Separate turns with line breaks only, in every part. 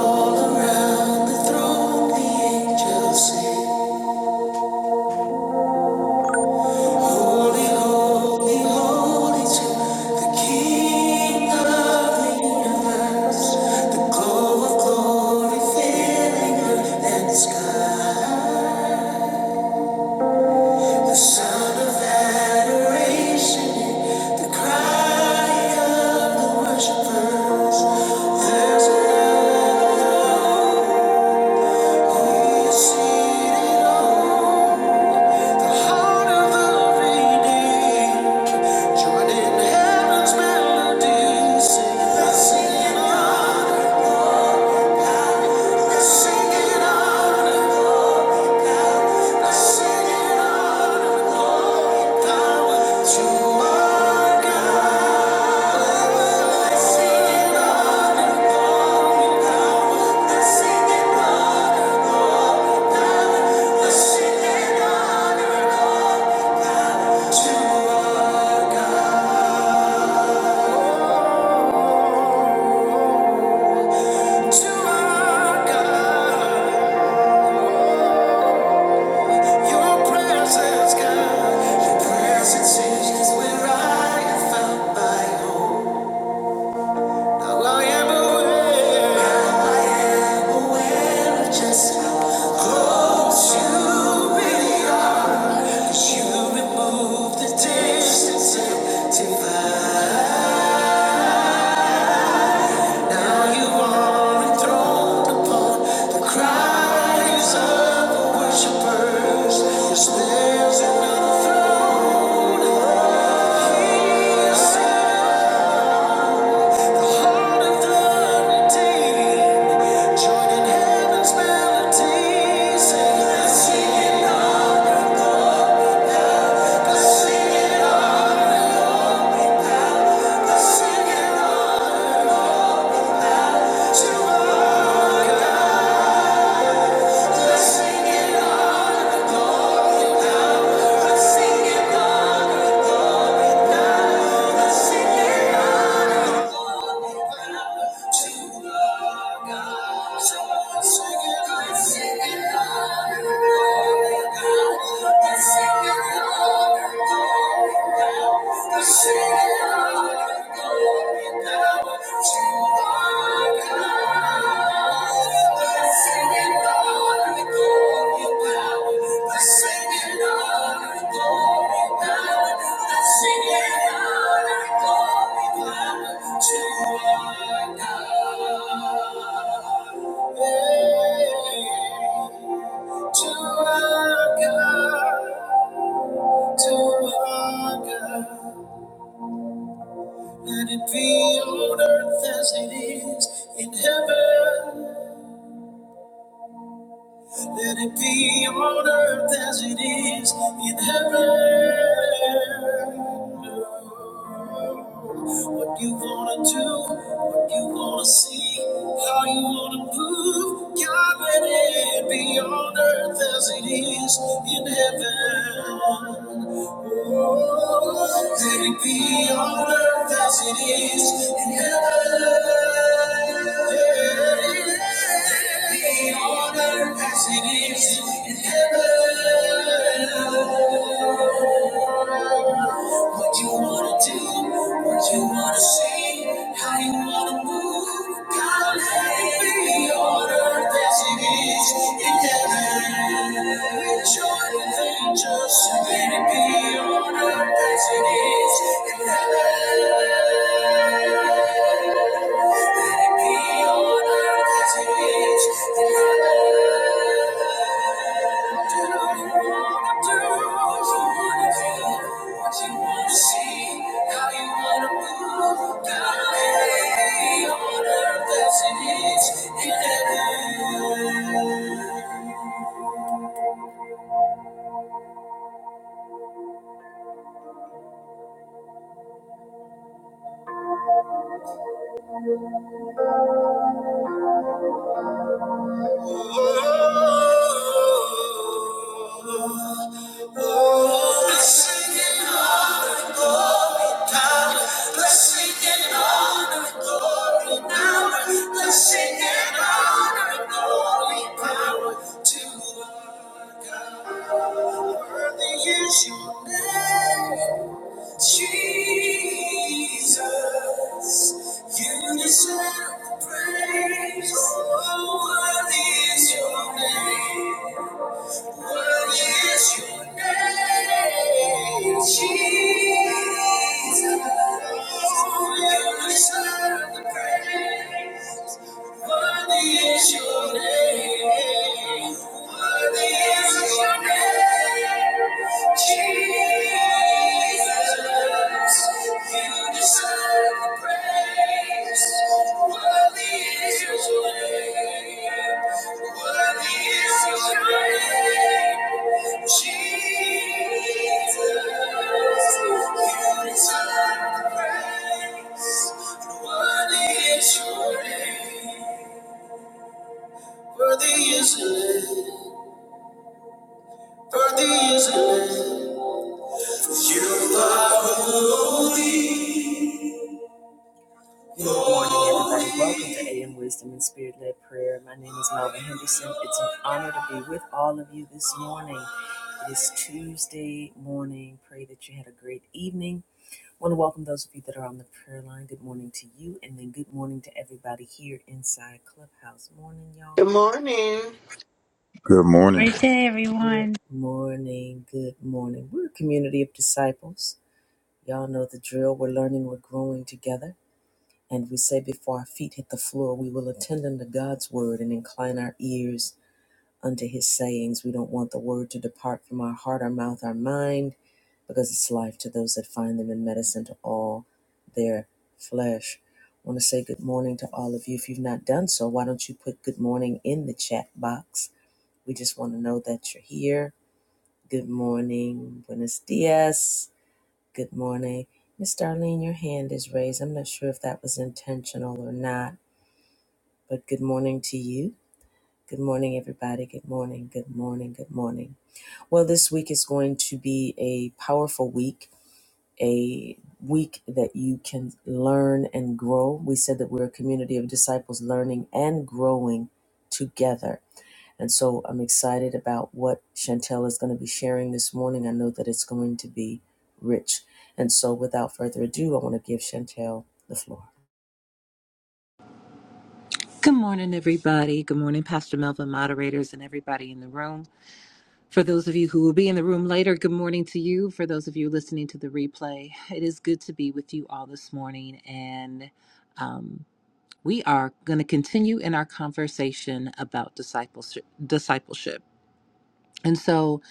There's another one seated on The heart of the redeemed, joining heaven's melodies, singing, singing on, singing on, singing on, glory, power to our God. Just how close you You remove the distance and divide. Now you are enthroned upon the cries of the worshipers. Yes, there's another throne. He is Sing it on to us. Thank you. The city of glory, power to our God. The singing of glory, power. The singing of glory, power. The singing of glory, power to our God. Hey, to our God. To our God. Let it be on earth as it is in heaven. Let it be on earth as it is in heaven. What you wanna do, what you wanna see, how you wanna move, God, let it be on earth as it is in heaven. Let it be on earth as it is in heaven. Let it be on earth as it is in heaven. What you wanna do, what you wanna see, how you wanna move. God, let it be on earth as it is in heaven. With joy and angels, let it be on earth as it is in heaven. Let it be on earth in heaven. Do you wanna do, what you wanna feel, what you wanna see, how you wanna move. let it be on earth in heaven. Blessing and honor and glory, power to our God. Worthy is your name, Jesus. You deserve the praise. Oh, worthy is your name. Worthy is your name, Jesus. You deserve the praise. Worthy is your name. Worthy is your name, Jesus. You deserve the praise. Worthy is your name. Worthy is your name. Jesus. You deserve the praise. Worthy is your name. Worthy is your name. Worthy is your name. You are. who Good morning, everybody. Welcome to AM Wisdom and Spirit Led Prayer. My name is Melvin Henderson. It's an honor to be with all of you this morning. It is Tuesday morning. Pray that you had a great evening. want to welcome those of you that are on the prayer line. Good morning to you, and then good morning to everybody here inside Clubhouse. Morning, y'all.
Good morning.
Good morning.
Great day,
Good
everyone.
morning. Good morning. We're a community of disciples. Y'all know the drill. We're learning, we're growing together. And we say, before our feet hit the floor, we will attend unto God's word and incline our ears unto his sayings. We don't want the word to depart from our heart, our mouth, our mind, because it's life to those that find them in medicine to all their flesh. I want to say good morning to all of you. If you've not done so, why don't you put good morning in the chat box? We just want to know that you're here. Good morning. Buenos dias. Good morning. Miss Darlene, your hand is raised. I'm not sure if that was intentional or not but good morning to you. Good morning, everybody. Good morning. Good morning. Good morning. Well, this week is going to be a powerful week, a week that you can learn and grow. We said that we're a community of disciples learning and growing together. And so I'm excited about what Chantel is going to be sharing this morning. I know that it's going to be rich. And so without further ado, I want to give Chantel the floor.
Good morning, everybody. Good morning, Pastor Melvin, moderators, and everybody in the room. For those of you who will be in the room later, good morning to you. For those of you listening to the replay, it is good to be with you all this morning. And um, we are going to continue in our conversation about discipleship. discipleship. And so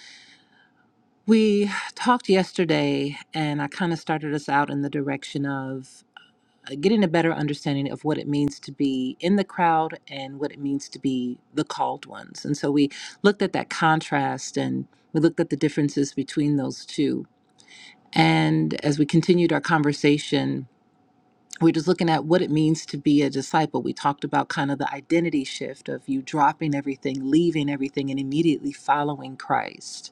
we talked yesterday, and I kind of started us out in the direction of. uh, getting a better understanding of what it means to be in the crowd and what it means to be the called ones. And so we looked at that contrast and we looked at the differences between those two. And as we continued our conversation, we're just looking at what it means to be a disciple. We talked about kind of the identity shift of you dropping everything, leaving everything, and immediately following Christ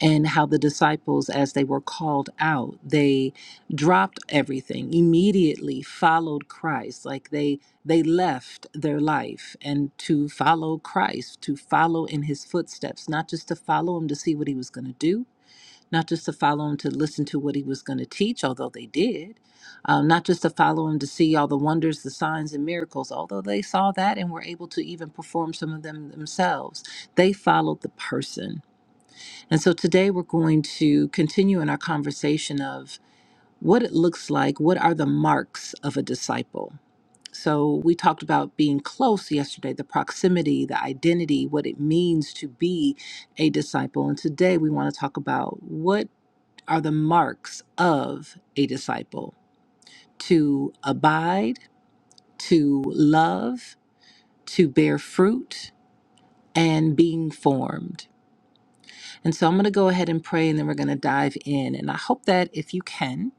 and how the disciples, as they were called out, they dropped everything immediately, followed Christ. Like they they left their life and to follow Christ, to follow in His footsteps, not just to follow Him to see what He was going to do, not just to follow Him to listen to what He was going to teach, although they did, um, not just to follow Him to see all the wonders, the signs, and miracles, although they saw that and were able to even perform some of them themselves. They followed the person and so today we're going to continue in our conversation of what it looks like, what are the marks of a disciple? So we talked about being close yesterday, the proximity, the identity, what it means to be a disciple. And today we want to talk about what are the marks of a disciple? To abide, to love, to bear fruit, and being formed. And so I'm going to go ahead and pray and then we're going to dive in. And I hope that if you can,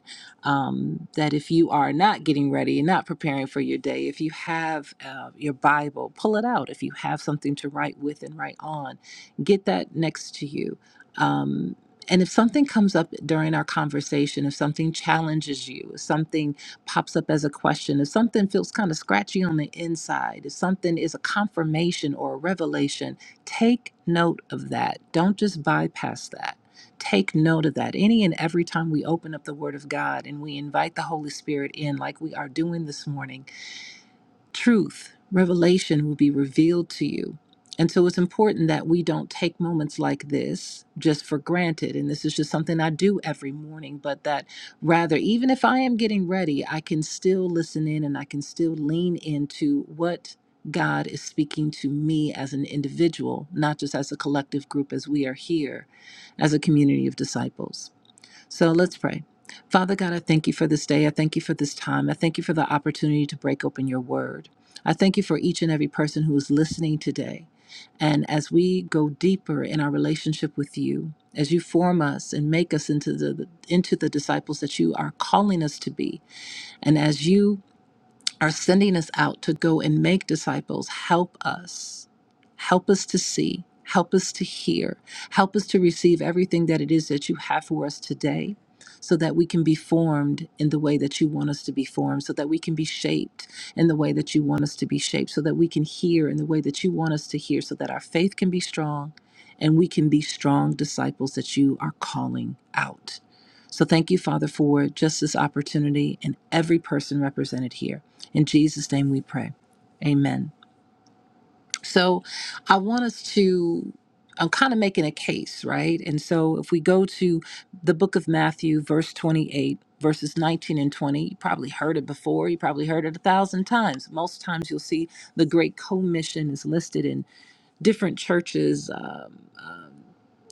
um, that if you are not getting ready and not preparing for your day, if you have uh, your Bible, pull it out. If you have something to write with and write on, get that next to you. Um, and if something comes up during our conversation, if something challenges you, if something pops up as a question, if something feels kind of scratchy on the inside, if something is a confirmation or a revelation, Take note of that. Don't just bypass that. Take note of that. Any and every time we open up the Word of God and we invite the Holy Spirit in, like we are doing this morning truth, revelation will be revealed to you. And so it's important that we don't take moments like this just for granted. And this is just something I do every morning, but that rather, even if I am getting ready, I can still listen in and I can still lean into what God is speaking to me as an individual, not just as a collective group as we are here as a community of disciples. So let's pray. Father God, I thank you for this day. I thank you for this time. I thank you for the opportunity to break open your word. I thank you for each and every person who is listening today. And as we go deeper in our relationship with you, as you form us and make us into the into the disciples that you are calling us to be, and as you are sending us out to go and make disciples, help us. Help us to see. Help us to hear. Help us to receive everything that it is that you have for us today so that we can be formed in the way that you want us to be formed, so that we can be shaped in the way that you want us to be shaped, so that we can hear in the way that you want us to hear, so that our faith can be strong and we can be strong disciples that you are calling out. So thank you, Father, for just this opportunity and every person represented here. In Jesus' name we pray. Amen. So I want us to, I'm kind of making a case, right? And so if we go to the book of Matthew, verse 28, verses 19 and 20, you probably heard it before. You probably heard it a thousand times. Most times you'll see the Great Commission is listed in different churches. Um, um,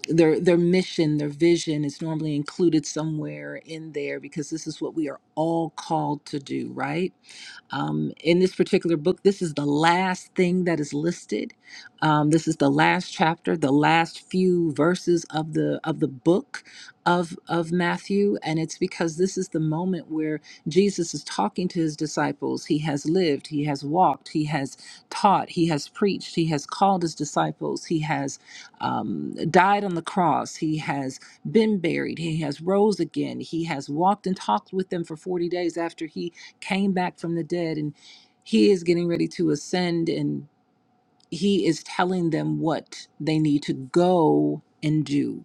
their their mission, their vision is normally included somewhere in there because this is what we are all called to do, right? Um, in this particular book, this is the last thing that is listed. Um, this is the last chapter, the last few verses of the of the book of of Matthew, and it's because this is the moment where Jesus is talking to his disciples. He has lived, he has walked, he has taught, he has preached, he has called his disciples, he has um, died on the cross, he has been buried, he has rose again, he has walked and talked with them for forty days after he came back from the dead and he is getting ready to ascend and he is telling them what they need to go and do.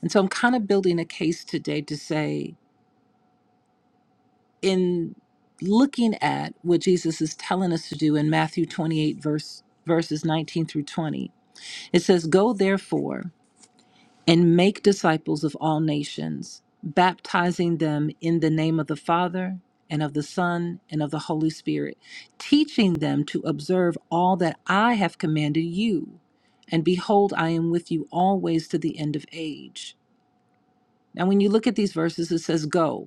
And so I'm kind of building a case today to say, in looking at what Jesus is telling us to do in Matthew 28, verse, verses 19 through 20, it says, Go therefore. and make disciples of all nations, baptizing them in the name of the Father and of the Son and of the Holy Spirit, teaching them to observe all that I have commanded you. And behold, I am with you always to the end of age. Now, when you look at these verses, it says, Go.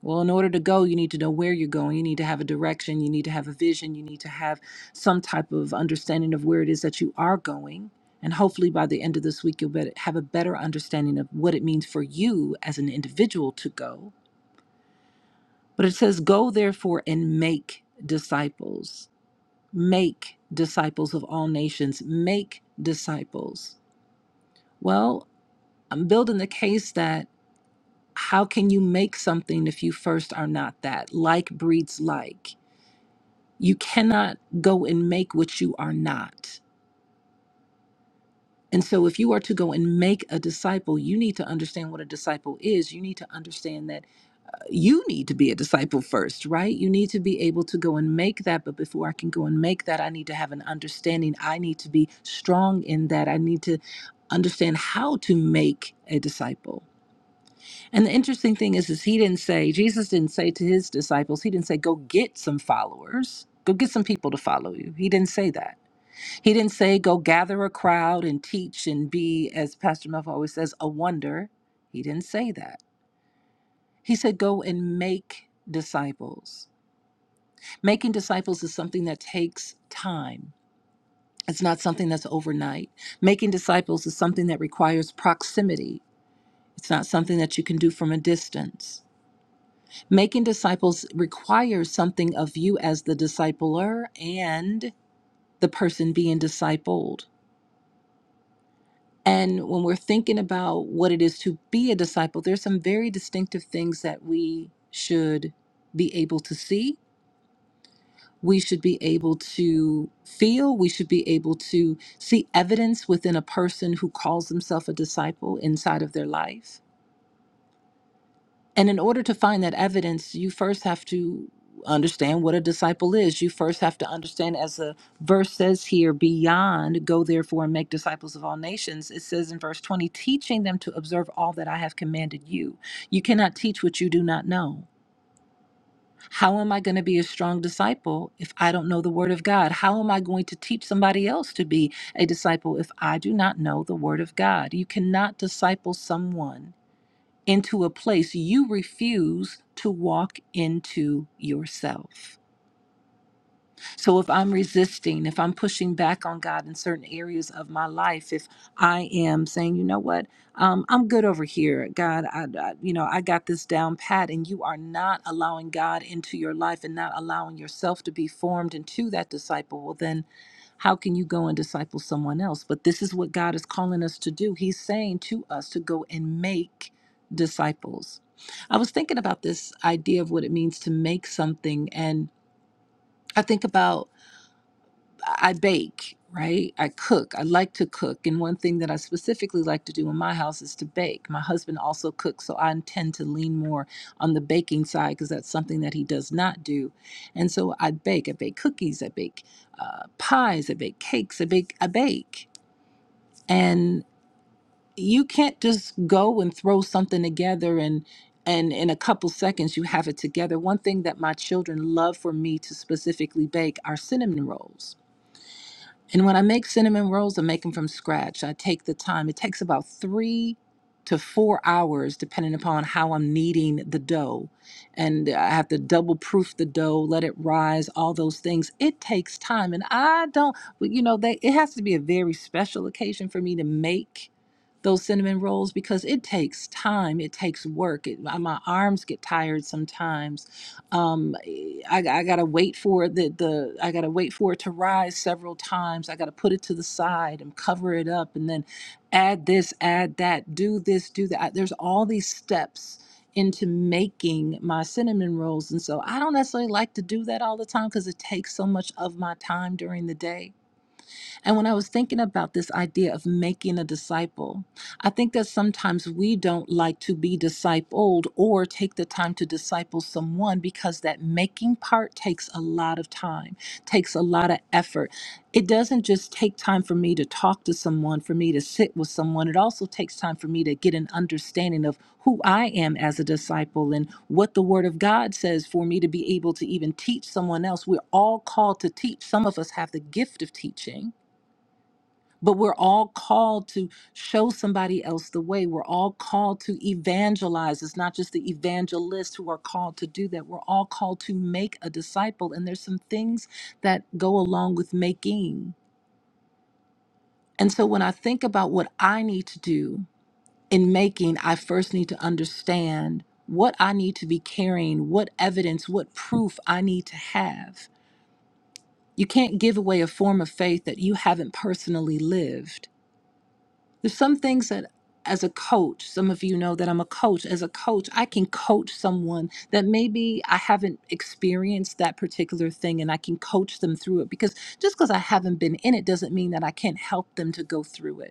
Well, in order to go, you need to know where you're going. You need to have a direction. You need to have a vision. You need to have some type of understanding of where it is that you are going. And hopefully, by the end of this week, you'll bet have a better understanding of what it means for you as an individual to go. But it says, Go therefore and make disciples, make disciples of all nations, make disciples. Well, I'm building the case that how can you make something if you first are not that? Like breeds like You cannot go and make what you are not. And so, if you are to go and make a disciple, you need to understand what a disciple is. You need to understand that uh, you need to be a disciple first, right? You need to be able to go and make that. But before I can go and make that, I need to have an understanding. I need to be strong in that. I need to understand how to make a disciple. And the interesting thing is, is he didn't say, Jesus didn't say to his disciples, he didn't say, go get some followers, go get some people to follow you. He didn't say that. He didn't say go gather a crowd and teach and be, as Pastor Melvin always says, a wonder. He didn't say that. He said go and make disciples. Making disciples is something that takes time. It's not something that's overnight. Making disciples is something that requires proximity. It's not something that you can do from a distance. Making disciples requires something of you as the discipler and the person being discipled. And when we're thinking about what it is to be a disciple, there's some very distinctive things that we should be able to see. We should be able to feel. We should be able to see evidence within a person who calls themselves a disciple inside of their life And in order to find that evidence, you first have to understand what a disciple is. You first have to understand, as the verse says here, beyond, go therefore and make disciples of all nations. It says in verse 20, teaching them to observe all that I have commanded you. You cannot teach what you do not know. How am I going to be a strong disciple if I don't know the Word of God? How am I going to teach somebody else to be a disciple if I do not know the Word of God? You cannot disciple someone into a place you refuse to walk into yourself. So if I'm resisting, if I'm pushing back on God in certain areas of my life, if I am saying, you know what, um, I'm good over here, God, I, I, you know, I got this down pat, and you are not allowing God into your life and not allowing yourself to be formed into that disciple, well then. How can you go and disciple someone else? But this is what God is calling us to do. He's saying to us to go and make disciples. I was thinking about this idea of what it means to make something. And I think about I bake, right? I cook. I like to cook. And one thing that I specifically like to do in my house is to bake. My husband also cooks, so I tend to lean more on the baking side because that's something that he does not do. And so I bake. I bake cookies. I bake uh, pies. I bake cakes. I bake. I bake. And you can't just go and throw something together and and in a couple seconds you have it together. One thing that my children love for me to specifically bake are cinnamon rolls and when I make cinnamon rolls, I make them from scratch. I take the time. It takes about three to four hours, depending upon how I'm kneading the dough. And I have to double proof the dough, let it rise, all those things. It takes time. And I don't, well, you know, they, it has to be a very special occasion for me to make those cinnamon rolls because it takes time. It takes work. It, my my arms get tired sometimes um I, I gotta wait for the the I gotta wait for it to rise several times. I gotta put it to the side and cover it up, and then add this, add that, do this, do that. There's all these steps into making my cinnamon rolls, and so I don't necessarily like to do that all the time because it takes so much of my time during the day and when I was thinking about this idea of making a disciple, I think that sometimes we don't like to be discipled or take the time to disciple someone because that making part takes a lot of time, takes a lot of effort. It doesn't just take time for me to talk to someone, for me to sit with someone. It also takes time for me to get an understanding of who I am as a disciple and what the Word of God says for me to be able to even teach someone else. We're all called to teach. Some of us have the gift of teaching but we're all called to show somebody else the way. We're all called to evangelize. It's not just the evangelists who are called to do that. We're all called to make a disciple. And there's some things that go along with making. And so when I think about what I need to do in making, I first need to understand what I need to be carrying, what evidence, what proof I need to have. You can't give away a form of faith that you haven't personally lived. There's some things that as a coach, some of you know that I'm a coach. As a coach, I can coach someone that maybe I haven't experienced that particular thing and I can coach them through it because just because I haven't been in it doesn't mean that I can't help them to go through it.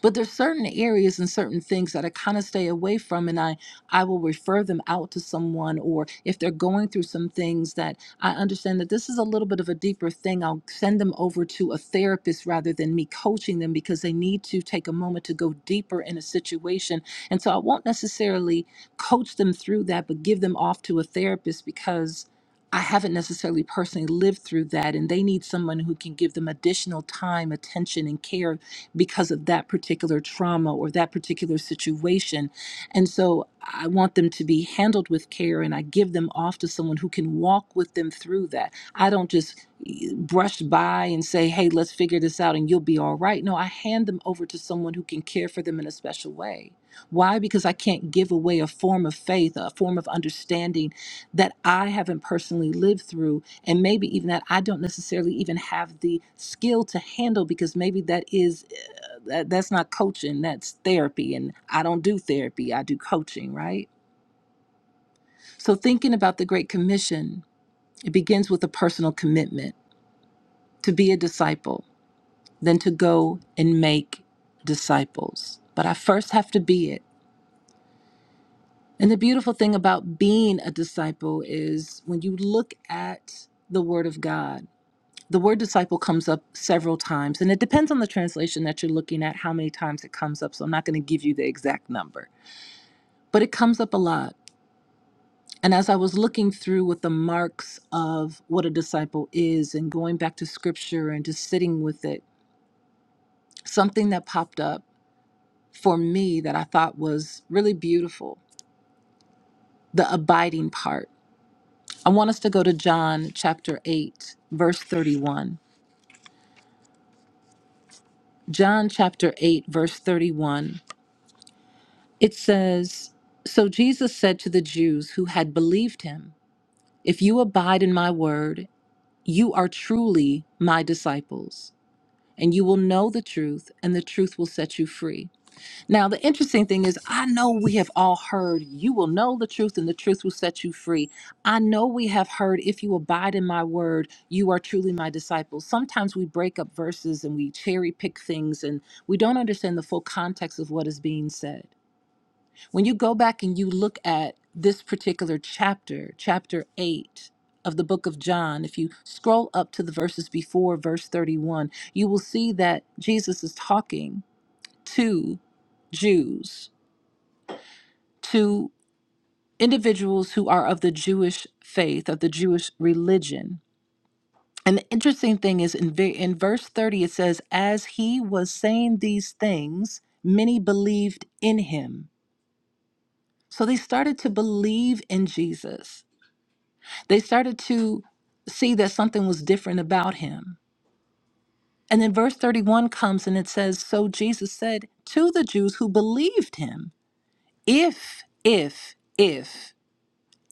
But there's certain areas and certain things that I kind of stay away from, and I I will refer them out to someone, or if they're going through some things that I understand that this is a little bit of a deeper thing, I'll send them over to a therapist rather than me coaching them because they need to take a moment to go deeper in a situation. And so I won't necessarily coach them through that, but give them off to a therapist because I haven't necessarily personally lived through that, and they need someone who can give them additional time, attention, and care because of that particular trauma or that particular situation. And so I want them to be handled with care and I give them off to someone who can walk with them through that. I don't just eh, brush by and say, hey, let's figure this out and you'll be all right. No, I hand them over to someone who can care for them in a special way. Why? Because I can't give away a form of faith, a form of understanding that I haven't personally lived through, and maybe even that I don't necessarily even have the skill to handle because maybe that is that, that's not coaching that's therapy and i don't do therapy i do coaching right so thinking about the great commission it begins with a personal commitment to be a disciple then to go and make disciples but i first have to be it and the beautiful thing about being a disciple is when you look at the word of god the word disciple comes up several times and it depends on the translation that you're looking at how many times it comes up so i'm not going to give you the exact number but it comes up a lot And as I was looking through what the marks of what a disciple is and going back to scripture and just sitting with it, something that popped up for me that I thought was really beautiful the abiding part. I want us to go to John chapter 8, verse 31. John chapter 8, verse 31. It says, So Jesus said to the Jews who had believed him, 'If you abide in my word, you are truly my disciples and you will know the truth, and the truth will set you free. Now, the interesting thing is, I know we have all heard, you will know the truth, and the truth will set you free. I know we have heard, if you abide in my word, you are truly my disciples. Sometimes we break up verses and we cherry pick things, and we don't understand the full context of what is being said. When you go back and you look at this particular chapter, chapter 8 of the book of John, if you scroll up to the verses before verse 31, you will see that Jesus is talking to Jews, to individuals who are of the Jewish faith, of the Jewish religion. And the interesting thing is in, ve- in verse 30, it says, As he was saying these things, many believed in him. So they started to believe in Jesus They started to see that something was different about him. And then verse 31 comes and it says, So Jesus said to the Jews who believed him, If, if, if,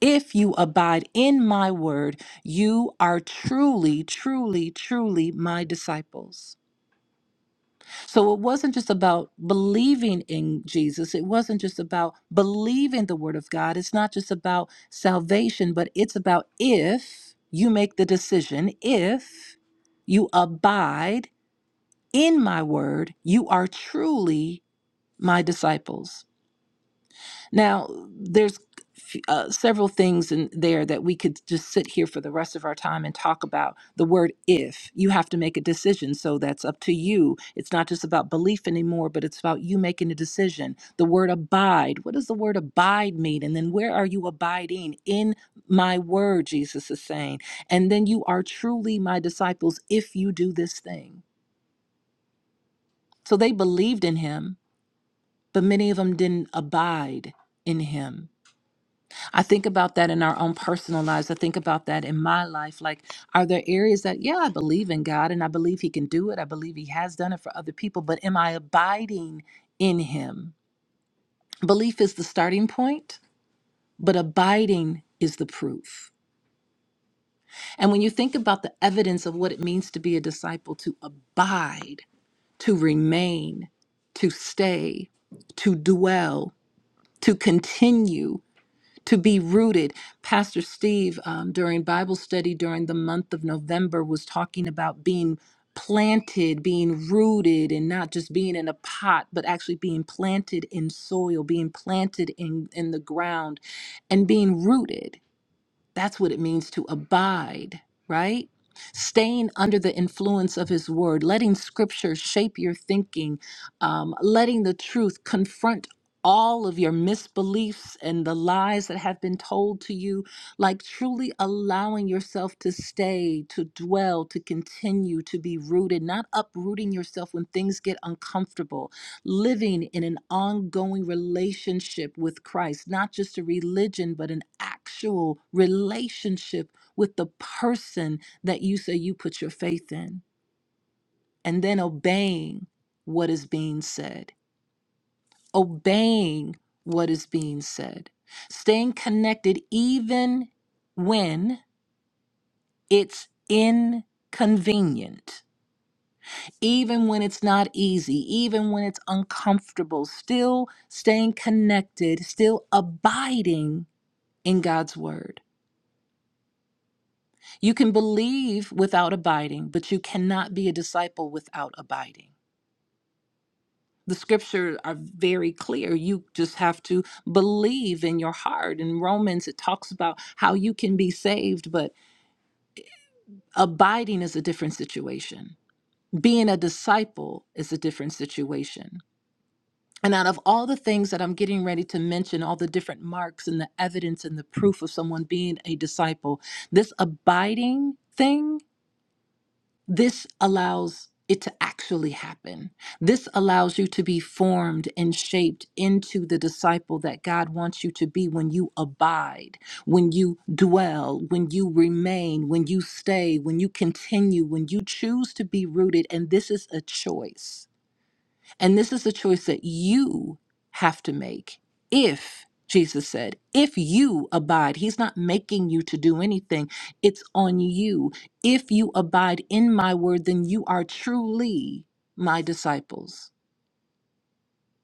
if you abide in my word, you are truly, truly, truly my disciples. So it wasn't just about believing in Jesus. It wasn't just about believing the word of God. It's not just about salvation, but it's about if you make the decision, if you abide in my word, you are truly my disciples. Now, there's uh, several things in there that we could just sit here for the rest of our time and talk about. The word if, you have to make a decision. So that's up to you. It's not just about belief anymore, but it's about you making a decision. The word abide, what does the word abide mean? And then where are you abiding? In my word, Jesus is saying. And then you are truly my disciples if you do this thing. So they believed in him, but many of them didn't abide in him. I think about that in our own personal lives. I think about that in my life. Like, are there areas that, yeah, I believe in God and I believe He can do it. I believe He has done it for other people, but am I abiding in Him? Belief is the starting point, but abiding is the proof. And when you think about the evidence of what it means to be a disciple, to abide, to remain, to stay, to dwell, to continue. to be rooted. Pastor Steve, um, during Bible study during the month of November, was talking about being planted, being rooted, and not just being in a pot, but actually being planted in soil, being planted in, in the ground, and being rooted. That's what it means to abide, right? Staying under the influence of His Word, letting Scripture shape your thinking, um, letting the truth confront all of your misbeliefs and the lies that have been told to you, like truly allowing yourself to stay, to dwell, to continue, to be rooted, not uprooting yourself when things get uncomfortable living in an ongoing relationship with Christ, not just a religion, but an actual relationship with the person that you say you put your faith in, and then obeying what is being said, obeying what is being said, staying connected even when it's inconvenient even when it's not easy, even when it's uncomfortable, still staying connected, still abiding in God's word. You can believe without abiding, but you cannot be a disciple without abiding. The scriptures are very clear. You just have to believe in your heart. In Romans, it talks about how you can be saved, but abiding is a different situation. Being a disciple is a different situation. And out of all the things that I'm getting ready to mention, all the different marks and the evidence and the proof of someone being a disciple, this abiding thing, this allows it to actually happen. This allows you to be formed and shaped into the disciple that God wants you to be when you abide, when you dwell, when you remain, when you stay, when you continue, when you choose to be rooted. And this is a choice. And this is the choice that you have to make. If, Jesus said, if you abide, He's not making you to do anything, it's on you. If you abide in my word, then you are truly my disciples.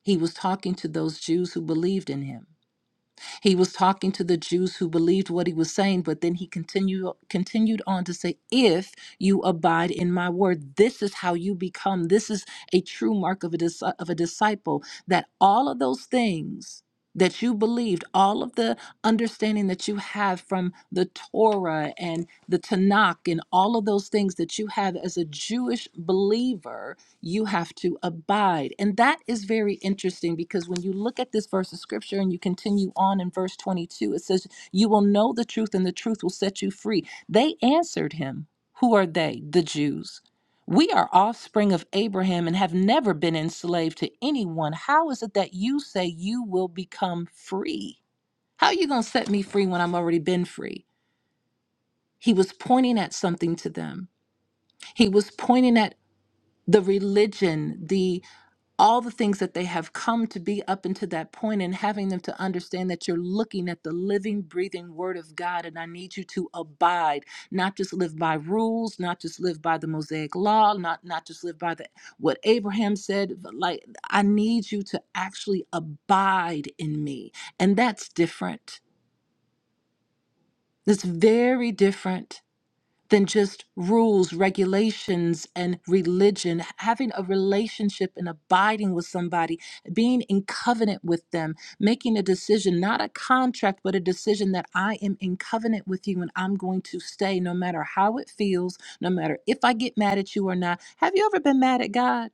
He was talking to those Jews who believed in Him. He was talking to the Jews who believed what he was saying, but then he continued continued on to say, "If you abide in my word, this is how you become. This is a true mark of a dis- of a disciple that all of those things that you believed, all of the understanding that you have from the Torah and the Tanakh and all of those things that you have as a Jewish believer, you have to abide. And that is very interesting because when you look at this verse of scripture and you continue on in verse 22, it says, You will know the truth, and the truth will set you free. They answered him, Who are they? The Jews. We are offspring of Abraham and have never been enslaved to anyone. How is it that you say you will become free? How are you going to set me free when I've already been free? He was pointing at something to them. He was pointing at the religion, the all the things that they have come to be up until that point and having them to understand that you're looking at the living breathing word of god and i need you to abide not just live by rules not just live by the mosaic law not not just live by the what abraham said but like i need you to actually abide in me and that's different that's very different than just rules, regulations, and religion. Having a relationship and abiding with somebody, being in covenant with them, making a decision, not a contract, but a decision that I am in covenant with you and I'm going to stay no matter how it feels, no matter if I get mad at you or not. Have you ever been mad at God?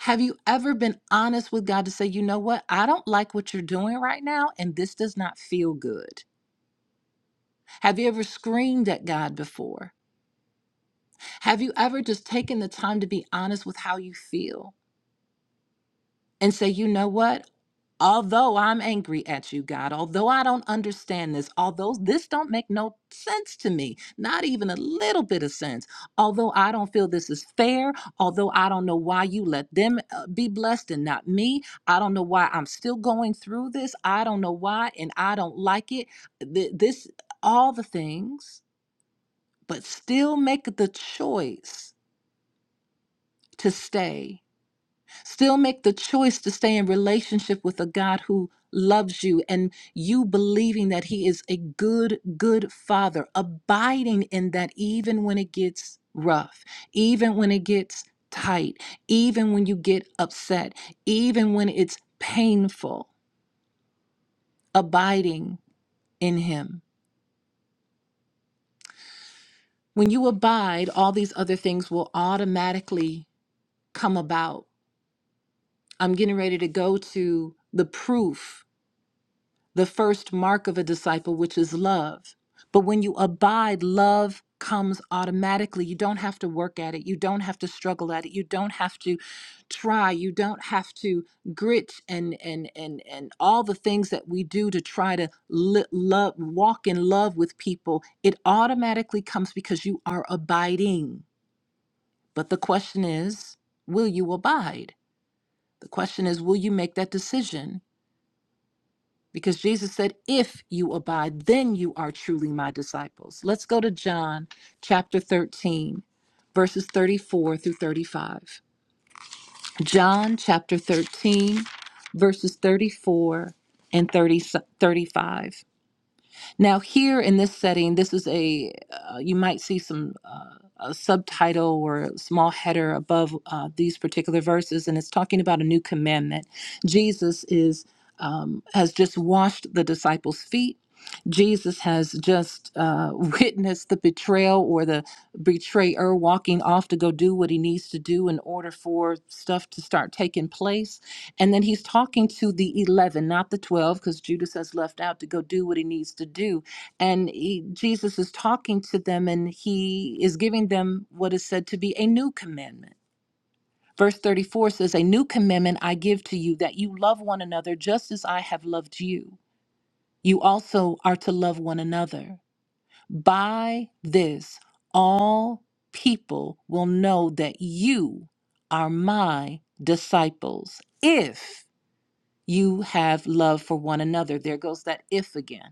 Have you ever been honest with God to say, you know what, I don't like what you're doing right now, and this does not feel good? Have you ever screamed at God before? Have you ever just taken the time to be honest with how you feel and say, you know what? Although I'm angry at you, God, although I don't understand this, although this don't make no sense to me, not even a little bit of sense, although I don't feel this is fair, although I don't know why you let them uh, be blessed and not me, I don't know why I'm still going through this, I don't know why, and I don't like it. Th- This, all the things, but still make the choice to stay Still make the choice to stay in relationship with a God who loves you and you believing that He is a good, good Father, abiding in that even when it gets rough, even when it gets tight, even when you get upset, even when it's painful, abiding in Him. When you abide, all these other things will automatically come about. I'm getting ready to go to the proof the first mark of a disciple, which is love. But when you abide, love comes automatically. You don't have to work at it. You don't have to struggle at it. You don't have to try. You don't have to grit and and and and all the things that we do to try to li- love, walk in love with people. It automatically comes because you are abiding. But the question is, will you abide? The question is, will you make that decision? because Jesus said, If you abide, then you are truly my disciples. Let's go to John chapter 13, verses 34 through 35. John chapter 13, verses 34 and 30 35. Now, here in this setting, this is a, uh, you might see some uh, a subtitle or a small header above uh, these particular verses, and it's talking about a new commandment. Jesus is, um, has just washed the disciples' feet. Jesus has just uh, witnessed the betrayal or the betrayer walking off to go do what he needs to do in order for stuff to start taking place and then he's talking to the 11, not the 12, because Judas has left out to go do what he needs to do. And he, Jesus is talking to them and he is giving them what is said to be a new commandment. Verse 34 says, A new commandment I give to you that you love one another just as I have loved you. You also are to love one another. By this, all people will know that you are my disciples. If you have love for one another. There goes that if again.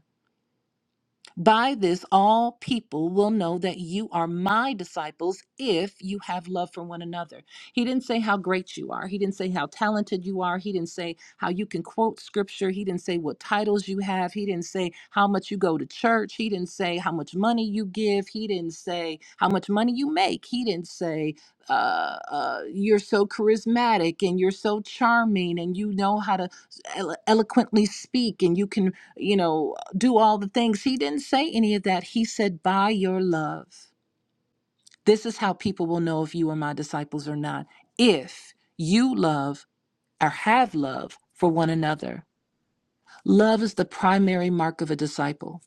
By this, all people will know that you are my disciples if you have love for one another. He didn't say how great you are. He didn't say how talented you are. He didn't say how you can quote scripture. He didn't say what titles you have. He didn't say how much you go to church. He didn't say how much money you give. He didn't say how much money you make. He didn't say uh, uh, you're so charismatic and you're so charming and you know how to elo- eloquently speak and you can you know, do all the things. He didn't say any of that. He said, by your love. This is how people will know if you are my disciples or not. If you love or have love for one another, love is the primary mark of a disciple.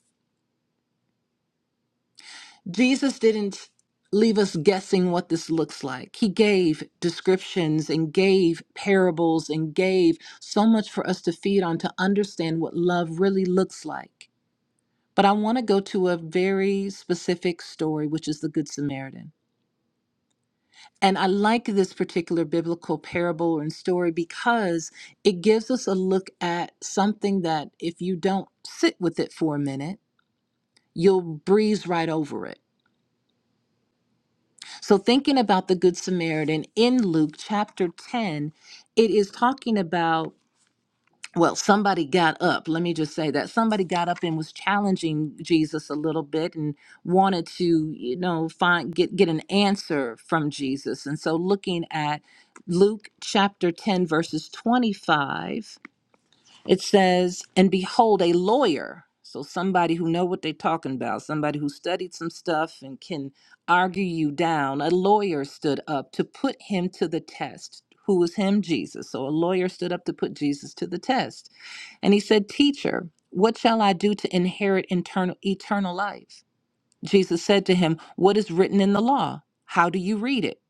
Jesus didn't leave us guessing what this looks like. He gave descriptions and gave parables and gave so much for us to feed on to understand what love really looks like. But I want to go to a very specific story, which is the Good Samaritan. And I like this particular biblical parable and story because it gives us a look at something that if you don't sit with it for a minute, you'll breeze right over it. So, thinking about the Good Samaritan in Luke chapter 10, it is talking about. well, somebody got up. Let me just say that somebody got up and was challenging Jesus a little bit and wanted to, you know, find get get an answer from Jesus. And so, looking at Luke chapter ten, verses twenty-five, it says, "And behold, a lawyer." So somebody who know what they're talking about, somebody who studied some stuff and can argue you down. A lawyer stood up to put him to the test. Who was him? Jesus. So a lawyer stood up to put Jesus to the test and he said, Teacher, what shall I do to inherit internal, eternal life? Jesus said to him, What is written in the law? How do you read it?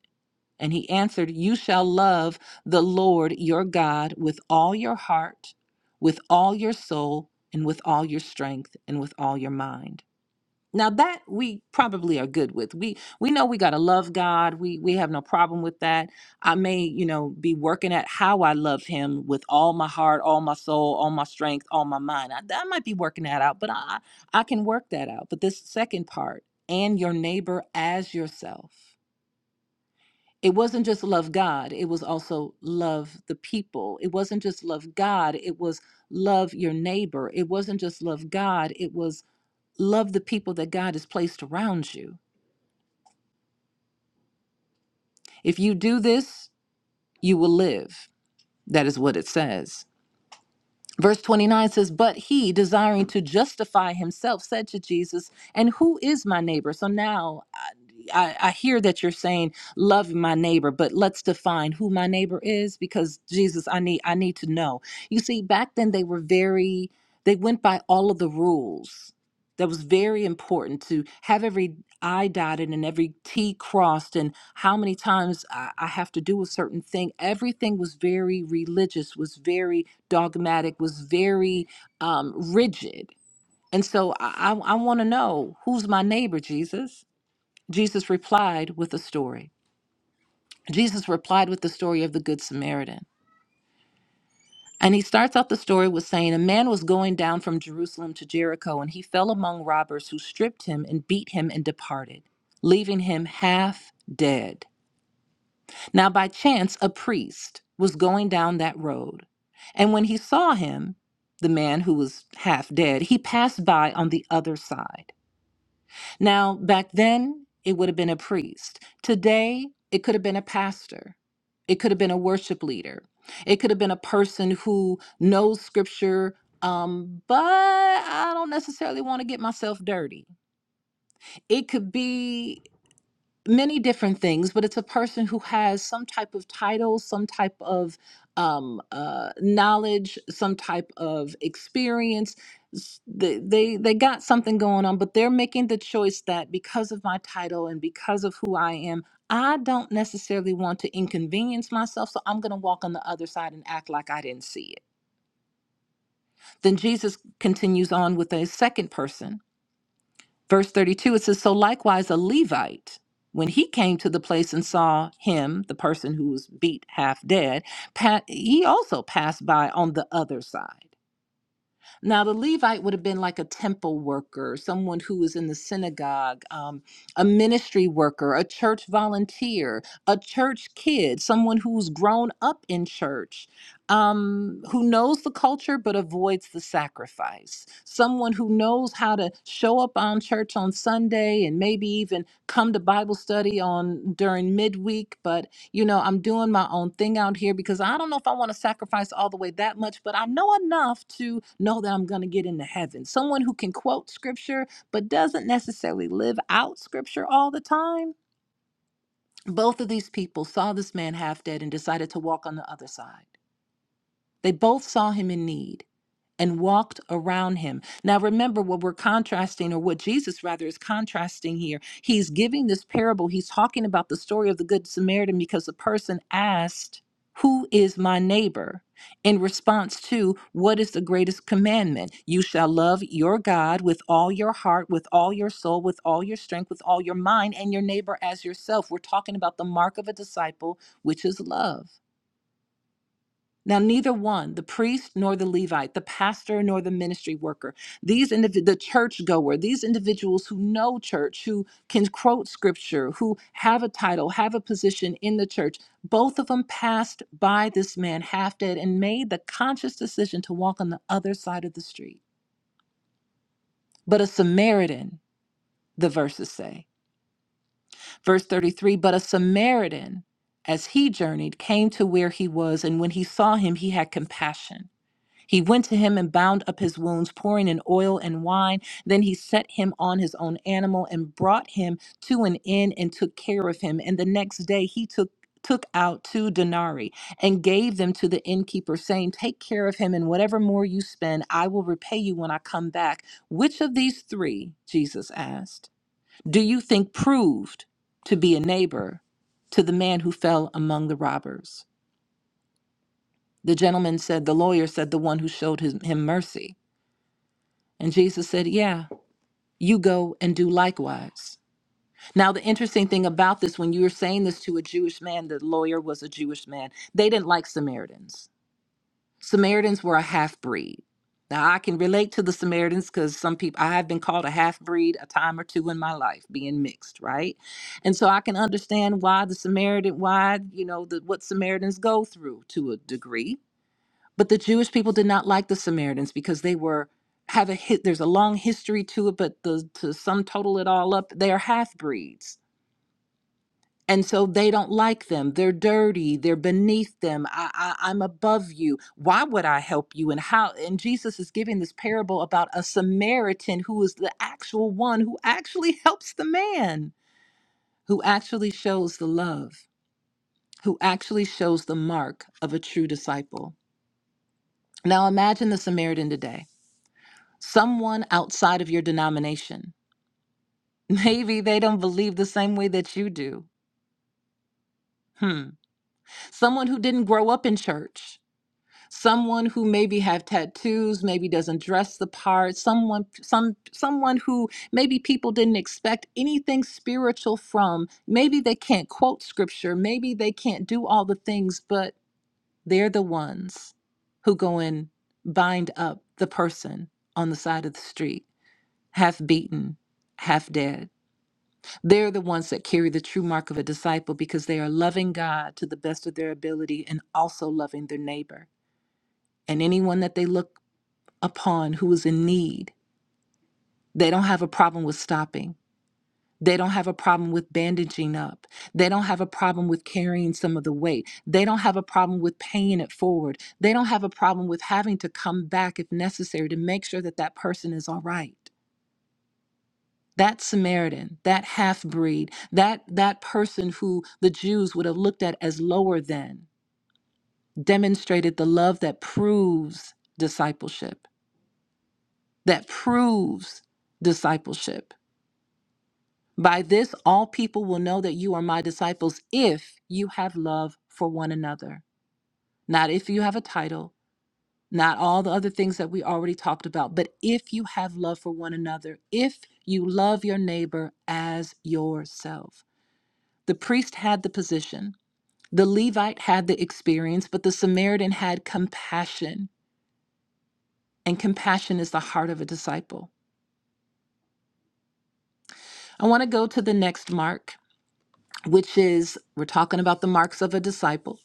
And he answered, You shall love the Lord your God with all your heart, with all your soul, and with all your strength, and with all your mind. Now that we probably are good with. We we know we got to love God. We we have no problem with that. I may, you know, be working at how I love him with all my heart, all my soul, all my strength, all my mind. I, I might be working that out, but I I can work that out. But this second part, and your neighbor as yourself. It wasn't just love God, it was also love the people. It wasn't just love God, it was love your neighbor. It wasn't just love God, it was love the people that God has placed around you. If you do this, you will live. That is what it says. Verse 29 says, But he, desiring to justify himself, said to Jesus, And who is my neighbor? So now I, I, I hear that you're saying, Love my neighbor, but let's define who my neighbor is because Jesus, I need, I need to know. You see, back then they were very, they went by all of the rules. That was very important to have every I dotted and every T crossed, and how many times I, I have to do a certain thing. Everything was very religious, was very dogmatic, was very um, rigid. And so I, I want to know who's my neighbor, Jesus? Jesus replied with a story. Jesus replied with the story of the Good Samaritan. And he starts out the story with saying, A man was going down from Jerusalem to Jericho, and he fell among robbers who stripped him and beat him and departed, leaving him half dead. Now, by chance, a priest was going down that road, and when he saw him, the man who was half dead, he passed by on the other side. Now, back then, it would have been a priest. Today, it could have been a pastor. It could have been a worship leader. It could have been a person who knows scripture, um, but I don't necessarily want to get myself dirty. It could be many different things, but it's a person who has some type of title, some type of um, uh, knowledge, some type of experience. S- They, they they got something going on, but they're making the choice that because of my title and because of who I am, I don't necessarily want to inconvenience myself, so I'm going to walk on the other side and act like I didn't see it. Then Jesus continues on with a second person verse 32 it says so likewise a levite when he came to the place and saw him the person who was beat half dead pa- he also passed by on the other side now, the Levite would have been like a temple worker, someone who was in the synagogue, um, a ministry worker, a church volunteer, a church kid, someone who's grown up in church, um, who knows the culture but avoids the sacrifice, someone who knows how to show up on church on Sunday and maybe even come to Bible study on during midweek, but you know, I'm doing my own thing out here because I don't know if I want to sacrifice all the way that much, but I know enough to know that I'm going to get into heaven. Someone who can quote scripture but doesn't necessarily live out scripture all the time. Both of these people saw this man half dead and decided to walk on the other side. They both saw him in need and walked around him. Now, remember what we're contrasting, or what Jesus rather is contrasting here. He's giving this parable, he's talking about the story of the Good Samaritan because the person asked, Who is my neighbor? In response to, What is the greatest commandment? You shall love your God with all your heart, with all your soul, with all your strength, with all your mind, and your neighbor as yourself. We're talking about the mark of a disciple, which is love. Now, neither one, the priest nor the Levite, the pastor nor the ministry worker, these indiv- the church goer, these individuals who know church, who can quote scripture, who have a title, have a position in the church, both of them passed by this man half dead and made the conscious decision to walk on the other side of the street. But a Samaritan, the verses say. Verse 33 But a Samaritan, as he journeyed, came to where he was, and when he saw him, he had compassion He went to him and bound up his wounds, pouring in oil and wine. Then he set him on his own animal and brought him to an inn and took care of him. And the next day he took took out two denarii and gave them to the innkeeper saying take care of him and whatever more you spend I will repay you when I come back which of these 3 Jesus asked do you think proved to be a neighbor to the man who fell among the robbers the gentleman said the lawyer said the one who showed his, him mercy and Jesus said, Yeah, you go and do likewise. Now, the interesting thing about this, when you were saying this to a Jewish man, the lawyer was a Jewish man, they didn't like Samaritans. Samaritans were a half breed. Now, I can relate to the Samaritans because some people, I have been called a half breed a time or two in my life, being mixed, right? And so I can understand why the Samaritan, why, you know, the, what Samaritans go through to a degree but the Jewish people did not like the Samaritans because they were have a hit. There's a long history to it, but the, to sum total it all up, they are half breeds, and so they don't like them. They're dirty. They're beneath them. I, I, I'm above you. Why would I help you? And how? And Jesus is giving this parable about a Samaritan who is the actual one who actually helps the man, who actually shows the love, who actually shows the mark of a true disciple. Now imagine the Samaritan today. someone outside of your denomination. Maybe they don't believe the same way that you do. Hmm. Someone who didn't grow up in church. Someone who maybe have tattoos, maybe doesn't dress the part, someone some someone who maybe people didn't expect anything spiritual from. Maybe they can't quote scripture, maybe they can't do all the things, but they're the ones who go and bind up the person on the side of the street, half beaten, half dead They're the ones that carry the true mark of a disciple because they are loving God to the best of their ability and also loving their neighbor. And anyone that they look upon who is in need, they don't have a problem with stopping. They don't have a problem with bandaging up. They don't have a problem with carrying some of the weight. They don't have a problem with paying it forward. They don't have a problem with having to come back if necessary to make sure that that person is all right. that samaritan that half breed that that person who the jews would have looked at as lower than demonstrated the love that proves discipleship that proves discipleship by this all people will know that you are my disciples if you have love for one another not if you have a title not all the other things that we already talked about but if you have love for one another if you love your neighbor as yourself The priest had the position, the Levite had the experience, but the Samaritan had compassion. And compassion is the heart of a disciple. I want to go to the next mark, which is we're talking about the marks of a disciple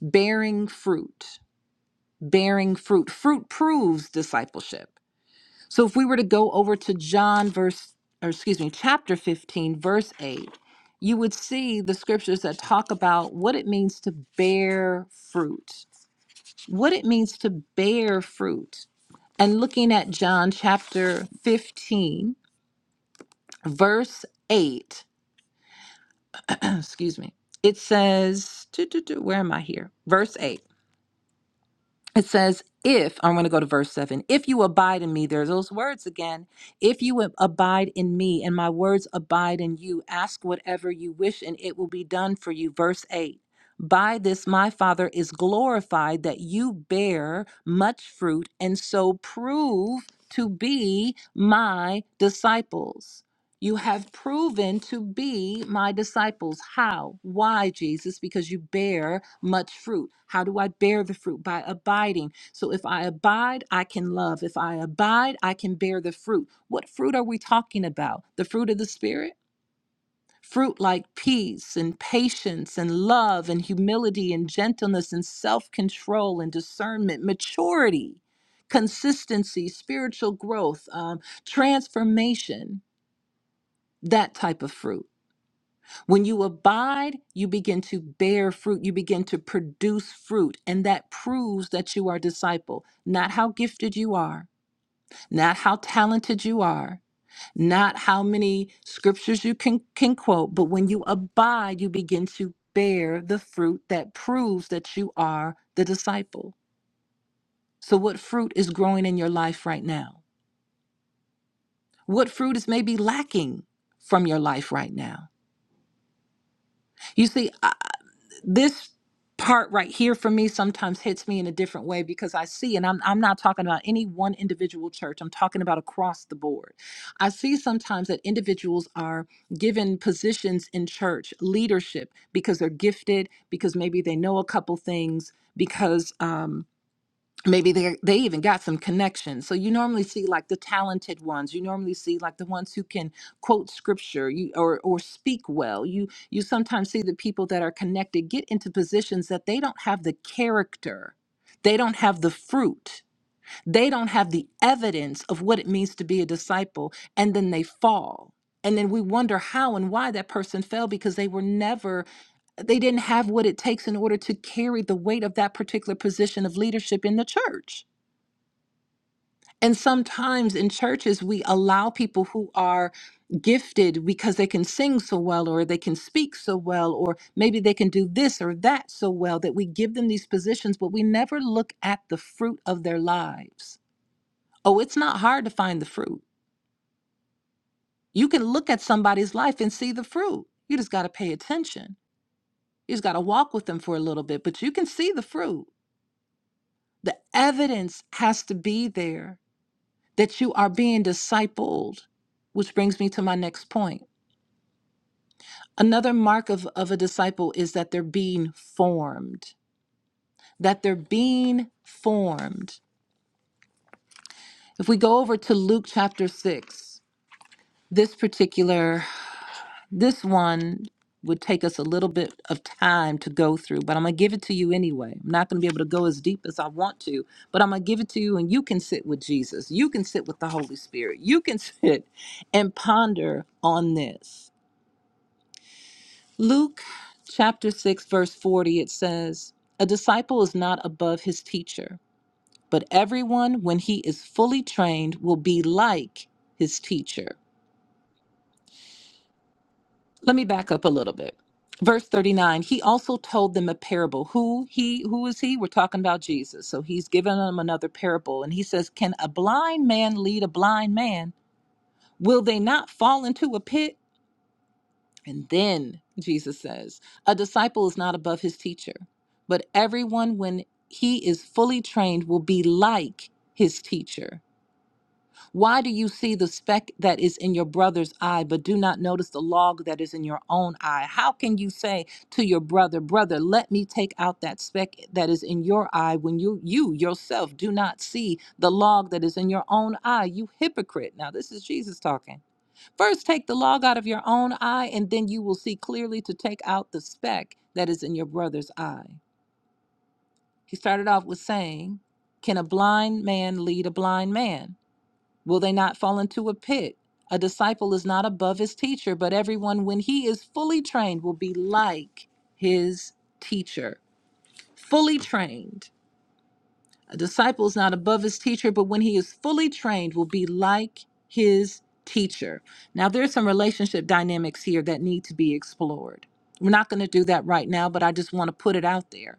bearing fruit. Bearing fruit. Fruit proves discipleship. So if we were to go over to John, verse, or excuse me, chapter 15, verse 8, you would see the scriptures that talk about what it means to bear fruit. what it means to bear fruit. And looking at John chapter 15, verse 8, excuse me, it says, doo, doo, doo, where am I here? Verse 8. it says, if I'm going to go to verse seven, if you abide in me, there's those words again. If you ab- abide in me and my words abide in you, ask whatever you wish and it will be done for you. Verse eight, by this my Father is glorified that you bear much fruit and so prove to be my disciples. You have proven to be my disciples. How? Why, Jesus? Because you bear much fruit. How do I bear the fruit? By abiding. So if I abide, I can love. If I abide, I can bear the fruit. What fruit are we talking about? The fruit of the Spirit? Fruit like peace and patience and love and humility and gentleness and self control and discernment, maturity, consistency, spiritual growth, um, transformation, that type of fruit. When you abide, you begin to bear fruit, you begin to produce fruit, and that proves that you are a disciple. Not how gifted you are, not how talented you are, not how many scriptures you can, can quote, but when you abide, you begin to bear the fruit that proves that you are the disciple. So, what fruit is growing in your life right now? What fruit is maybe lacking from your life right now? You see, this part right here for me sometimes hits me in a different way because I see, and I'm, I'm not talking about any one individual church, I'm talking about across the board. I see sometimes that individuals are given positions in church leadership because they're gifted, because maybe they know a couple things, because. um, maybe they they even got some connections so you normally see like the talented ones you normally see like the ones who can quote scripture you or or speak well you you sometimes see the people that are connected get into positions that they don't have the character they don't have the fruit they don't have the evidence of what it means to be a disciple and then they fall and then we wonder how and why that person fell because they were never they didn't have what it takes in order to carry the weight of that particular position of leadership in the church and sometimes in churches, we allow people who are gifted because they can sing so well, or they can speak so well, or maybe they can do this or that so well that we give them these positions, but we never look at the fruit of their lives. Oh, it's not hard to find the fruit. You can look at somebody's life and see the fruit. You just got to pay attention. You just got to walk with them for a little bit, but you can see the fruit. The evidence has to be there that you are being discipled, which brings me to my next point. Another mark of, of a disciple is that they're being formed, that they're being formed. If we go over to Luke chapter 6, this particular, this one would take us a little bit of time to go through, but I'm going to give it to you anyway. I'm not going to be able to go as deep as I want to, but I'm going to give it to you and you can sit with Jesus. You can sit with the Holy Spirit. You can sit and ponder on this. Luke chapter 6, verse 40, it says, A disciple is not above his teacher, but everyone, when he is fully trained, will be like his teacher. Let me back up a little bit. Verse 39, he also told them a parable. Who he who is he? We're talking about Jesus. So he's giving them another parable. And he says, Can a blind man lead a blind man? Will they not fall into a pit? And then Jesus says, A disciple is not above his teacher, but everyone, when he is fully trained, will be like his teacher. Why do you see the speck that is in your brother's eye, but do not notice the log that is in your own eye? How can you say to your brother, Brother, let me take out that speck that is in your eye when you, you yourself do not see the log that is in your own eye? You hypocrite. Now, this is Jesus talking. First, take the log out of your own eye, and then you will see clearly to take out the speck that is in your brother's eye. He started off with saying, Can a blind man lead a blind man? Will they not fall into a pit? A disciple is not above his teacher, but everyone, when he is fully trained, will be like his teacher. Fully trained. A disciple is not above his teacher, but when he is fully trained, will be like his teacher. Now, there's some relationship dynamics here that need to be explored. We're not going to do that right now, but I just want to put it out there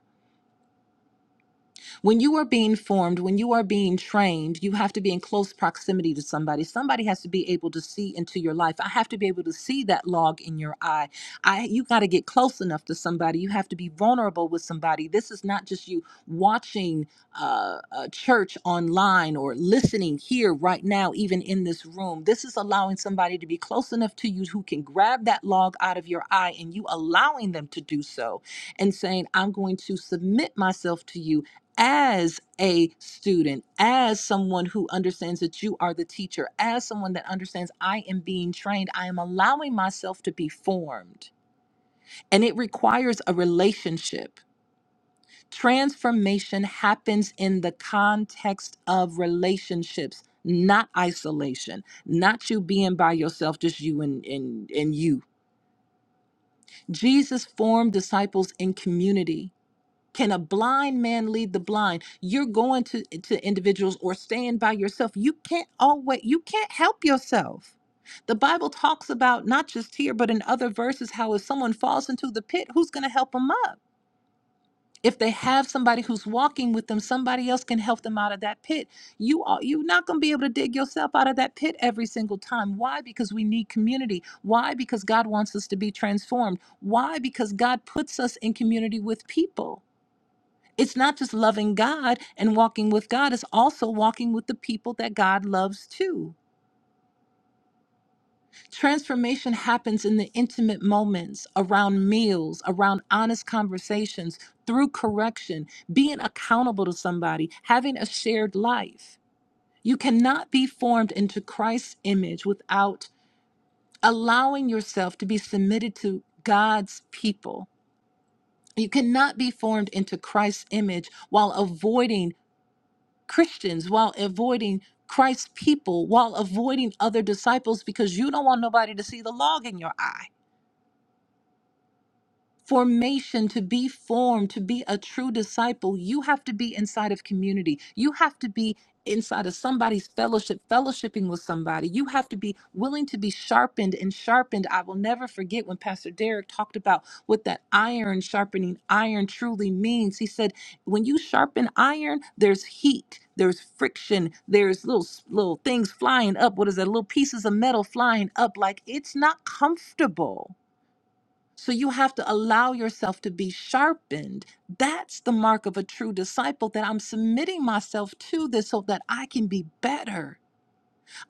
when you are being formed, when you are being trained, you have to be in close proximity to somebody. Somebody has to be able to see into your life. I have to be able to see that log in your eye. I you got to get close enough to somebody. You have to be vulnerable with somebody. This is not just you watching uh, uh, church online or listening here right now, even in this room. This is allowing somebody to be close enough to you who can grab that log out of your eye and you allowing them to do so and saying, I'm going to submit myself to you as a student, as someone who understands that you are the teacher, as someone that understands I am being trained, I am allowing myself to be formed. And it requires a relationship. Transformation happens in the context of relationships, not isolation, not you being by yourself, just you and, and, and you. Jesus formed disciples in community. Can a blind man lead the blind? You're going to, to individuals or staying by yourself. You can't always you can't help yourself. The Bible talks about not just here, but in other verses, how if someone falls into the pit, who's going to help them up? If they have somebody who's walking with them, somebody else can help them out of that pit. You are you're not going to be able to dig yourself out of that pit every single time. Why? Because we need community. Why? Because God wants us to be transformed. Why? Because God puts us in community with people. It's not just loving God and walking with God, it's also walking with the people that God loves too. Transformation happens in the intimate moments, around meals, around honest conversations, through correction, being accountable to somebody, having a shared life. You cannot be formed into Christ's image without allowing yourself to be submitted to God's people. You cannot be formed into Christ's image while avoiding Christians while avoiding Christ's people, while avoiding other disciples because you don't want nobody to see the log in your eye formation to be formed to be a true disciple you have to be inside of community you have to be inside of somebody's fellowship fellowshipping with somebody you have to be willing to be sharpened and sharpened i will never forget when pastor derek talked about what that iron sharpening iron truly means he said when you sharpen iron there's heat there's friction there's little little things flying up what is that little pieces of metal flying up like it's not comfortable so you have to allow yourself to be sharpened. That's the mark of a true disciple that I'm submitting myself to this so that I can be better.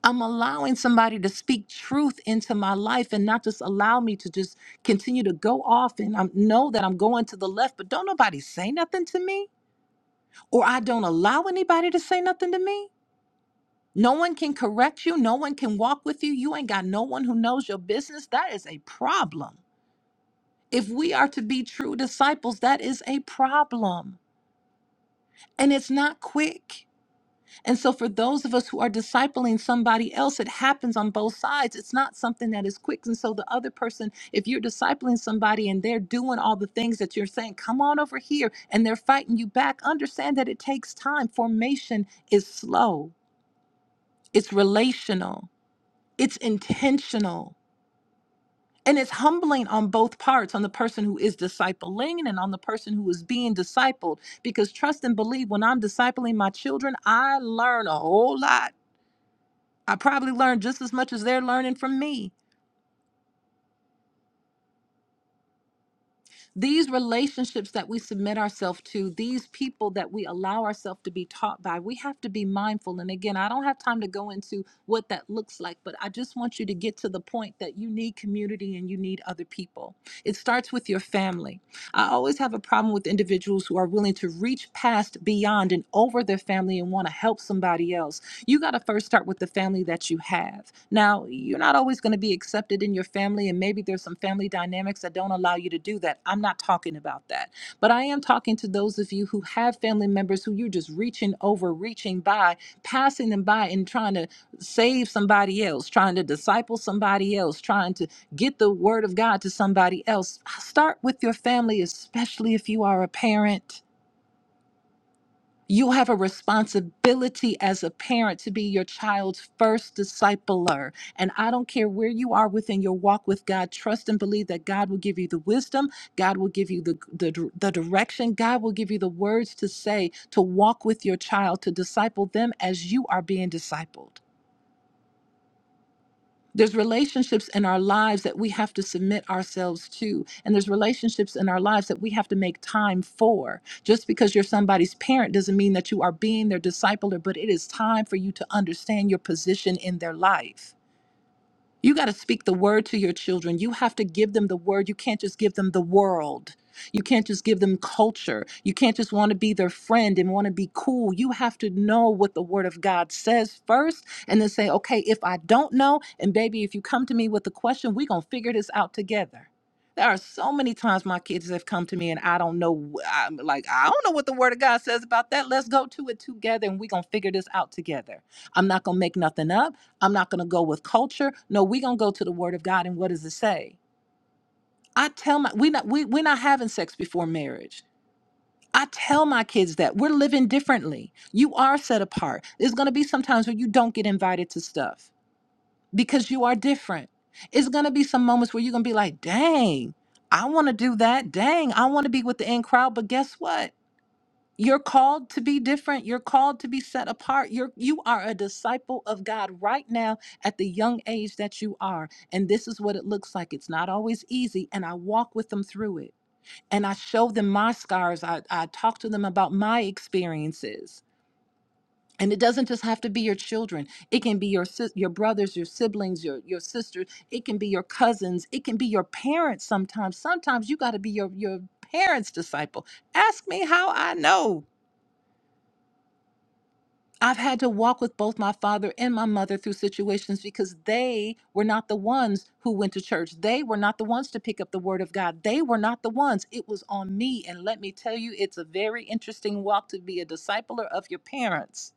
I'm allowing somebody to speak truth into my life and not just allow me to just continue to go off and I know that I'm going to the left, but don't nobody say nothing to me or I don't allow anybody to say nothing to me. No one can correct you. No one can walk with you. You ain't got no one who knows your business. That is a problem. If we are to be true disciples, that is a problem. And it's not quick. And so, for those of us who are discipling somebody else, it happens on both sides. It's not something that is quick. And so, the other person, if you're discipling somebody and they're doing all the things that you're saying, come on over here, and they're fighting you back, understand that it takes time. Formation is slow, it's relational, it's intentional. And it's humbling on both parts, on the person who is discipling and on the person who is being discipled. Because trust and believe, when I'm discipling my children, I learn a whole lot. I probably learn just as much as they're learning from me. These relationships that we submit ourselves to, these people that we allow ourselves to be taught by, we have to be mindful. And again, I don't have time to go into what that looks like, but I just want you to get to the point that you need community and you need other people. It starts with your family. I always have a problem with individuals who are willing to reach past, beyond, and over their family and want to help somebody else you got to first start with the family that you have. Now, you're not always going to be accepted in your family, and maybe there's some family dynamics that don't allow you to do that. I'm not talking about that. But I am talking to those of you who have family members who you're just reaching over, reaching by, passing them by, and trying to save somebody else, trying to disciple somebody else, trying to get the word of God to somebody else. Start with your family, especially if you are a parent you have a responsibility as a parent to be your child's first discipler. And I don't care where you are within your walk with God, trust and believe that God will give you the wisdom, God will give you the, the, the direction, God will give you the words to say to walk with your child, to disciple them as you are being discipled. There's relationships in our lives that we have to submit ourselves to. And there's relationships in our lives that we have to make time for. Just because you're somebody's parent doesn't mean that you are being their discipler, but it is time for you to understand your position in their life you got to speak the word to your children. You have to give them the word. You can't just give them the world. You can't just give them culture. You can't just want to be their friend and want to be cool. You have to know what the word of God says first and then say, okay, if I don't know, and baby, if you come to me with a question, we're going to figure this out together. There are so many times my kids have come to me and I don't know, I'm like, I don't know what the word of God says about that. Let's go to it together and we're going to figure this out together. I'm not going to make nothing up. I'm not going to go with culture. No, we're going to go to the word of God. And what does it say? I tell my, we not, we, we're not having sex before marriage. I tell my kids that we're living differently. You are set apart. There's going to be some times where you don't get invited to stuff because you are different. It's going to be some moments where you're going to be like, dang, I want to do that. Dang, I want to be with the in crowd. But guess what? You're called to be different. You're called to be set apart. You're you are a disciple of God right now at the young age that you are. And this is what it looks like. It's not always easy. And I walk with them through it. And I show them my scars. I, I talk to them about my experiences. And it doesn't just have to be your children. It can be your sis- your brothers, your siblings, your your sisters. It can be your cousins. It can be your parents. Sometimes, sometimes you got to be your your parents' disciple. Ask me how I know. I've had to walk with both my father and my mother through situations because they were not the ones who went to church. They were not the ones to pick up the word of God. They were not the ones. It was on me. And let me tell you, it's a very interesting walk to be a discipler of your parents.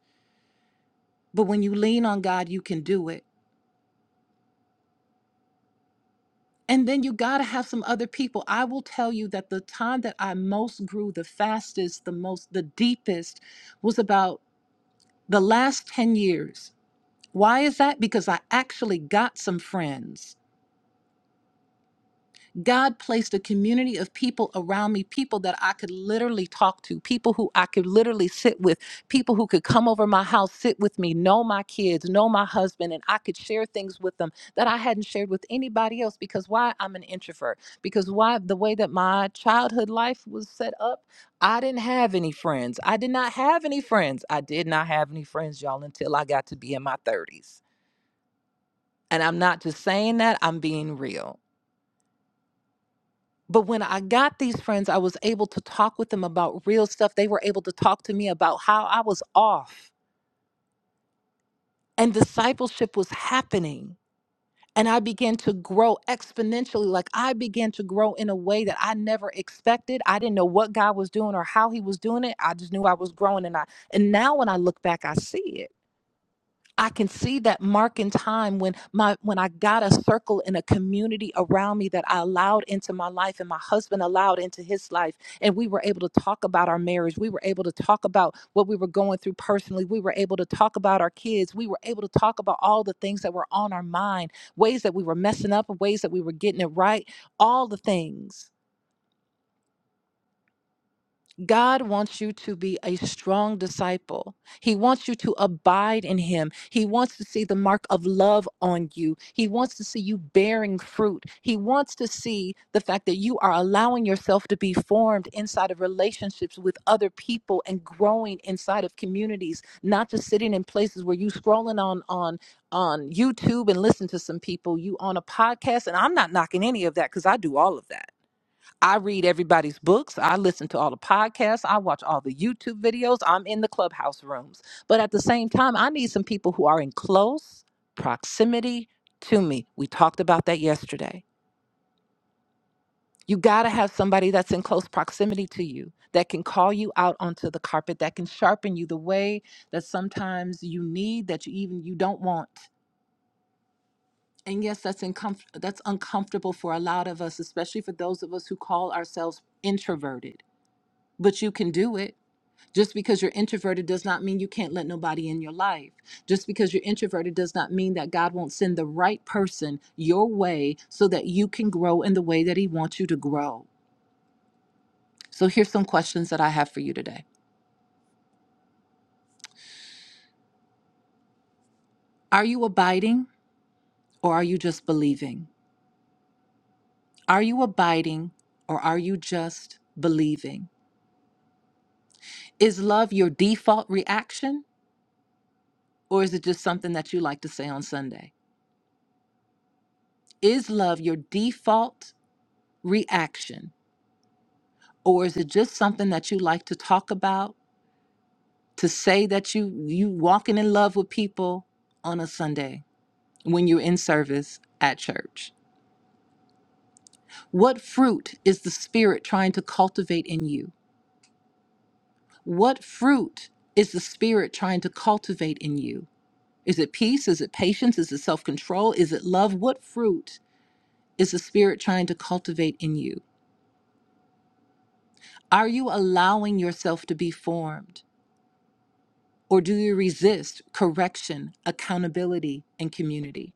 But when you lean on God, you can do it. And then you got to have some other people. I will tell you that the time that I most grew the fastest, the most, the deepest was about the last 10 years Why is that? Because I actually got some friends. God placed a community of people around me, people that I could literally talk to, people who I could literally sit with, people who could come over my house, sit with me, know my kids, know my husband, and I could share things with them that I hadn't shared with anybody else. Because why? I'm an introvert. Because why? The way that my childhood life was set up, I didn't have any friends. I did not have any friends. I did not have any friends, y'all, until I got to be in my 30s And I'm not just saying that, I'm being real. But when I got these friends, I was able to talk with them about real stuff. They were able to talk to me about how I was off and discipleship was happening. And I began to grow exponentially. Like I began to grow in a way that I never expected. I didn't know what God was doing or how he was doing it. I just knew I was growing. And I and now when I look back, I see it. I can see that mark in time when my when I got a circle and a community around me that I allowed into my life and my husband allowed into his life and we were able to talk about our marriage. We were able to talk about what we were going through personally. We were able to talk about our kids. We were able to talk about all the things that were on our mind, ways that we were messing up, ways that we were getting it right, all the things. God wants you to be a strong disciple. He wants you to abide in Him. He wants to see the mark of love on you. He wants to see you bearing fruit. He wants to see the fact that you are allowing yourself to be formed inside of relationships with other people and growing inside of communities, not just sitting in places where you scrolling on on on YouTube and listen to some people, you on a podcast. And I'm not knocking any of that because I do all of that. I read everybody's books. I listen to all the podcasts. I watch all the YouTube videos. I'm in the clubhouse rooms. But at the same time, I need some people who are in close proximity to me. We talked about that yesterday. You got to have somebody that's in close proximity to you that can call you out onto the carpet, that can sharpen you the way that sometimes you need, that you even you don't want. And yes, that's uncomf- that's uncomfortable for a lot of us, especially for those of us who call ourselves introverted. But you can do it Just because you're introverted does not mean you can't let nobody in your life. Just because you're introverted does not mean that God won't send the right person your way so that you can grow in the way that He wants you to grow. So here's some questions that I have for you today Are you abiding or are you just believing? Are you abiding or are you just believing? Is love your default reaction or is it just something that you like to say on Sunday? Is love your default reaction? or is it just something that you like to talk about to say that you you walking in love with people on a sunday when you're in service at church what fruit is the spirit trying to cultivate in you what fruit is the spirit trying to cultivate in you is it peace is it patience is it self-control is it love what fruit is the spirit trying to cultivate in you are you allowing yourself to be formed Or do you resist correction, accountability, and community?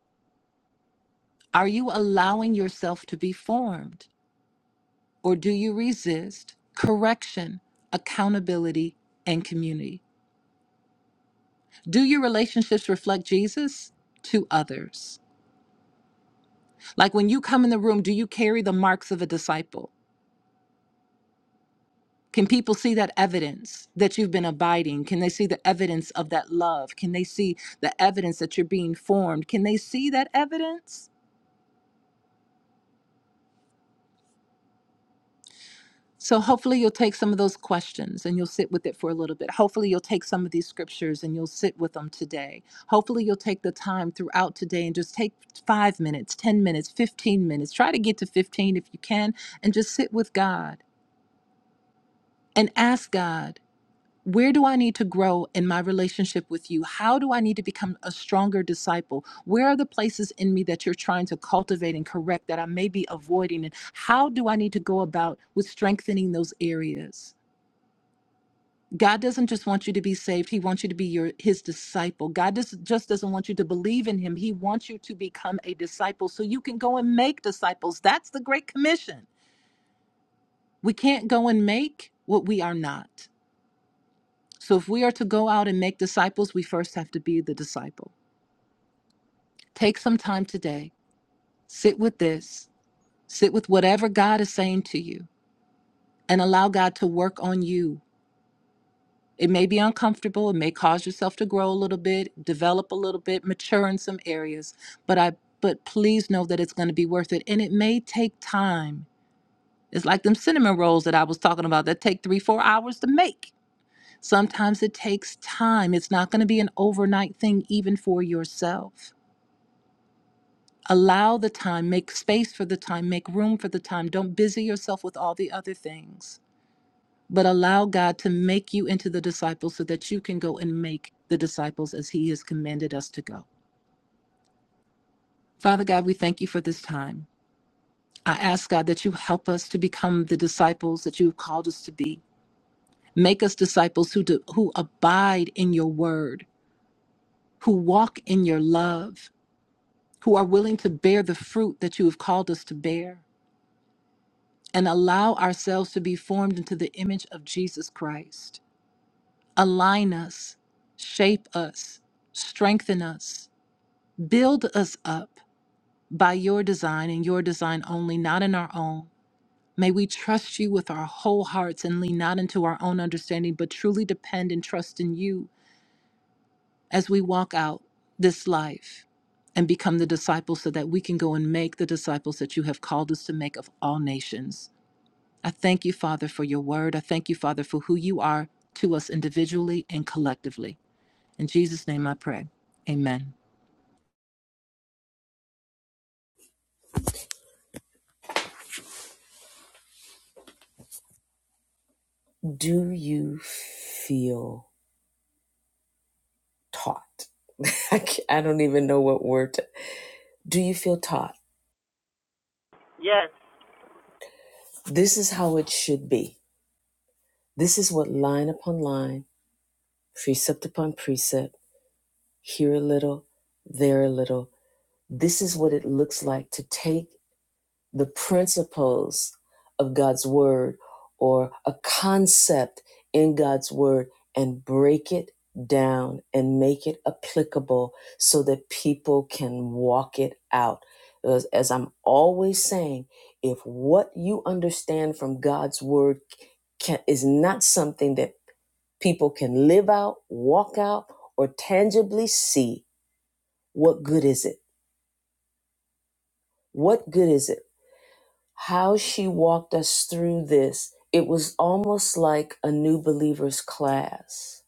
Are you allowing yourself to be formed? Or do you resist correction, accountability, and community? Do your relationships reflect Jesus to others? Like when you come in the room, do you carry the marks of a disciple? Can people see that evidence that you've been abiding? Can they see the evidence of that love? Can they see the evidence that you're being formed? Can they see that evidence? So hopefully you'll take some of those questions and you'll sit with it for a little bit. Hopefully you'll take some of these scriptures and you'll sit with them today. Hopefully you'll take the time throughout today and just take 5 minutes, 10 minutes, 15 minutes. Try to get to 15 if you can and just sit with God and ask God, where do I need to grow in my relationship with you? How do I need to become a stronger disciple? Where are the places in me that you're trying to cultivate and correct that I may be avoiding? And how do I need to go about with strengthening those areas? God doesn't just want you to be saved, he wants you to be your his disciple. God does, just doesn't want you to believe in him. He wants you to become a disciple so you can go and make disciples. That's the great commission. We can't go and make what we are not. So if we are to go out and make disciples, we first have to be the disciple. Take some time today. Sit with this. Sit with whatever God is saying to you and allow God to work on you It may be uncomfortable. It may cause yourself to grow a little bit, develop a little bit, mature in some areas. But I, but please know that it's going to be worth it, and it may take time. It's like them cinnamon rolls that I was talking about that take three, four hours to make. Sometimes it takes time. It's not going to be an overnight thing, even for yourself. Allow the time, make space for the time, make room for the time. Don't busy yourself with all the other things but allow God to make you into the disciples so that you can go and make the disciples as He has commanded us to go. Father God, we thank you for this time. I ask God that you help us to become the disciples that you've called us to be. Make us disciples who do, who abide in your word, who walk in your love, who are willing to bear the fruit that you have called us to bear, and allow ourselves to be formed into the image of Jesus Christ. Align us, shape us, strengthen us, Build us up by your design and your design only, not in our own. May we trust you with our whole hearts and lean not into our own understanding, but truly depend and trust in you as we walk out this life and become the disciples so that we can go and make the disciples that you have called us to make of all nations. I thank you, Father, for your word. I thank you, Father, for who you are to us individually and collectively. In Jesus' name I pray. Amen.
Do you feel taught. I I don't even know what word. To, do you feel taught?
Yes,
This is how it should be. This is what line upon line, precept upon precept, here a little, there a little. This is what it looks like to take the principles of God's word or a concept in God's word and break it down and make it applicable so that people can walk it out. As, as I'm always saying, if what you understand from God's word can, is not something that people can live out, walk out, or tangibly see, what good is it? What good is it? how she walked us through this, it was almost like a new believers class.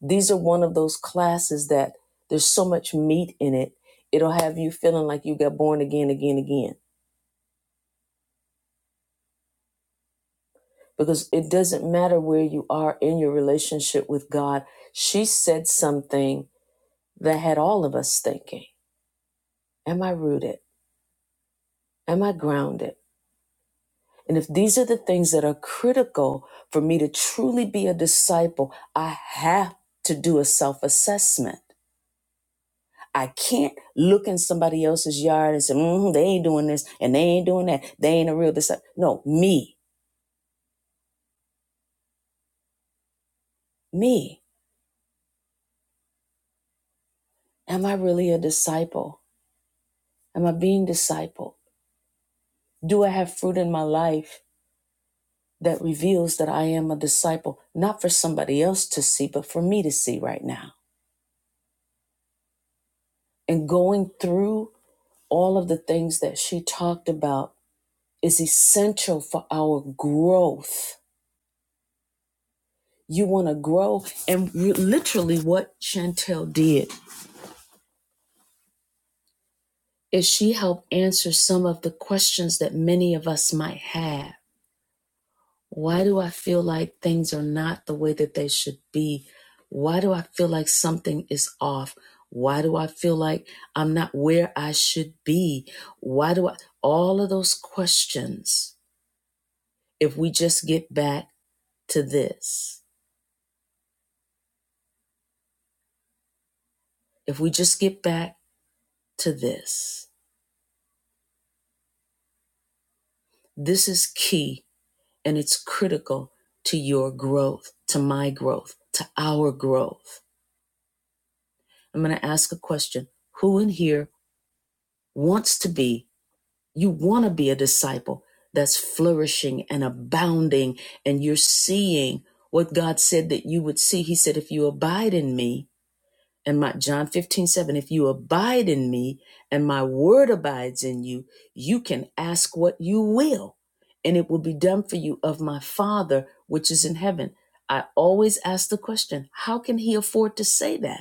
These are one of those classes that there's so much meat in it, it'll have you feeling like you got born again, again, again. Because it doesn't matter where you are in your relationship with God. She said something that had all of us thinking Am I rooted? Am I grounded? And if these are the things that are critical for me to truly be a disciple, I have to do a self assessment. I can't look in somebody else's yard and say, mm, they ain't doing this and they ain't doing that. They ain't a real disciple. No, me, me. Am I really a disciple? Am I being disciple? Do I have fruit in my life that reveals that I am a disciple, not for somebody else to see, but for me to see right now? And going through all of the things that she talked about is essential for our growth. You want to grow. And re- literally, what Chantel did is she helped answer some of the questions that many of us might have. Why do I feel like things are not the way that they should be? Why do I feel like something is off? Why do I feel like I'm not where I should be? Why do I? All of those questions, if we just get back to this, if we just get back to this, this is key and it's critical to your growth, to my growth, to our growth. I'm going to ask a question Who in here wants to be, you want to be a disciple that's flourishing and abounding, and you're seeing what God said that you would see? He said, If you abide in me, and my John 15 7. if you abide in me and my word abides in you, you can ask what you will, and it will be done for you of my Father which is in heaven. I always ask the question, how can he afford to say that?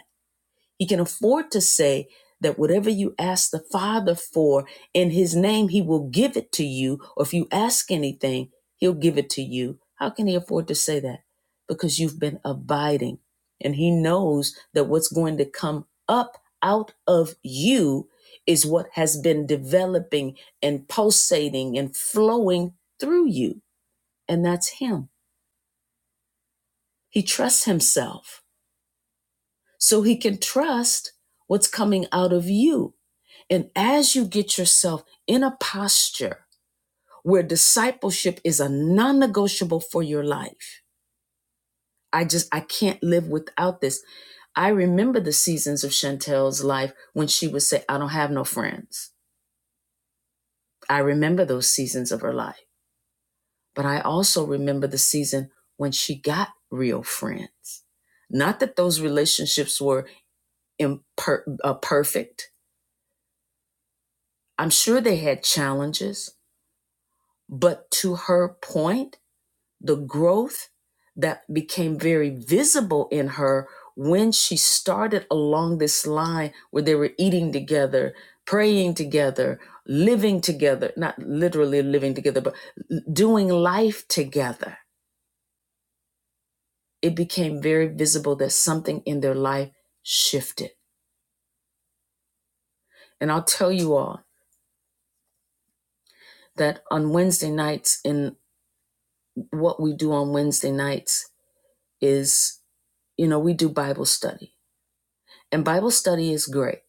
He can afford to say that whatever you ask the Father for in His name, He will give it to you. Or if you ask anything, He'll give it to you. How can He afford to say that? Because you've been abiding. And He knows that what's going to come up out of you is what has been developing and pulsating and flowing through you. And that's Him. He trusts Himself. so he can trust what's coming out of you. And as you get yourself in a posture where discipleship is a non negotiable for your life, I just, I can't live without this. I remember the seasons of Chantel's life when she would say, I don't have no friends. I remember those seasons of her life. But I also remember the season when she got real friends. Not that those relationships were imper- uh, perfect, I'm sure they had challenges, but to her point, the growth that became very visible in her when she started along this line where they were eating together, praying together, living together, not literally living together, but doing life together, it became very visible that something in their life shifted. And I'll tell you all that on Wednesday nights, in what we do on Wednesday nights, is You know, we do Bible study, and Bible study is great.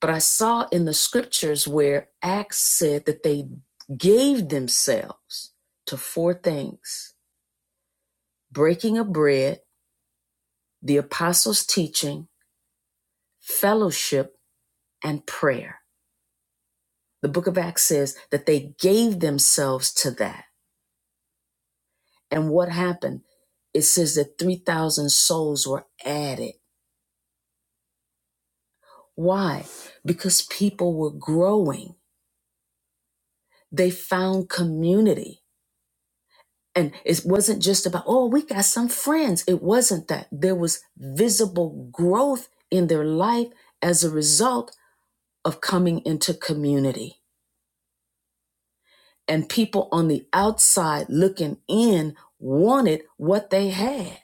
But I saw in the scriptures where Acts said that they gave themselves to four things breaking of bread, the apostles' teaching, fellowship, and prayer. The book of Acts says that they gave themselves to that. And what happened? It says that 3,000 souls were added. Why? Because people were growing, they found community. And it wasn't just about, oh, we got some friends. It wasn't that. There was visible growth in their life as a result of coming into community. And people on the outside looking in wanted what they had.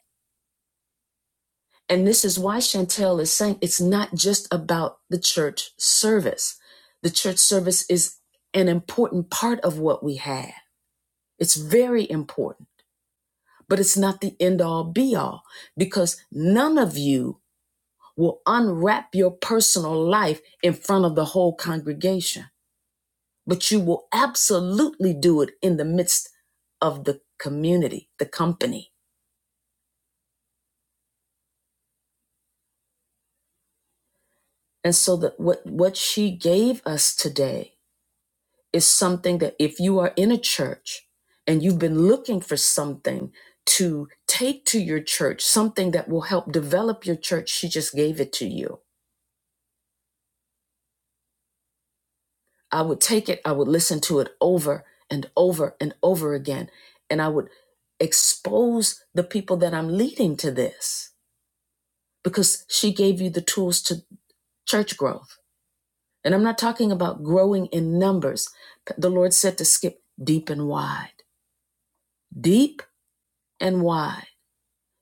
And this is why Chantel is saying it's not just about the church service. The church service is an important part of what we have, it's very important. but it's not the end all be all because none of you will unwrap your personal life in front of the whole congregation, but you will absolutely do it in the midst of the community, the company. And so that what, what she gave us today is something that if you are in a church and you've been looking for something to take to your church, something that will help develop your church, she just gave it to you I would take it, I would listen to it over and over and over again. And I would expose the people that I'm leading to this because she gave you the tools to church growth. And I'm not talking about growing in numbers. The Lord said to skip deep and wide, deep and wide.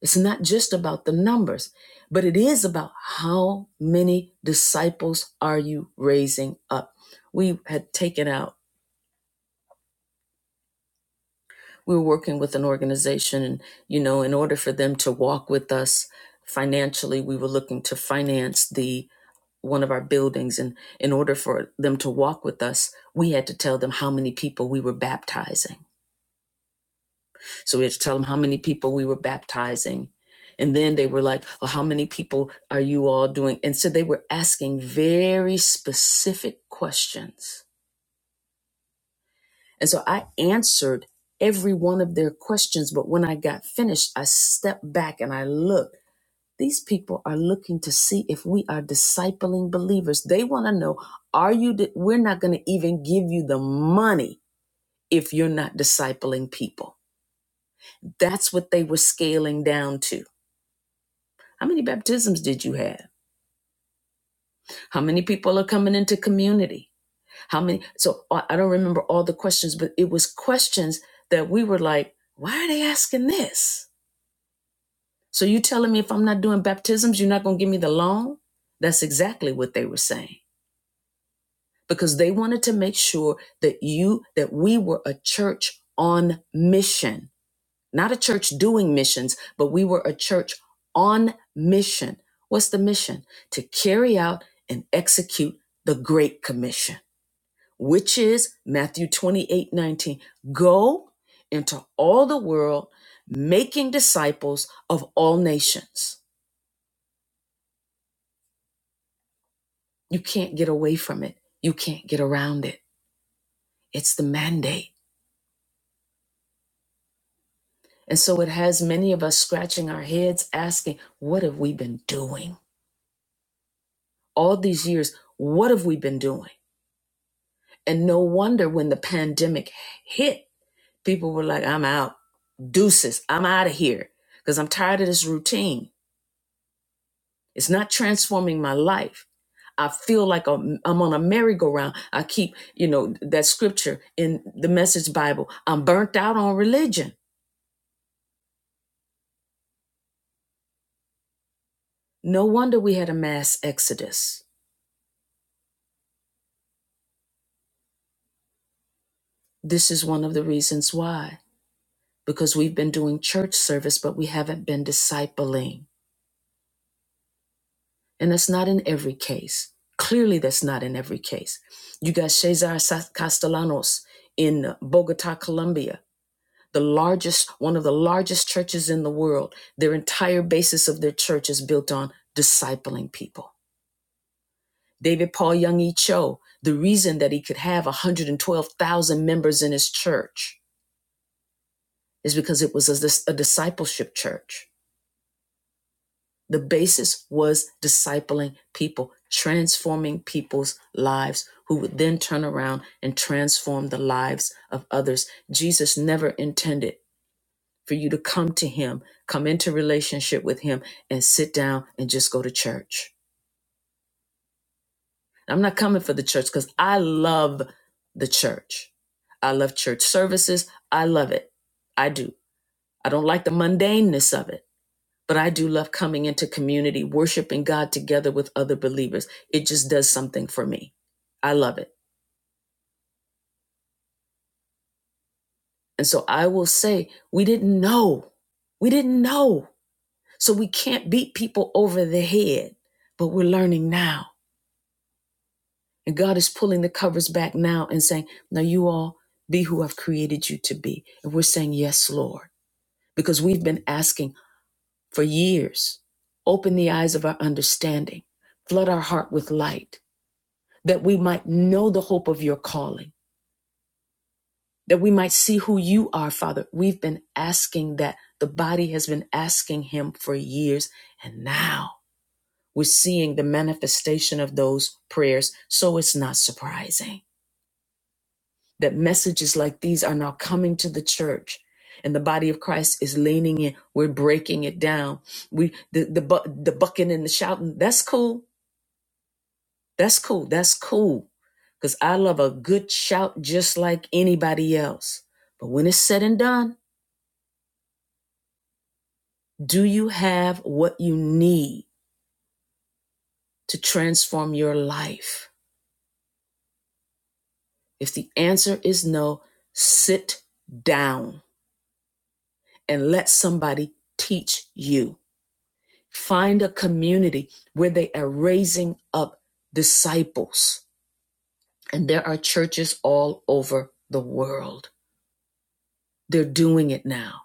It's not just about the numbers, but it is about how many disciples are you raising up. We had taken out we were working with an organization and you know in order for them to walk with us financially we were looking to finance the one of our buildings and in order for them to walk with us we had to tell them how many people we were baptizing so we had to tell them how many people we were baptizing and then they were like well how many people are you all doing and so they were asking very specific questions And so I answered every one of their questions. But when I got finished, I stepped back and I looked. These people are looking to see if we are discipling believers. They want to know, are you, di- we're not going to even give you the money if you're not discipling people. That's what they were scaling down to. How many baptisms did you have? How many people are coming into community? How many? So I I don't remember all the questions, but it was questions that we were like, why are they asking this? So you telling me if I'm not doing baptisms, you're not going to give me the loan? That's exactly what they were saying because they wanted to make sure that you that we were a church on mission, not a church doing missions, but we were a church on mission. What's the mission? To carry out and execute the great commission, which is Matthew 28:19. Go into all the world making disciples of all nations You can't get away from it. You can't get around it. It's the mandate. And so it has many of us scratching our heads asking, what have we been doing? All these years, what have we been doing? And no wonder when the pandemic hit, people were like, I'm out. Deuces, I'm out of here because I'm tired of this routine. It's not transforming my life. I feel like I'm, I'm on a merry-go-round. I keep, you know, that scripture in the Message Bible. I'm burnt out on religion. No wonder we had a mass exodus. This is one of the reasons why, because we've been doing church service, but we haven't been discipling. And that's not in every case. Clearly, that's not in every case. You got Cesar Castellanos in Bogota, Colombia, the largest, one of the largest churches in the world. Their entire basis of their church is built on discipling people. David Paul Young E. Cho, the reason that he could have 112,000 members in his church is because it was a, a discipleship church. The basis was discipling people, transforming people's lives, who would then turn around and transform the lives of others. Jesus never intended for you to come to him, come into relationship with him, and sit down and just go to church. I'm not coming for the church because I love the church. I love church services. I love it. I do. I don't like the mundaneness of it. but I do love coming into community, worshiping God together with other believers. It just does something for me. I love it. And so I will say, we didn't know. We didn't know. So we can't beat people over the head, but we're learning now. And God is pulling the covers back now and saying, now you all be who I've created you to be. And we're saying, yes, Lord, because we've been asking for years, open the eyes of our understanding, flood our heart with light that we might know the hope of your calling, that we might see who you are, Father. We've been asking that. The body has been asking him for years, and now we're seeing the manifestation of those prayers. So it's not surprising that messages like these are now coming to the church. And the body of Christ is leaning in. We're breaking it down. We the the, bu- the bucking and the shouting. That's cool That's cool. That's cool. Because I love a good shout just like anybody else. But when it's said and done, do you have what you need to transform your life? If the answer is no, sit down and let somebody teach you. Find a community where they are raising up disciples. And there are churches all over the world. They're doing it now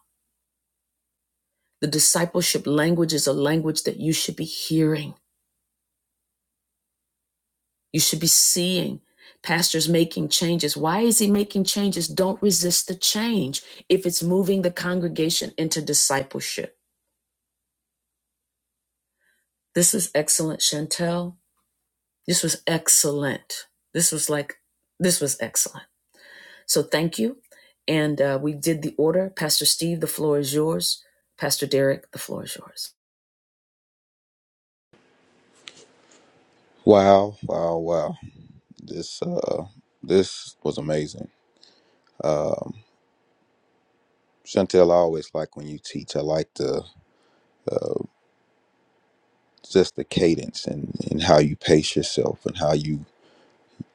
The discipleship language is a language that you should be hearing, you should be seeing. Pastors making changes. Why is he making changes? Don't resist the change if it's moving the congregation into discipleship. This is excellent, Chantel. This was excellent. This was like, this was excellent. So thank you. And uh, we did the order. Pastor Steve, the floor is yours. Pastor Derek, the floor is yours.
Wow, wow, wow. This uh this was amazing. Chantel, I always like when you teach. I like the just the cadence and, and how you pace yourself and how you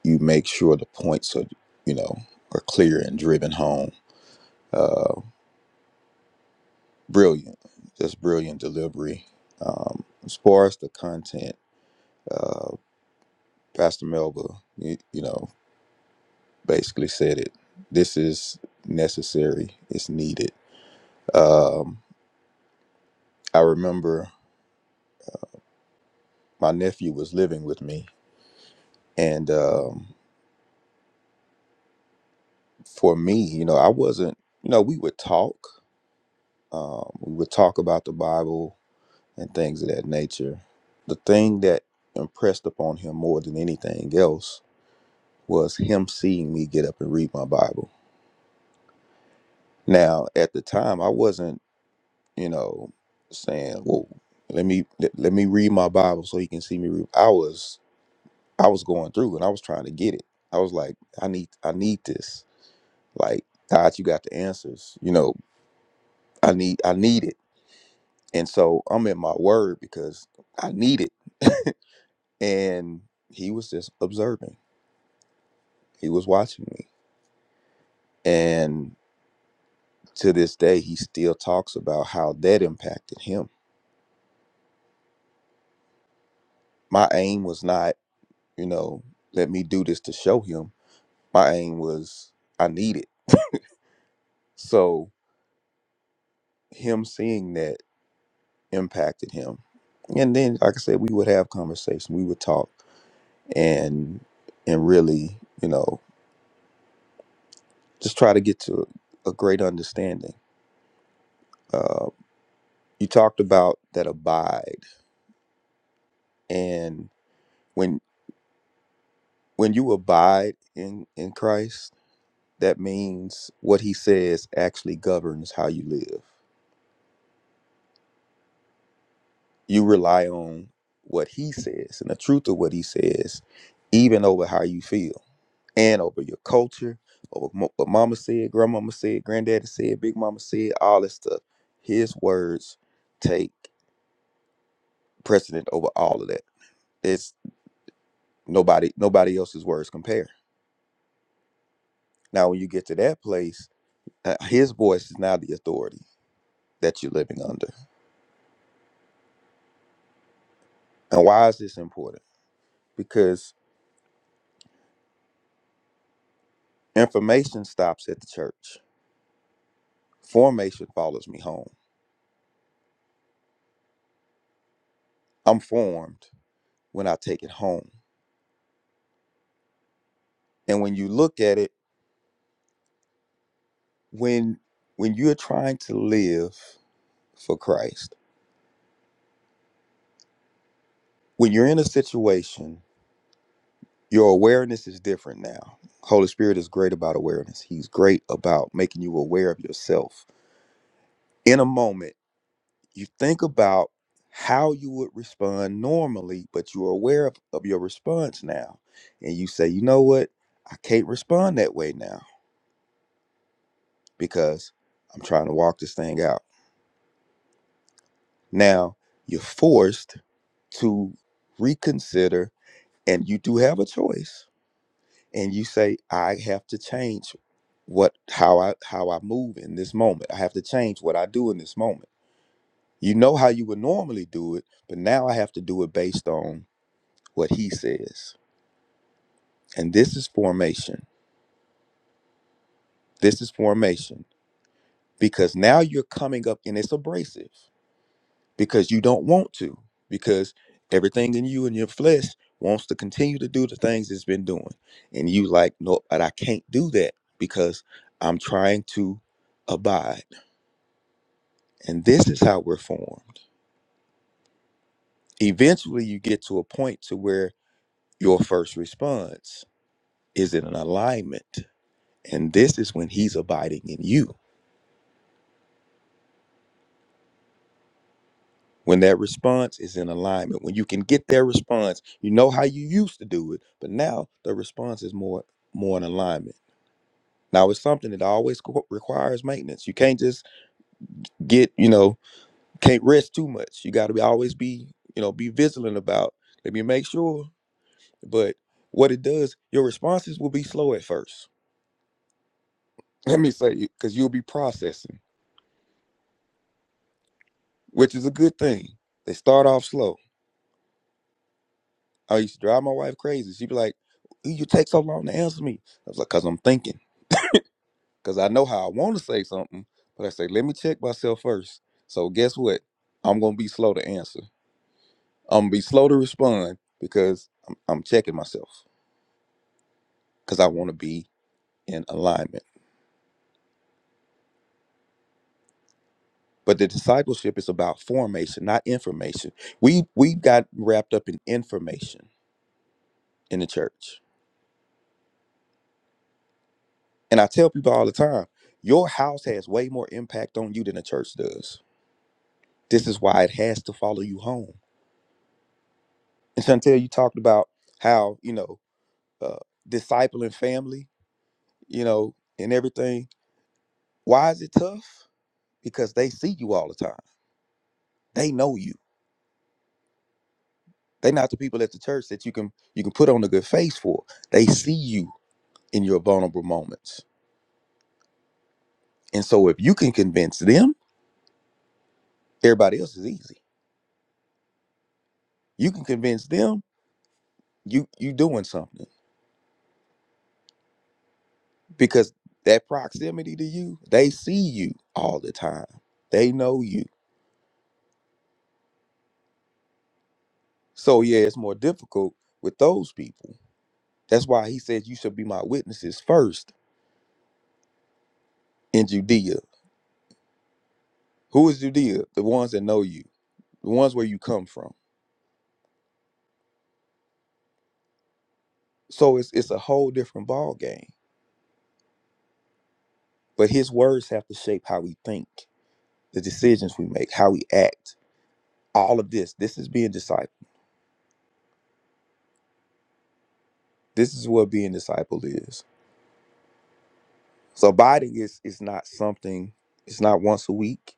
you make sure the points are you know are clear and driven home. Uh brilliant. Just brilliant delivery. Um as far as the content, uh Pastor Melba, you, you know, basically said it. This is necessary. It's needed. Um I remember my nephew was living with me, and um, for me, you know, I wasn't. You know, we would talk. Um, we would talk about the Bible and things of that nature. The thing that impressed upon him more than anything else was him seeing me get up and read my Bible. Now, at the time, I wasn't, you know, saying, "Well, let me let, let me read my Bible so he can see me read." I was I was going through and I was trying to get it. I was like, "I need I need this." Like, God, you got the answers. You know, I need I need it. And so I'm in my word because I need it. and he was just observing. He was watching me. And to this day, he still talks about how that impacted him. My aim was not, you know, let me do this to show him. My aim was I need it. So him seeing that impacted him. And then, like I said, we would have conversation. We would talk. and and really, you know, just try to get to a great understanding. Uh, you talked about that abide, and when when you abide in in Christ, that means what He says actually governs how you live. You rely on what He says and the truth of what He says, even over how you feel and over your culture, over mo- what mama said, grandmama said, granddaddy said, big mama said, all that stuff. His words take precedent over all of that. It's nobody nobody else's words compare. Now when you get to that place, uh, his voice is now the authority that you're living under. And why is this important? Because information stops at the church. Formation follows me home. I'm formed when I take it home. And when you look at it, when when you're trying to live for Christ. When you're in a situation, your awareness is different now. Holy Spirit is great about awareness. He's great about making you aware of yourself. In a moment, you think about how you would respond normally, but you are aware of, of your response now. And you say, you know what? I can't respond that way now because I'm trying to walk this thing out. Now, you're forced to reconsider, and you do have a choice and you say i have to change what how i how i move in this moment i have to change what i do in this moment you know how you would normally do it but now i have to do it based on what he says and this is formation this is formation because now you're coming up and it's abrasive because you don't want to because everything in you and your flesh wants to continue to do the things it's been doing and you like no but i can't do that because i'm trying to abide And this is how we're formed. Eventually you get to a point to where your first response is in an alignment. And this is when he's abiding in you. When that response is in alignment, when you can get their response, you know how you used to do it, but now the response is more more in alignment. Now it's something that always co- requires maintenance. You can't just get, you know, can't rest too much. You got to be always be, you know, be vigilant about. Let me make sure. But what it does, your responses will be slow at first. Let me say, because you'll be processing, which is a good thing. They start off slow. I used to drive my wife crazy. She'd be like, "Why "You take so long to answer me." I was like, "Cause I'm thinking. Cause I know how I want to say something, but I say, let me check myself first. So guess what? I'm gonna be slow to answer. I'm gonna be slow to respond because I'm, I'm checking myself. Cause I want to be in alignment. But the discipleship is about formation, not information. We we got wrapped up in information in the church. And I tell people all the time, your house has way more impact on you than the church does. This is why it has to follow you home. And Chantel, you talked about how, you know, uh, discipling family, you know, and everything. Why is it tough? Because they see you all the time. They know you. They're not the people at the church that you can you can put on a good face for. They see you in your vulnerable moments And so if you can convince them, everybody else is easy. You can convince them you you doing something because that proximity to you, they see you all the time. They know you. So yeah, it's more difficult with those people. That's why he says you should be my witnesses first in Judea. Who is Judea? The ones that know you, the ones where you come from. So it's it's a whole different ball game. But his words have to shape how we think, the decisions we make, how we act all of this. This is being disciple. This is what being discipled is. So abiding is is not something. It's not once a week.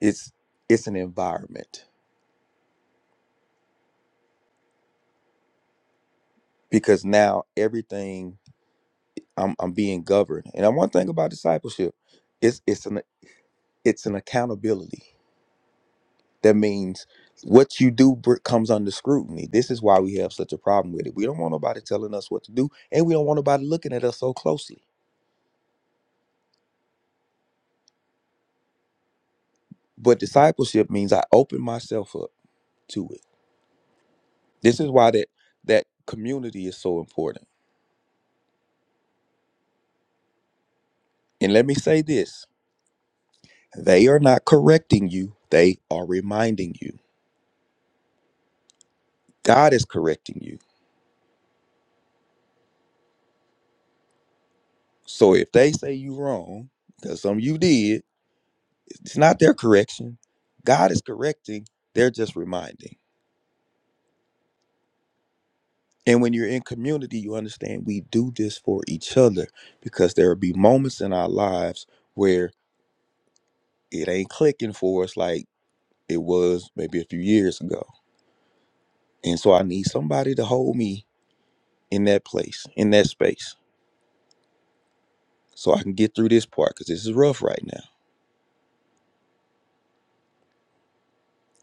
It's it's an environment because now everything I'm I'm being governed. And one thing about discipleship, it's it's an it's an accountability. That means what you do br- comes under scrutiny. This is why we have such a problem with it. We don't want nobody telling us what to do, and we don't want nobody looking at us so closely. But discipleship means I open myself up to it. This is why that that community is so important. And let me say this, they are not correcting you, they are reminding you. God is correcting you. So if they say you wrong, because some of you did, it's not their correction. God is correcting, they're just reminding. And when you're in community, you understand we do this for each other because there will be moments in our lives where it ain't clicking for us like it was maybe a few years ago. And so I need somebody to hold me in that place, in that space, so I can get through this part because this is rough right now.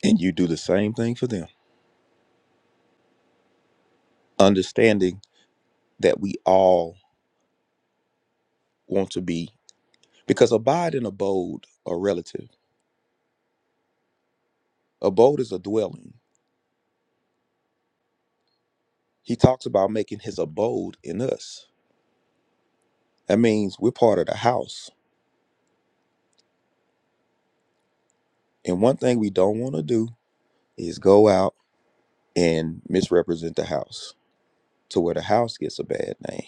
And you do the same thing for them, understanding that we all want to be, because abide and abode are relative. Abode is a dwelling. He talks about making his abode in us. That means we're part of the house. And one thing we don't want to do is go out and misrepresent the house to where the house gets a bad name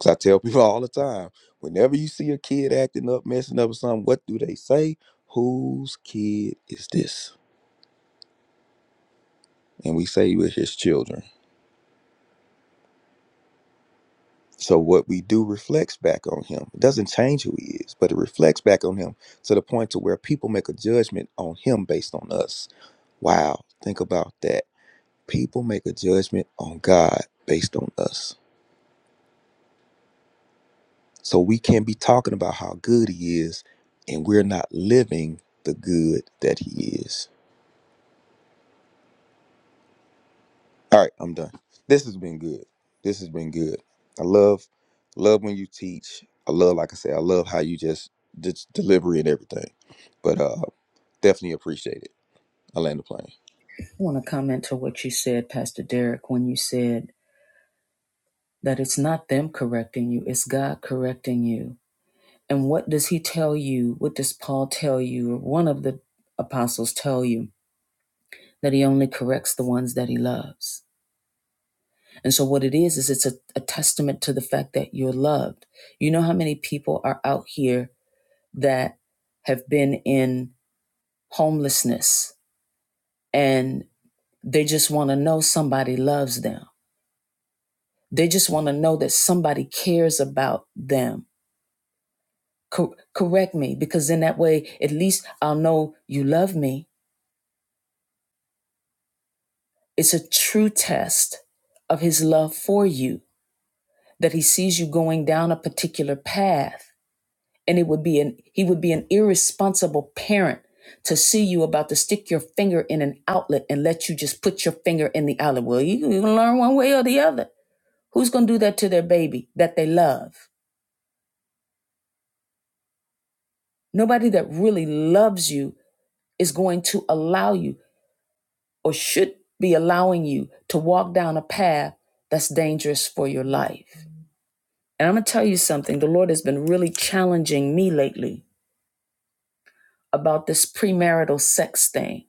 Cause I tell people all the time, whenever you see a kid acting up, messing up or something, what do they say? Whose kid is this? And we say we're his children. So what we do reflects back on him. It doesn't change who he is, but it reflects back on him to the point to where people make a judgment on him based on us. Wow, think about that. People make a judgment on God based on us. So we can't be talking about how good he is, and we're not living the good that he is. All right, I'm done. This has been good. This has been good. I love, love when you teach. I love, like I said, I love how you just, just delivery and everything. But uh, definitely appreciate it. I land the plane.
I want to comment to what you said, Pastor Derek, when you said that it's not them correcting you, it's God correcting you. And what does he tell you? What does Paul tell you? Or one of the apostles tell you that he only corrects the ones that he loves. And so what it is is it's a, a testament to the fact that you're loved. You know how many people are out here that have been in homelessness and they just want to know somebody loves them. They just want to know that somebody cares about them Cor- correct me because in that way at least I'll know you love me. It's a true test of his love for you that he sees you going down a particular path and it would be an he would be an irresponsible parent to see you about to stick your finger in an outlet and let you just put your finger in the outlet. Well, you- you're gonna learn one way or the other. Who's gonna do that to their baby that they love? Nobody that really loves you is going to allow you. or should be allowing you to walk down a path that's dangerous for your life. And I'm going to tell you something the Lord has been really challenging me lately about this premarital sex thing.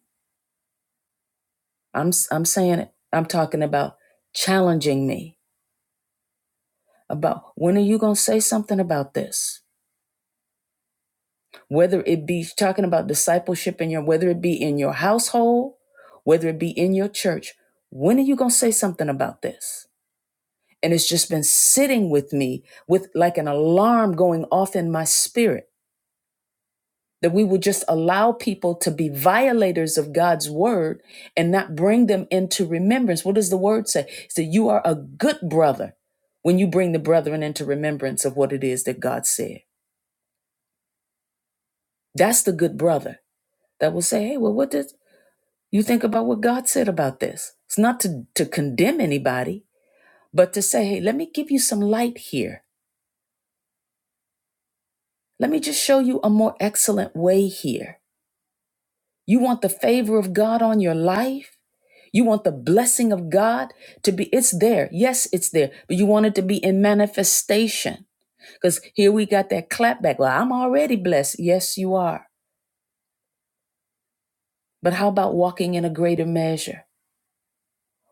I'm I'm saying it. I'm talking about challenging me about when are you going to say something about this? Whether it be talking about discipleship in your whether it be in your household, whether it be in your church, when are you going to say something about this? and it's just been sitting with me with like an alarm going off in my spirit that we would just allow people to be violators of God's word and not bring them into remembrance. What does the word say? It said, You are a good brother when you bring the brethren into remembrance of what it is that God said. That's the good brother that will say, Hey, well, what did you think about what God said about this? It's not to, to condemn anybody, but to say, Hey, let me give you some light here Let me just show you a more excellent way here. You want the favor of God on your life? You want the blessing of God to be, it's there. Yes, it's there, but you want it to be in manifestation. Because here we got that clapback. Well, I'm already blessed. Yes, you are. But how about walking in a greater measure?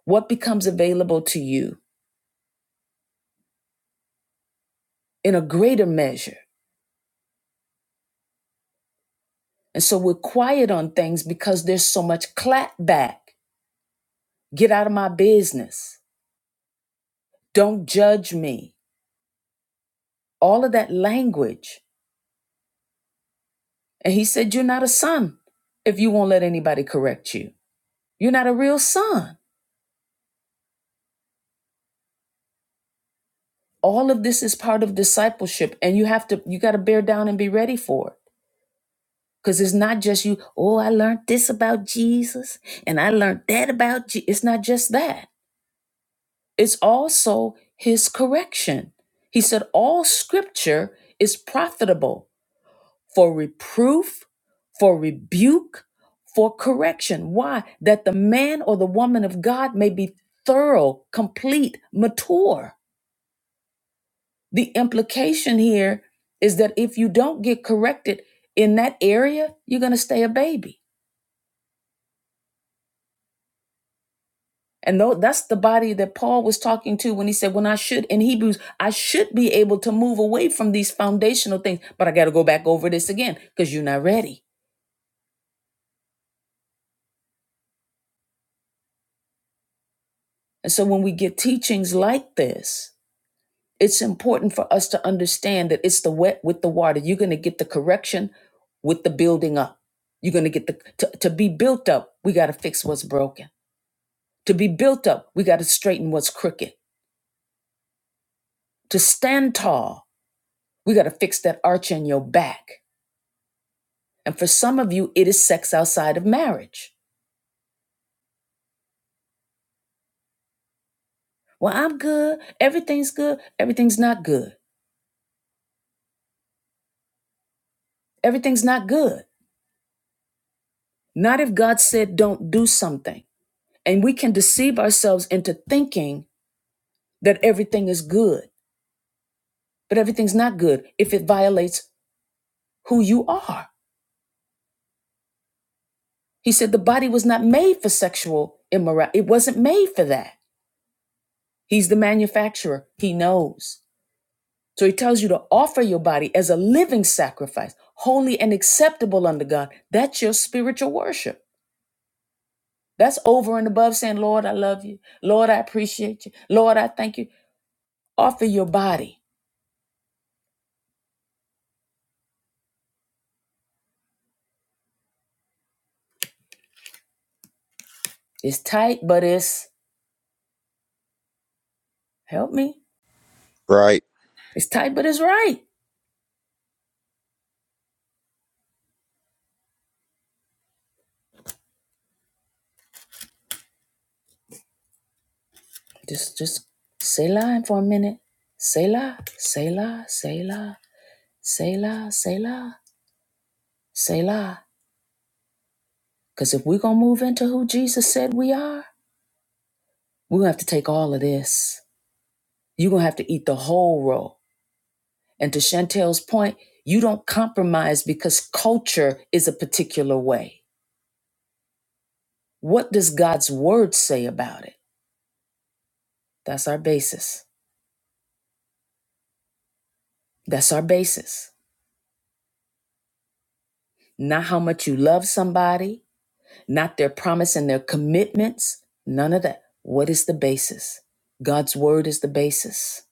What becomes available to you in a greater measure? And so we're quiet on things because there's so much clapback. Get out of my business. Don't judge me. all of that language. And he said, You're not a son if you won't let anybody correct you. You're not a real son. All of this is part of discipleship, and you have to, you got to bear down and be ready for it. Because it's not just you, oh, I learned this about Jesus and I learned that about Jesus. It's not just that, it's also his correction. He said, All scripture is profitable for reproof, for rebuke, for correction. Why? That the man or the woman of God may be thorough, complete, mature. The implication here is that if you don't get corrected in that area, you're going to stay a baby. And tho- that's the body that Paul was talking to when he said, When I should, in Hebrews, I should be able to move away from these foundational things, but I got to go back over this again because you're not ready. And so when we get teachings like this, it's important for us to understand that it's the wet with the water. You're going to get the correction with the building up. You're going to get the, to, to be built up, we got to fix what's broken. To be built up, we got to straighten what's crooked. To stand tall, we got to fix that arch in your back. And for some of you, it is sex outside of marriage. Well, I'm good. Everything's good. Everything's not good. Everything's not good. Not if God said don't do something. And we can deceive ourselves into thinking that everything is good, but everything's not good if it violates who you are. He said the body was not made for sexual immorality, it wasn't made for that. He's the manufacturer, he knows. So he tells you to offer your body as a living sacrifice, holy and acceptable unto God. That's your spiritual worship. That's over and above saying, Lord, I love you. Lord, I appreciate you. Lord, I thank you. Offer your body. It's tight, but it's, help me.
right.
It's tight, but it's right. Just just say la for a minute. Say la, say la, say la, say la, say la, say la. Cause if we're gonna move into who Jesus said we are, we're gonna have to take all of this. You're gonna have to eat the whole roll. And to Chantel's point, you don't compromise because culture is a particular way. What does God's word say about it? That's our basis. That's our basis. Not how much you love somebody, not their promise and their commitments, none of that. What is the basis? God's word is the basis.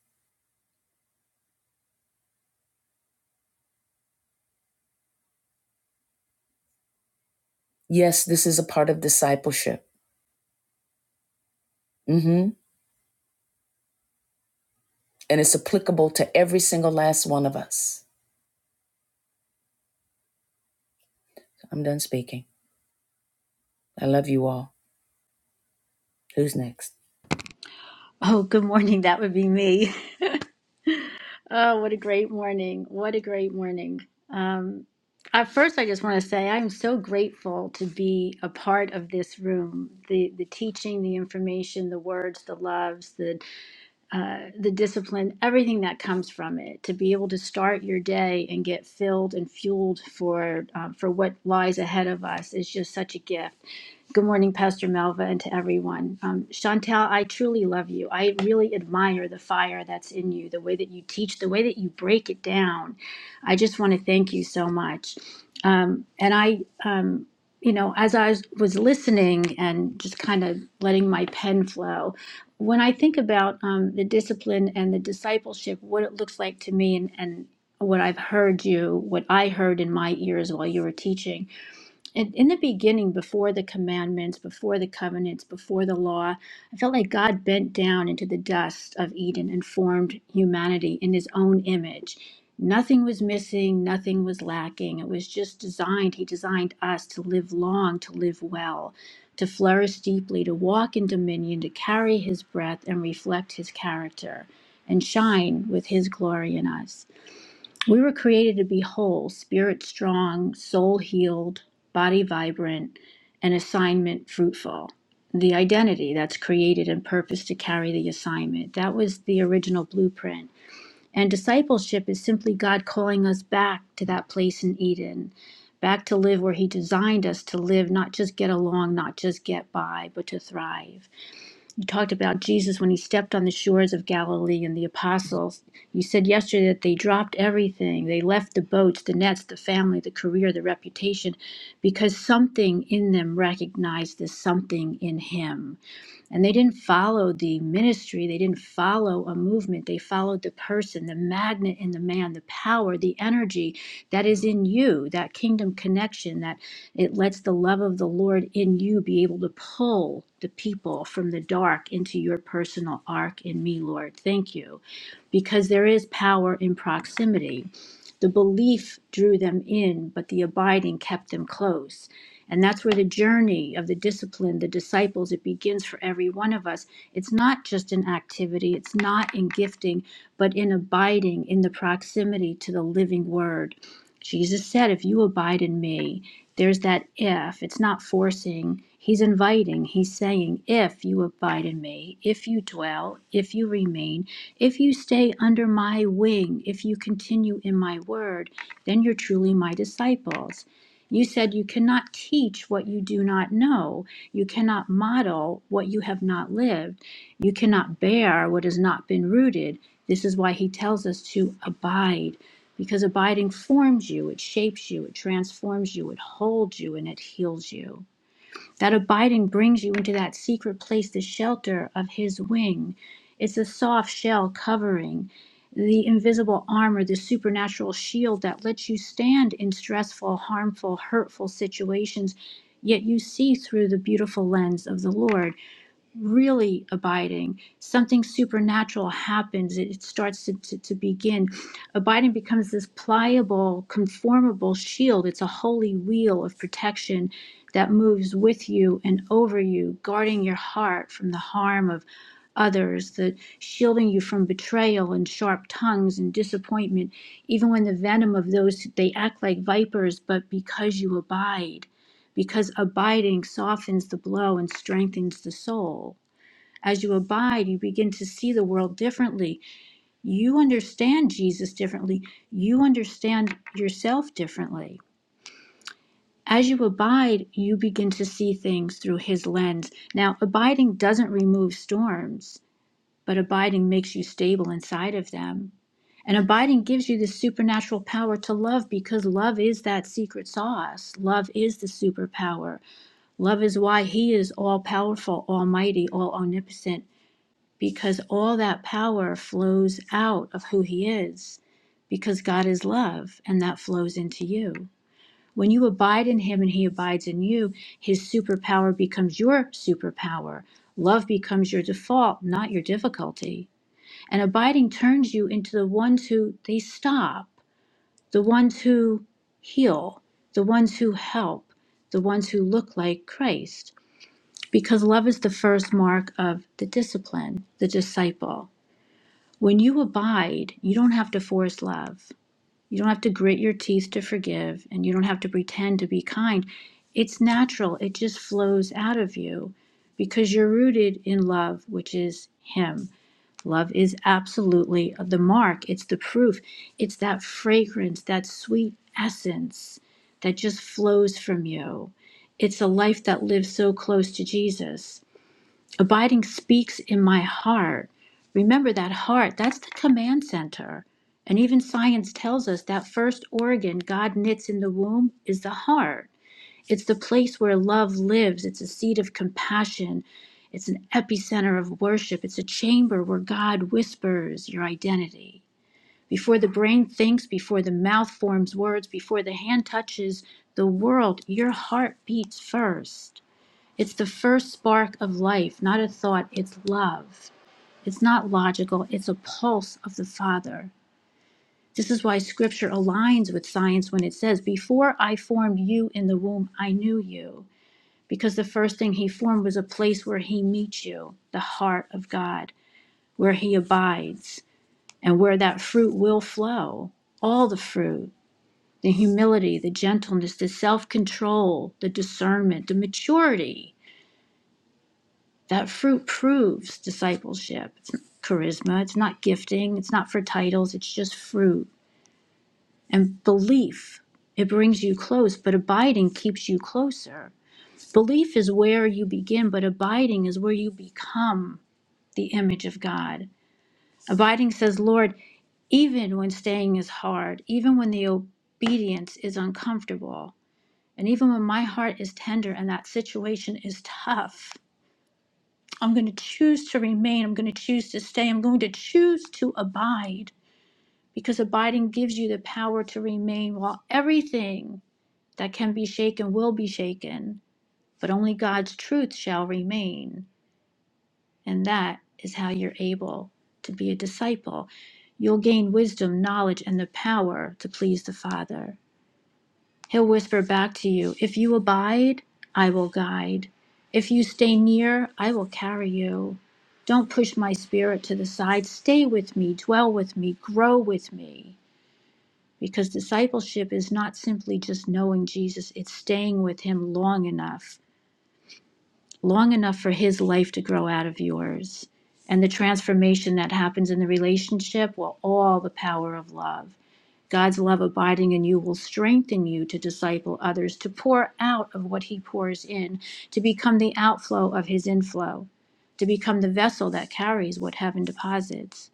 Yes, this is a part of discipleship. hmm And it's applicable to every single last one of us. I'm done speaking. I love you all. Who's next?
Oh, good morning. That would be me. Oh, what a great morning. What a great morning. Um, at first, I just want to say I'm so grateful to be a part of this room. The the teaching, the information, the words, the loves, the uh, the discipline, everything that comes from it, to be able to start your day and get filled and fueled for uh, for what lies ahead of us is just such a gift. Good morning, Pastor Melva, and to everyone. Um, Chantel, I truly love you. I really admire the fire that's in you, the way that you teach, the way that you break it down. I just want to thank you so much. Um, and I, um, you know, as I was was listening and just kind of letting my pen flow, when I think about um, the discipline and the discipleship, what it looks like to me, and, and what I've heard you, what I heard in my ears while you were teaching, in, in the beginning, before the commandments, before the covenants, before the law, I felt like God bent down into the dust of Eden and formed humanity in his own image. Nothing was missing, nothing was lacking. It was just designed. He designed us to live long, to live well, to flourish deeply, to walk in dominion, to carry his breath and reflect his character and shine with his glory in us. We were created to be whole, spirit strong, soul healed, body vibrant, and assignment fruitful. The identity that's created and purpose to carry the assignment. That was the original blueprint. And discipleship is simply God calling us back to that place in Eden, back to live where He designed us to live, not just get along, not just get by, but to thrive you talked about Jesus when he stepped on the shores of Galilee and the apostles. You said yesterday that they dropped everything. They left the boats, the nets, the family, the career, the reputation, because something in them recognized this something in him. And they didn't follow the ministry, they didn't follow a movement, they followed the person, the magnet in the man, the power, the energy that is in you, that kingdom connection that it lets the love of the Lord in you be able to pull the people from the dark into your personal ark. in me, Lord. Thank you. Because there is power in proximity. The belief drew them in, but the abiding kept them close. And that's where the journey of the discipline, the disciples, it begins for every one of us. It's not just in activity, it's not in gifting, but in abiding in the proximity to the living word. Jesus said, If you abide in me, there's that if. It's not forcing, he's inviting, he's saying, If you abide in me, if you dwell, if you remain, if you stay under my wing, if you continue in my word, then you're truly my disciples. You said you cannot teach what you do not know. You cannot model what you have not lived. You cannot bear what has not been rooted. This is why he tells us to abide, because abiding forms you, it shapes you, it transforms you, it holds you, and it heals you. That abiding brings you into that secret place, the shelter of his wing. It's a soft shell covering, the invisible armor, the supernatural shield that lets you stand in stressful, harmful, hurtful situations, yet you see through the beautiful lens of the Lord really abiding, something supernatural happens. It, it starts to, to, to begin. Abiding becomes this pliable, conformable shield. It's a holy wheel of protection that moves with you and over you, guarding your heart from the harm of others, that shielding you from betrayal and sharp tongues and disappointment, even when the venom of those they act like vipers, but because you abide, because abiding softens the blow and strengthens the soul as you abide, you begin to see the world differently. You understand Jesus differently. You understand yourself differently. As you abide, you begin to see things through his lens. Now, abiding doesn't remove storms, but abiding makes you stable inside of them. And abiding gives you the supernatural power to love because love is that secret sauce. Love is the superpower. Love is why he is all powerful, almighty, all omnipotent because all that power flows out of who he is because God is love and that flows into you. When you abide in him and he abides in you, his superpower becomes your superpower. Love becomes your default, not your difficulty. And abiding turns you into the ones who they stop, the ones who heal, the ones who help, the ones who look like Christ. Because love is the first mark of the discipline, the disciple. When you abide, you don't have to force love. You don't have to grit your teeth to forgive, and you don't have to pretend to be kind. It's natural, it just flows out of you because you're rooted in love, which is Him. Love is absolutely the mark, it's the proof, it's that fragrance, that sweet essence that just flows from you. It's a life that lives so close to Jesus. Abiding speaks in my heart. Remember that heart, that's the command center. And even science tells us that first organ God knits in the womb is the heart. It's the place where love lives, it's a seat of compassion, it's an epicenter of worship, it's a chamber where God whispers your identity. Before the brain thinks, before the mouth forms words, before the hand touches the world, your heart beats first. It's the first spark of life, not a thought, it's love. It's not logical, it's a pulse of the Father. This is why scripture aligns with science when it says, Before I formed you in the womb, I knew you. Because the first thing he formed was a place where he meets you, the heart of God, where he abides, and where that fruit will flow. All the fruit the humility, the gentleness, the self control, the discernment, the maturity. That fruit proves discipleship. It's not charisma, it's not gifting, it's not for titles, it's just fruit. And belief, it brings you close, but abiding keeps you closer. Belief is where you begin, but abiding is where you become the image of God. Abiding says, Lord, even when staying is hard, even when the obedience is uncomfortable, and even when my heart is tender and that situation is tough, I'm going to choose to remain. I'm going to choose to stay. I'm going to choose to abide because abiding gives you the power to remain while everything that can be shaken will be shaken, but only God's truth shall remain. And that is how you're able to be a disciple. You'll gain wisdom, knowledge, and the power to please the Father. He'll whisper back to you, If you abide, I will guide. If you stay near, I will carry you. Don't push my spirit to the side. Stay with me, dwell with me, grow with me. Because discipleship is not simply just knowing Jesus, it's staying with him long enough, long enough for his life to grow out of yours. And the transformation that happens in the relationship, well, all the power of love. God's love abiding in you will strengthen you to disciple others, to pour out of what He pours in, to become the outflow of His inflow, to become the vessel that carries what heaven deposits.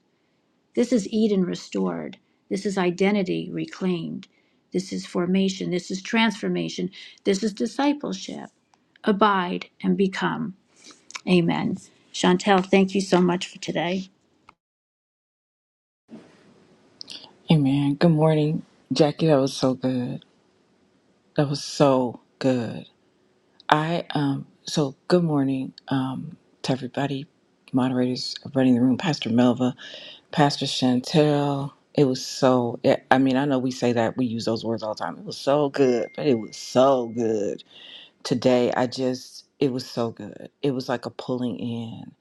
This is Eden restored. This is identity reclaimed. This is formation. This is transformation. This is discipleship. Abide and become. Amen. Chantel, thank you so much for today.
Amen. Good morning, Jackie. That was so good. That was so good. I um. So good morning um to everybody, moderators running the room, Pastor Melva, Pastor Chantel. It was so. It, I mean, I know we say that we use those words all the time. It was so good, but it was so good today. I just. It was so good. It was like a pulling in,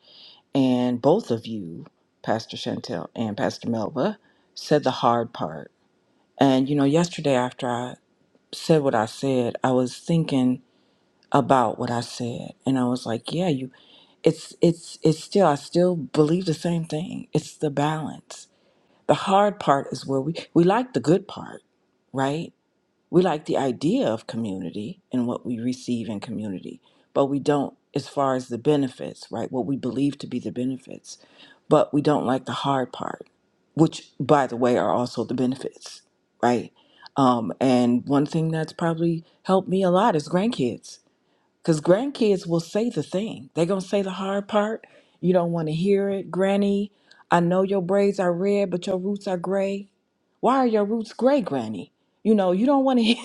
and both of you, Pastor Chantel and Pastor Melva, said the hard part and you know, yesterday after I said what I said, I was thinking about what I said, and I was like, yeah, you it's it's it's still I still believe the same thing. It's the balance. The hard part is where we we like the good part, right? We like the idea of community and what we receive in community, but we don't as far as the benefits, right? What we believe to be the benefits, but we don't like the hard part, which, by the way, are also the benefits, right? Um, and one thing that's probably helped me a lot is grandkids, because grandkids will say the thing. They're going to say the hard part. You don't want to hear it. Granny, I know your braids are red, but your roots are gray. Why are your roots gray, Granny? You know, you don't want to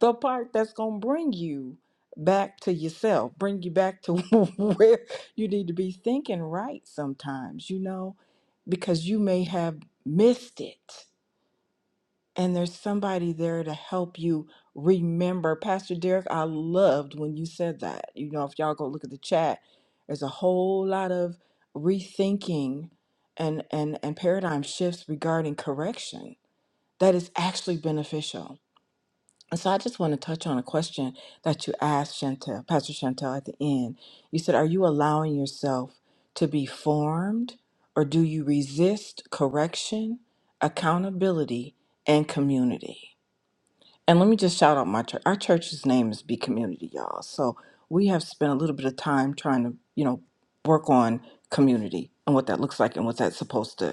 the part that's going to bring you back to yourself, bring you back to where you need to be thinking right sometimes, you know, because you may have missed it. And there's somebody there to help you remember. Pastor Derek, I loved when you said that. You know, if y'all go look at the chat, there's a whole lot of rethinking and and and paradigm shifts regarding correction that is actually beneficial and so I just want to touch on a question that you asked Chantel, Pastor Chantel at the end. You said, Are you allowing yourself to be formed or do you resist correction, accountability, and community? And let me just shout out my church. Our church's name is Be Community, y'all. So we have spent a little bit of time trying to, you know, work on community and what that looks like and what that's supposed to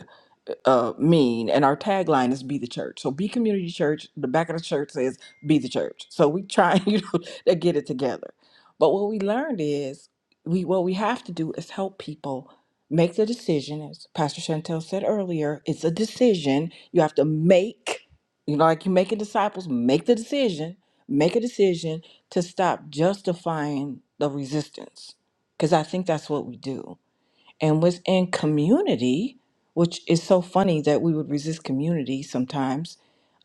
uh, mean, and our tagline is "Be the Church." So, Be Community Church. The back of the church says "Be the Church." So we try, you know, to get it together. But what we learned is we what we have to do is help people make the decision. As Pastor Chantel said earlier, it's a decision you have to make. You know, like you making disciples, make the decision. Make a decision to stop justifying the resistance, because I think that's what we do and was in community, which is so funny that we would resist community sometimes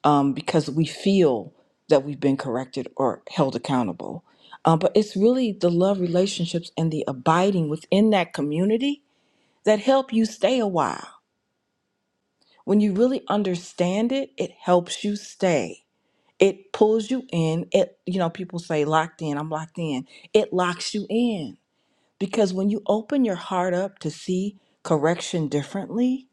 um, because we feel that we've been corrected or held accountable. Uh, but it's really the love relationships and the abiding within that community that help you stay a while. When you really understand it, it helps you stay. It pulls you in. It, you know, people say locked in. I'm locked in. It locks you in because when you open your heart up to see correction differently,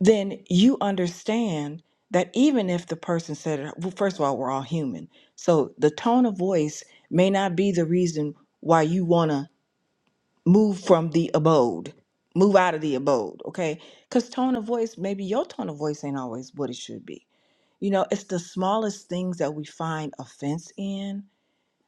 then you understand that even if the person said it, well, first of all, we're all human. So the tone of voice may not be the reason why you want to move from the abode, move out of the abode, okay? Because tone of voice, maybe your tone of voice ain't always what it should be. You know, it's the smallest things that we find offense in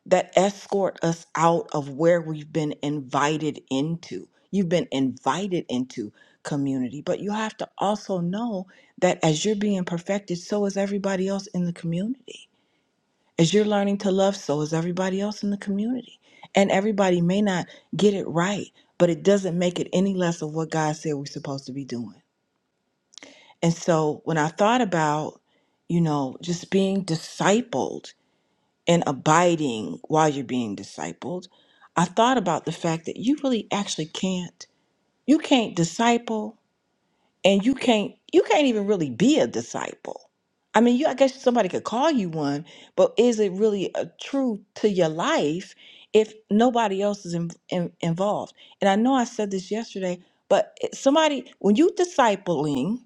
that escort us out of where we've been invited into. You've been invited into community, but you have to also know that as you're being perfected, so is everybody else in the community. As you're learning to love, so is everybody else in the community. And everybody may not get it right, but it doesn't make it any less of what God said we're supposed to be doing. And so when I thought about, you know, just being discipled and abiding while you're being discipled, I thought about the fact that you really actually can't. You can't disciple and you can't you can't even really be a disciple i mean you i guess somebody could call you one but is it really a true to your life if nobody else is in, in- involved and i know i said this yesterday but it- somebody when you discipling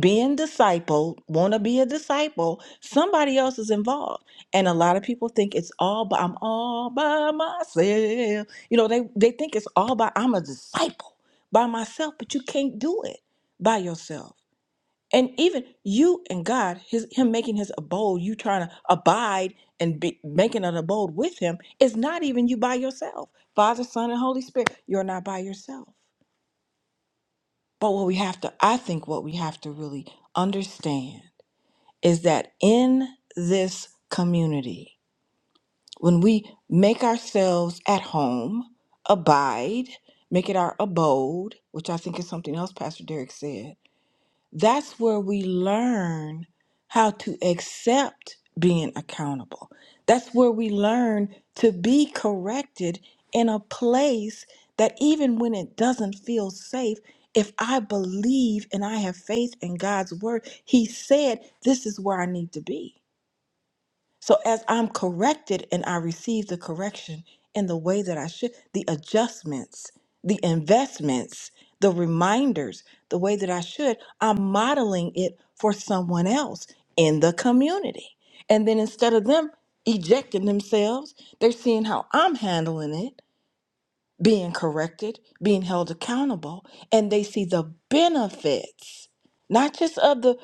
being discipled want to be a disciple somebody else is involved and a lot of people think it's all by i'm all by myself you know they they think it's all by i'm a disciple by myself but you can't do it by yourself. And even you and God, his, him making his abode, you trying to abide and be, making an abode with him, is not even you by yourself. Father, Son, and Holy Spirit, you're not by yourself. But what we have to, I think what we have to really understand is that in this community, when we make ourselves at home, abide, make it our abode, which I think is something else Pastor Derek said, That's where we learn how to accept being accountable. That's where we learn to be corrected in a place that even when it doesn't feel safe, if I believe and I have faith in God's word, He said, This is where I need to be. So as I'm corrected and I receive the correction in the way that I should, the adjustments, the investments, the reminders, the way that I should, I'm modeling it for someone else in the community. And then instead of them ejecting themselves, they're seeing how I'm handling it being corrected, being held accountable, and they see the benefits, not just of the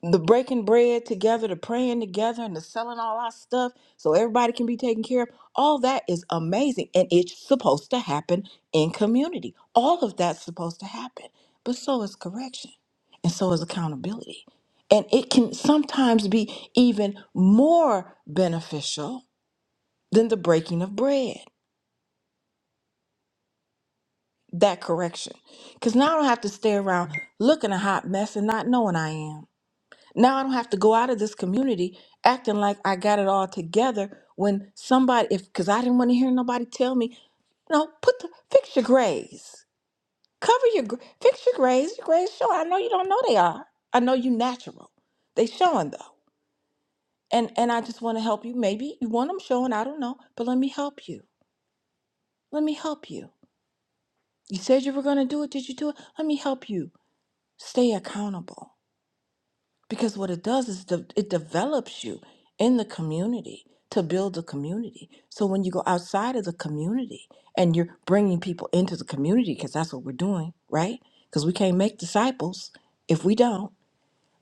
the breaking bread together, the praying together, and the selling all our stuff so everybody can be taken care of. All that is amazing, and it's supposed to happen in community. All of that's supposed to happen, but so is correction, and so is accountability, and it can sometimes be even more beneficial than the breaking of bread. that correction. Because now I don't have to stay around looking a hot mess and not knowing I am. Now I don't have to go out of this community acting like I got it all together when somebody, if because I didn't want to hear nobody tell me, no, put the fix your grays, cover your gr- fix your grays. Your grays showing. I know you don't know they are. I know you natural. They showing though, and and I just want to help you. Maybe you want them showing. I don't know, but let me help you. Let me help you. You said you were gonna do it. Did you do it? Let me help you stay accountable because what it does is de- it develops you in the community to build a community so when you go outside of the community and you're bringing people into the community because that's what we're doing right because we can't make disciples if we don't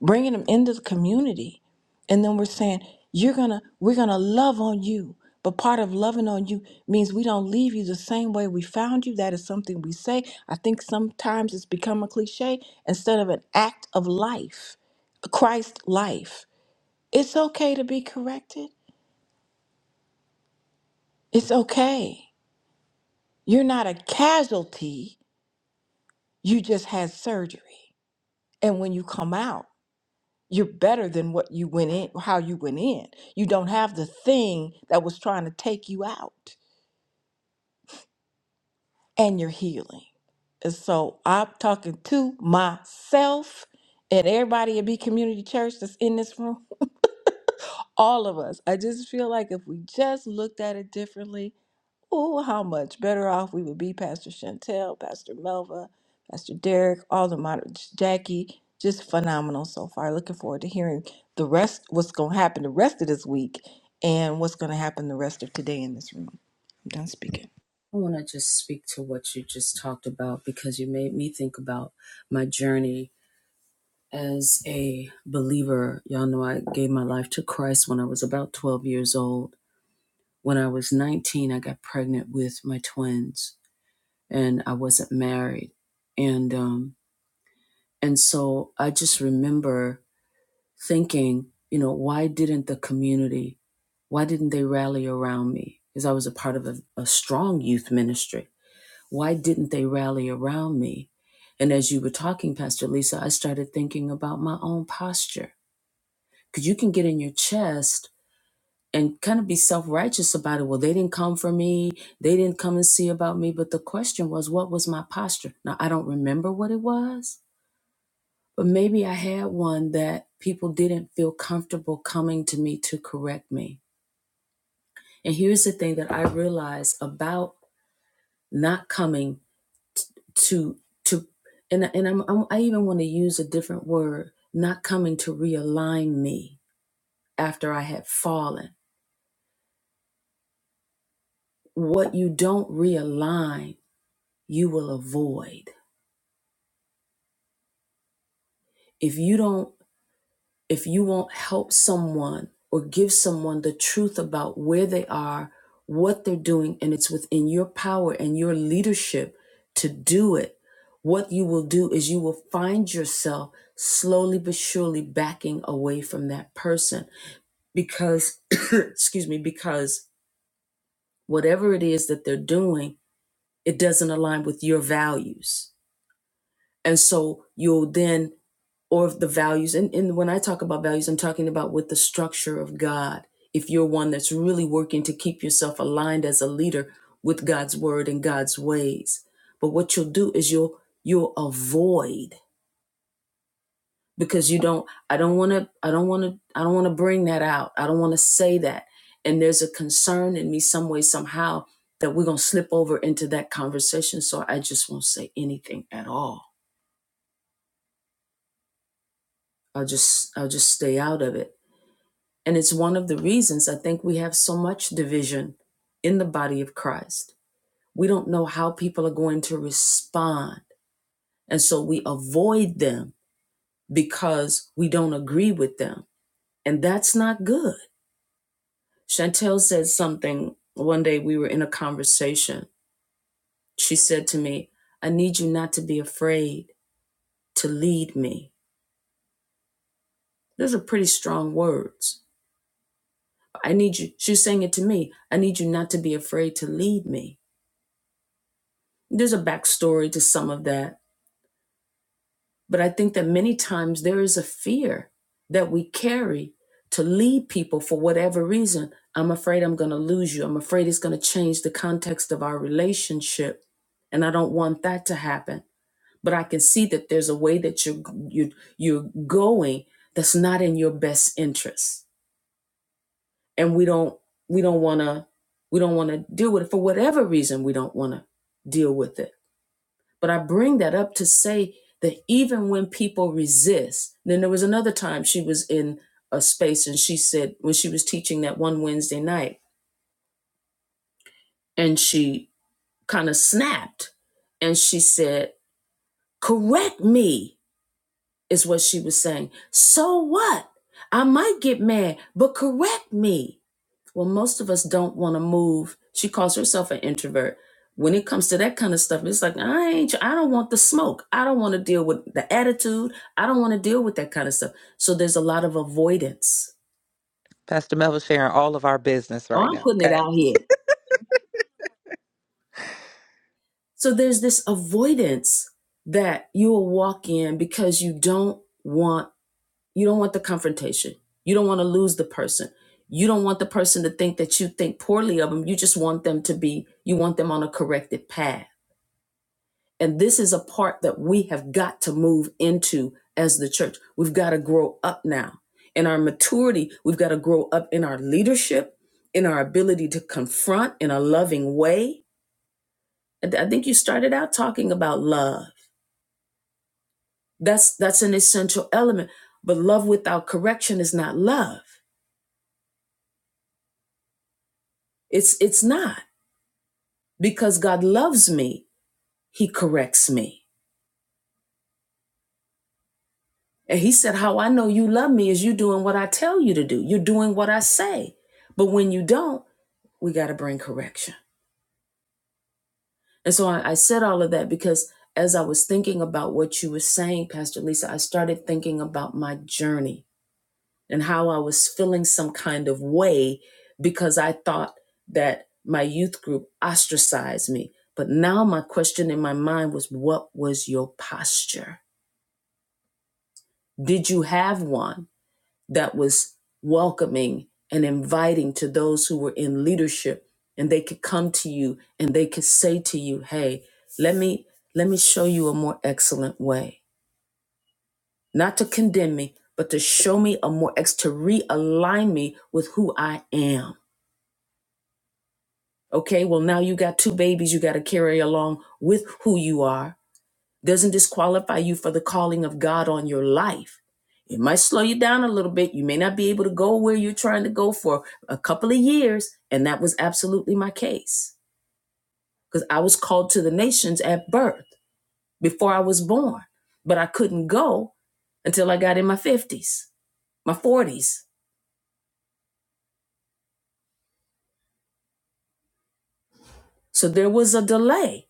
bringing them into the community and then we're saying you're gonna we're gonna love on you but part of loving on you means we don't leave you the same way we found you that is something we say i think sometimes it's become a cliche instead of an act of life christ life it's okay to be corrected it's okay you're not a casualty you just had surgery and when you come out you're better than what you went in how you went in you don't have the thing that was trying to take you out and you're healing and so i'm talking to myself and everybody at b community church that's in this room all of us i just feel like if we just looked at it differently Oh, how much better off we would be, Pastor Chantel, Pastor Melva, Pastor Derek, all the moderators, Jackie. Just phenomenal so far. Looking forward to hearing the rest, what's going to happen the rest of this week, and what's going to happen the rest of today in this room. I'm done speaking.
I want to just speak to what you just talked about because you made me think about my journey as a believer. Y'all know I gave my life to Christ when I was about 12 years old. When I was 19, I got pregnant with my twins and I wasn't married. And um and so I just remember thinking, you know, why didn't the community, why didn't they rally around me? Because I was a part of a, a strong youth ministry. Why didn't they rally around me? And as you were talking, Pastor Lisa, I started thinking about my own posture. Because you can get in your chest and kind of be self righteous about it. Well, they didn't come for me. They didn't come and see about me. But the question was, what was my posture? Now, I don't remember what it was, but maybe I had one that people didn't feel comfortable coming to me to correct me. And here's the thing that I realized about not coming to, to, and, and I'm, I'm, I even want to use a different word, not coming to realign me after I had fallen. What you don't realign you will avoid if you don't if you won't help someone or give someone the truth about where they are what they're doing and it's within your power and your leadership to do it what you will do is you will find yourself slowly but surely backing away from that person because excuse me because whatever it is that they're doing it doesn't align with your values and so you'll then or the values and, and when i talk about values i'm talking about with the structure of god if you're one that's really working to keep yourself aligned as a leader with god's word and god's ways but what you'll do is you'll you'll avoid because you don't i don't want to i don't want to i don't want to bring that out i don't want to say that and there's a concern in me some way somehow that we're going to slip over into that conversation so i just won't say anything at all i'll just i'll just stay out of it And it's one of the reasons I think we have so much division in the body of Christ. We don't know how people are going to respond. And so we avoid them because we don't agree with them. And that's not good. Chantel said something one day we were in a conversation. She said to me, I need you not to be afraid to lead me. Those are pretty strong words. I need you, she was saying it to me, I need you not to be afraid to lead me There's a backstory to some of that, but I think that many times there is a fear that we carry to lead people for whatever reason. I'm afraid I'm going to lose you. I'm afraid it's going to change the context of our relationship, and I don't want that to happen. But I can see that there's a way that you're you you're going that's not in your best interest, and we don't we don't want to we don't want to deal with it for whatever reason. We don't want to deal with it But I bring that up to say that even when people resist, then there was another time she was in a space and she said, when she was teaching that one Wednesday night, and she kind of snapped and she said, Correct me, is what she was saying. So what? I might get mad, but correct me. Well, most of us don't want to move. She calls herself an introvert. When it comes to that kind of stuff, it's like I ain't. I don't want the smoke. I don't want to deal with the attitude. I don't want to deal with that kind of stuff. So there's a lot of avoidance.
Pastor Melva sharing all of our business
Oh,
right
I'm
now.
putting it out here. So there's this avoidance that you will walk in because you don't want you don't want the confrontation. You don't want to lose the person. You don't want the person to think that you think poorly of them. You just want them to be. You want them on a corrected path And this is a part that we have got to move into as the church. We've got to grow up now. In our maturity, we've got to grow up in our leadership, in our ability to confront in a loving way. I think you started out talking about love. That's that's an essential element. But love without correction is not love. It's it's not because God loves me, he corrects me. And he said, How I know you love me is you doing what I tell you to do. You're doing what I say. But when you don't, we got to bring correction. And so I, I said all of that because as I was thinking about what you were saying, Pastor Lisa, I started thinking about my journey and how I was feeling some kind of way because I thought that my youth group ostracized me. But now my question in my mind was, What was your posture? Did you have one? that was welcoming and inviting to those who were in leadership and they could come to you and they could say to you hey let me let me show you a more excellent way not to condemn me but to show me a more ex to realign me with who i am okay well now you got two babies you got to carry along with who you are doesn't disqualify you for the calling of God on your life. It might slow you down a little bit. You may not be able to go where you're trying to go for a couple of years. And that was absolutely my case because I was called to the nations at birth before I was born, but I couldn't go until I got in my 50s, my 40s. So there was a delay.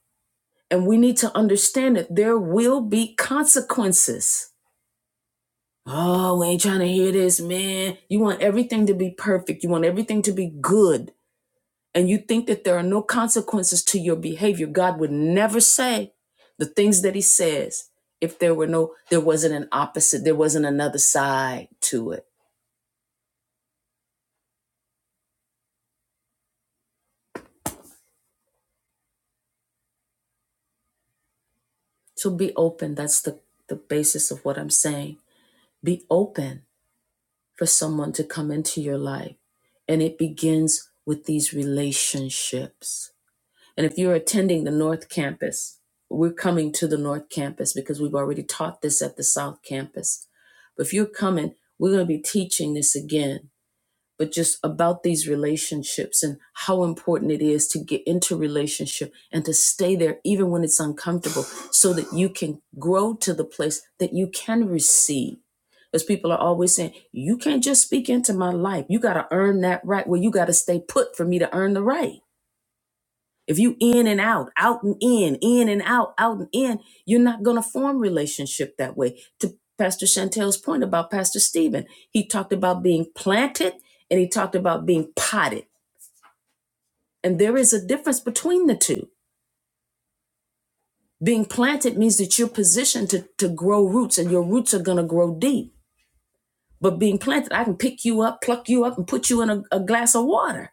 And we need to understand that there will be consequences Oh, we ain't trying to hear this, man. You want everything to be perfect. You want everything to be good. And you think that there are no consequences to your behavior. God would never say the things that he says if there were no there wasn't an opposite, there wasn't another side to it. So be open. That's the the basis of what I'm saying. Be open for someone to come into your life. And it begins with these relationships And if you're attending the North Campus, we're coming to the North Campus because we've already taught this at the South Campus. But if you're coming, we're going to be teaching this again, but just about these relationships and how important it is to get into relationship and to stay there even when it's uncomfortable so that you can grow to the place that you can receive. Because people are always saying, you can't just speak into my life. You got to earn that right. Well, you got to stay put for me to earn the right. If you in and out, out and in, in and out, out and in, you're not going to form relationship that way. To Pastor Chantel's point about Pastor Stephen, he talked about being planted and he talked about being potted. And there is a difference between the two. Being planted means that you're positioned to, to grow roots and your roots are going to grow deep. But being planted, I can pick you up, pluck you up, and put you in a, a glass of water.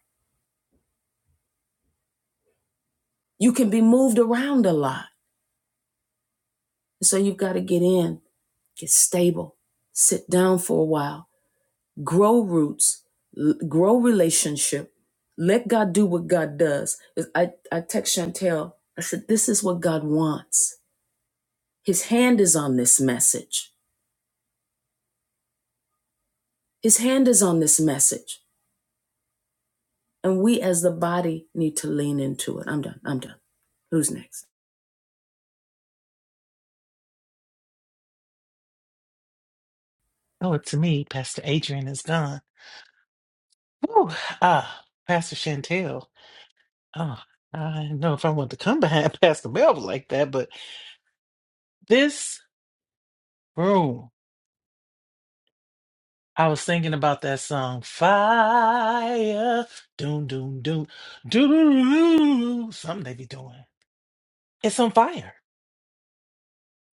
You can be moved around a lot. So you've got to get in, get stable, sit down for a while grow roots, l- grow relationship. Let God do what God does. I, I text Chantel, I said, This is what God wants. His hand is on this message. His hand is on this message. And we as the body need to lean into it. I'm done. I'm done. Who's next?
Oh, it's me. Pastor Adrian is gone. Whew. Ah, Pastor Chantel. Oh, I didn't know if I want to come behind Pastor Melvin like that, but this room, I was thinking about that song, Fire. Doom, doom, doom, doom, doom, doom. Something they be doing. It's on fire.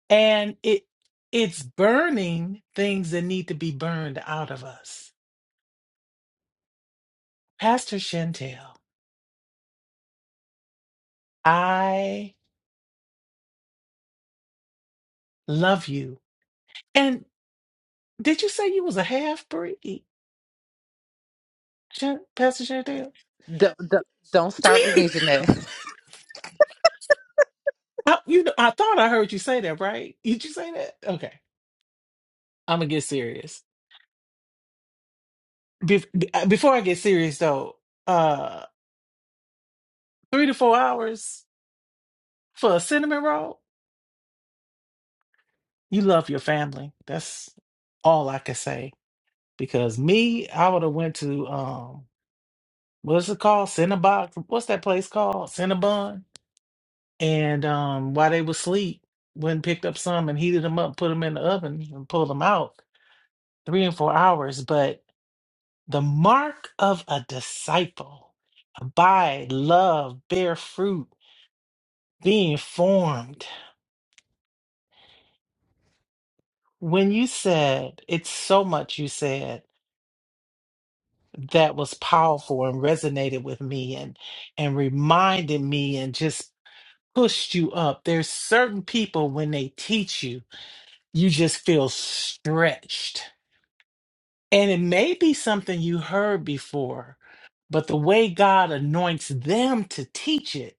And it it's burning things that need to be burned out of us. Pastor Chantel, I love you. Did you say you was a half breed, Pastor Chantel?
D- d- don't start with me, Jeanette.
I, you know, I thought I heard you say that, right? Did you say that? Okay, I'm gonna get serious. Bef- be- uh, before I get serious, though, uh, three to four hours for a cinnamon roll. You love your family. That's all I can say. Because me, I would have went to um, what's it called? Cinnabon. What's that place called? Cinnabon. And um, while they was asleep, went and picked up some and heated them up, put them in the oven, and pulled them out three and four hours. But the mark of a disciple abide, love, bear fruit, being formed. When you said, it's so much you said that was powerful and resonated with me and and reminded me and just pushed you up. There's certain people when they teach you, you just feel stretched And it may be something you heard before, but the way God anoints them to teach it,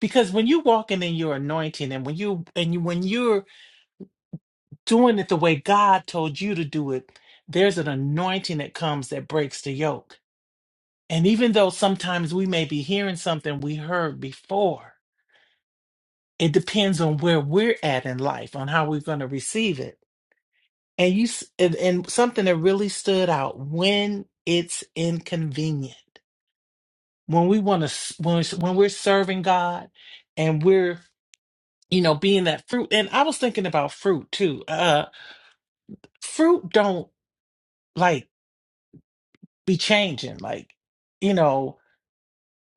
because when you're walking in your anointing and when you and you when you're doing it the way God told you to do it, there's an anointing that comes that breaks the yoke. And even though sometimes we may be hearing something we heard before, it depends on where we're at in life, on how we're going to receive it. And you s- and, and something that really stood out when it's inconvenient when we want to when we- when we're serving God and we're you know being that fruit and I was thinking about fruit too uh fruit don't like be changing like you know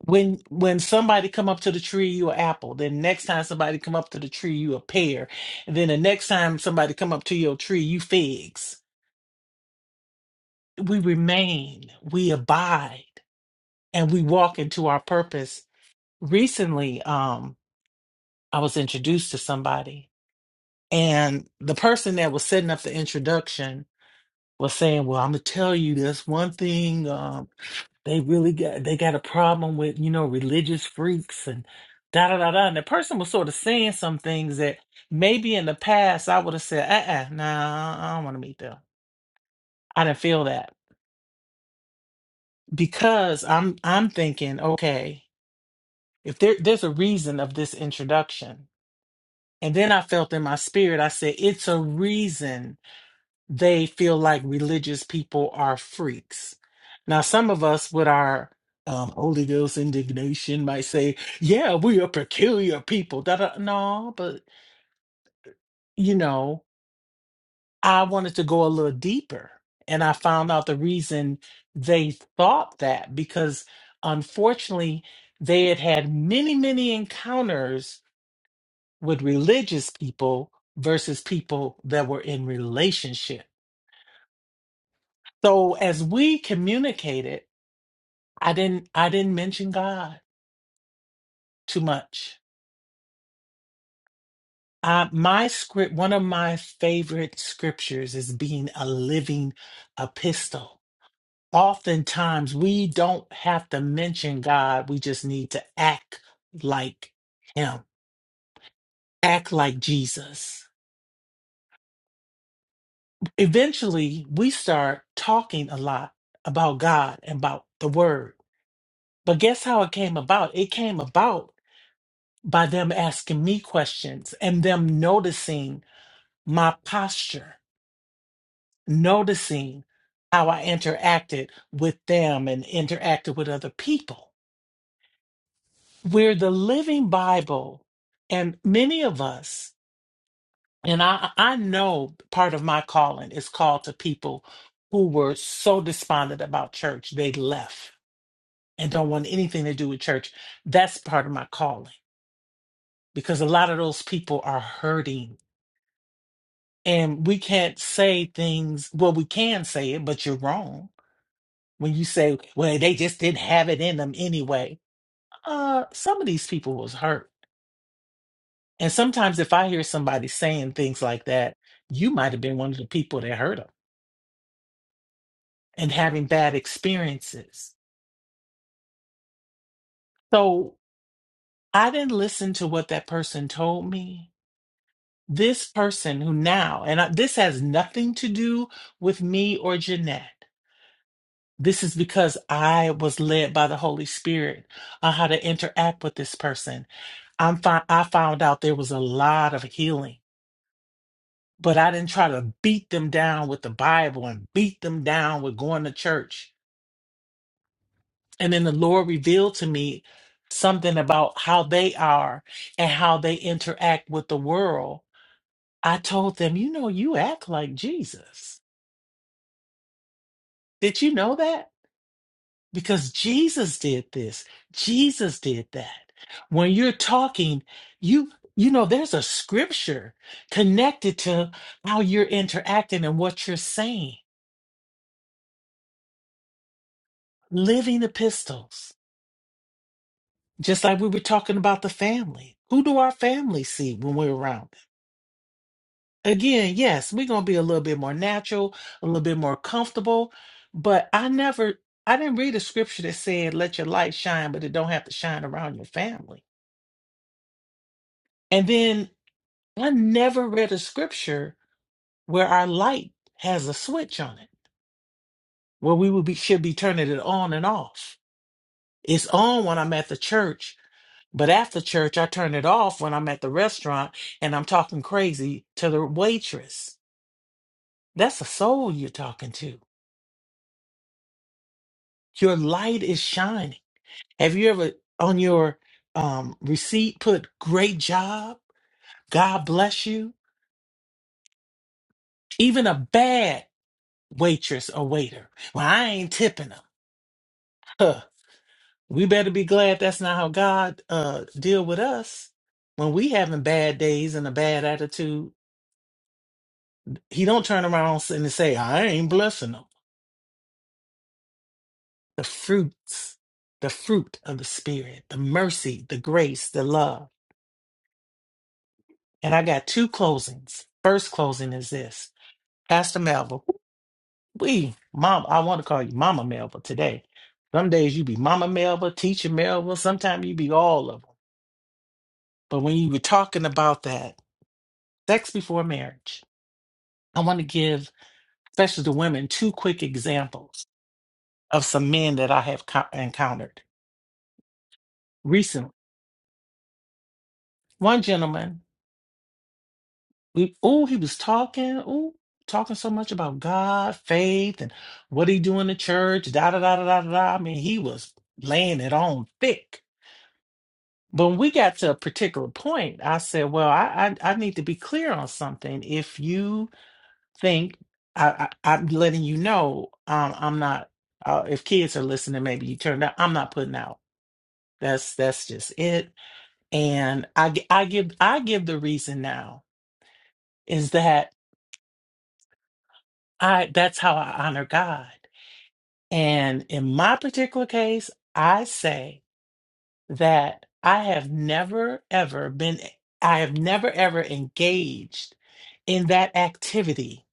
when when somebody come up to the tree you an apple then next time somebody come up to the tree you a pear and then the next time somebody come up to your tree you figs we remain we abide and we walk into our purpose recently um I was introduced to somebody And the person that was setting up the introduction was saying, "Well, I'm gonna tell you this one thing. Um, they really got they got a problem with you know religious freaks and da da da da." And the person was sort of saying some things that maybe in the past I would have said, "Uh, uh nah, I don't want to meet them. I didn't feel that because I'm I'm thinking, okay, if there there's a reason of this introduction." And then I felt in my spirit, I said, "It's a reason." they feel like religious people are freaks. Now, some of us with our um, Holy Ghost indignation might say, yeah, we are peculiar people. Da, da. No, but you know, I wanted to go a little deeper. And I found out the reason they thought that because unfortunately, they had had many, many encounters with religious people versus people that were in relationship. So as we communicated, I didn't I didn't mention God too much. Uh, my script, one of my favorite scriptures is being a living epistle. Oftentimes, we don't have to mention God. We just need to act like Him, act like Jesus. Eventually, we start talking a lot about God and about the Word. But guess how it came about? It came about by them asking me questions and them noticing my posture, noticing how I interacted with them and interacted with other people. We're the living Bible, and many of us, and I, I know part of my calling is called to people who were so despondent about church, they left and don't want anything to do with church. That's part of my calling because a lot of those people are hurting. And we can't say things, well, we can say it, but you're wrong when you say, well, they just didn't have it in them anyway. Uh, some of these people was hurt. And sometimes if I hear somebody saying things like that, you might have been one of the people that hurt them and having bad experiences. So I didn't listen to what that person told me. This person who now, and I, this has nothing to do with me or Jeanette. This is because I was led by the Holy Spirit on how to interact with this person I'm fi- I found out there was a lot of healing, but I didn't try to beat them down with the Bible and beat them down with going to church. And then the Lord revealed to me something about how they are and how they interact with the world. I told them, you know, you act like Jesus. Did you know that? because Jesus did this. Jesus did that. When you're talking, you you know there's a scripture connected to how you're interacting and what you're saying. Living epistles. Just like we were talking about the family. Who do our family see when we're around them? Again, yes, we're going to be a little bit more natural, a little bit more comfortable, but I never I didn't read a scripture that said let your light shine but it don't have to shine around your family. And then I never read a scripture where our light has a switch on it, where we would be, should be turning it on and off. It's on when I'm at the church, but after church, I turn it off when I'm at the restaurant and I'm talking crazy to the waitress. That's a soul you're talking to. Your light is shining. Have you ever on your um, receipt put great job? God bless you. Even a bad waitress or waiter. Well, I ain't tipping them. We better be glad that's not how God uh deal with us when we having bad days and a bad attitude. He don't turn around and say, "I ain't blessing them." The fruits, the fruit of the spirit, the mercy, the grace, the love. And I got two closings. First closing is this, Pastor Melba. We, mom, I want to call you Mama Melba today. Some days you be Mama Melba, Teacher Melba. Sometimes you be all of them. But when you were talking about that sex before marriage I want to give, especially the women, two quick examples of some men that I have co- encountered recently. One gentleman, we oh, he was talking, oh, talking so much about God, faith, and what he do in the church, da da da da da da. da. I mean, he was laying it on thick. But when we got to a particular point, I said, "Well, I I, I need to be clear on something. If you think I, I I'm letting you know, um, I'm not. Uh, if kids are listening, maybe you turn out. I'm not putting out. That's that's just it. And I gi- I give I give the reason now is that I that's how I honor God. And in my particular case, I say that I have never ever been I have never ever engaged in that activity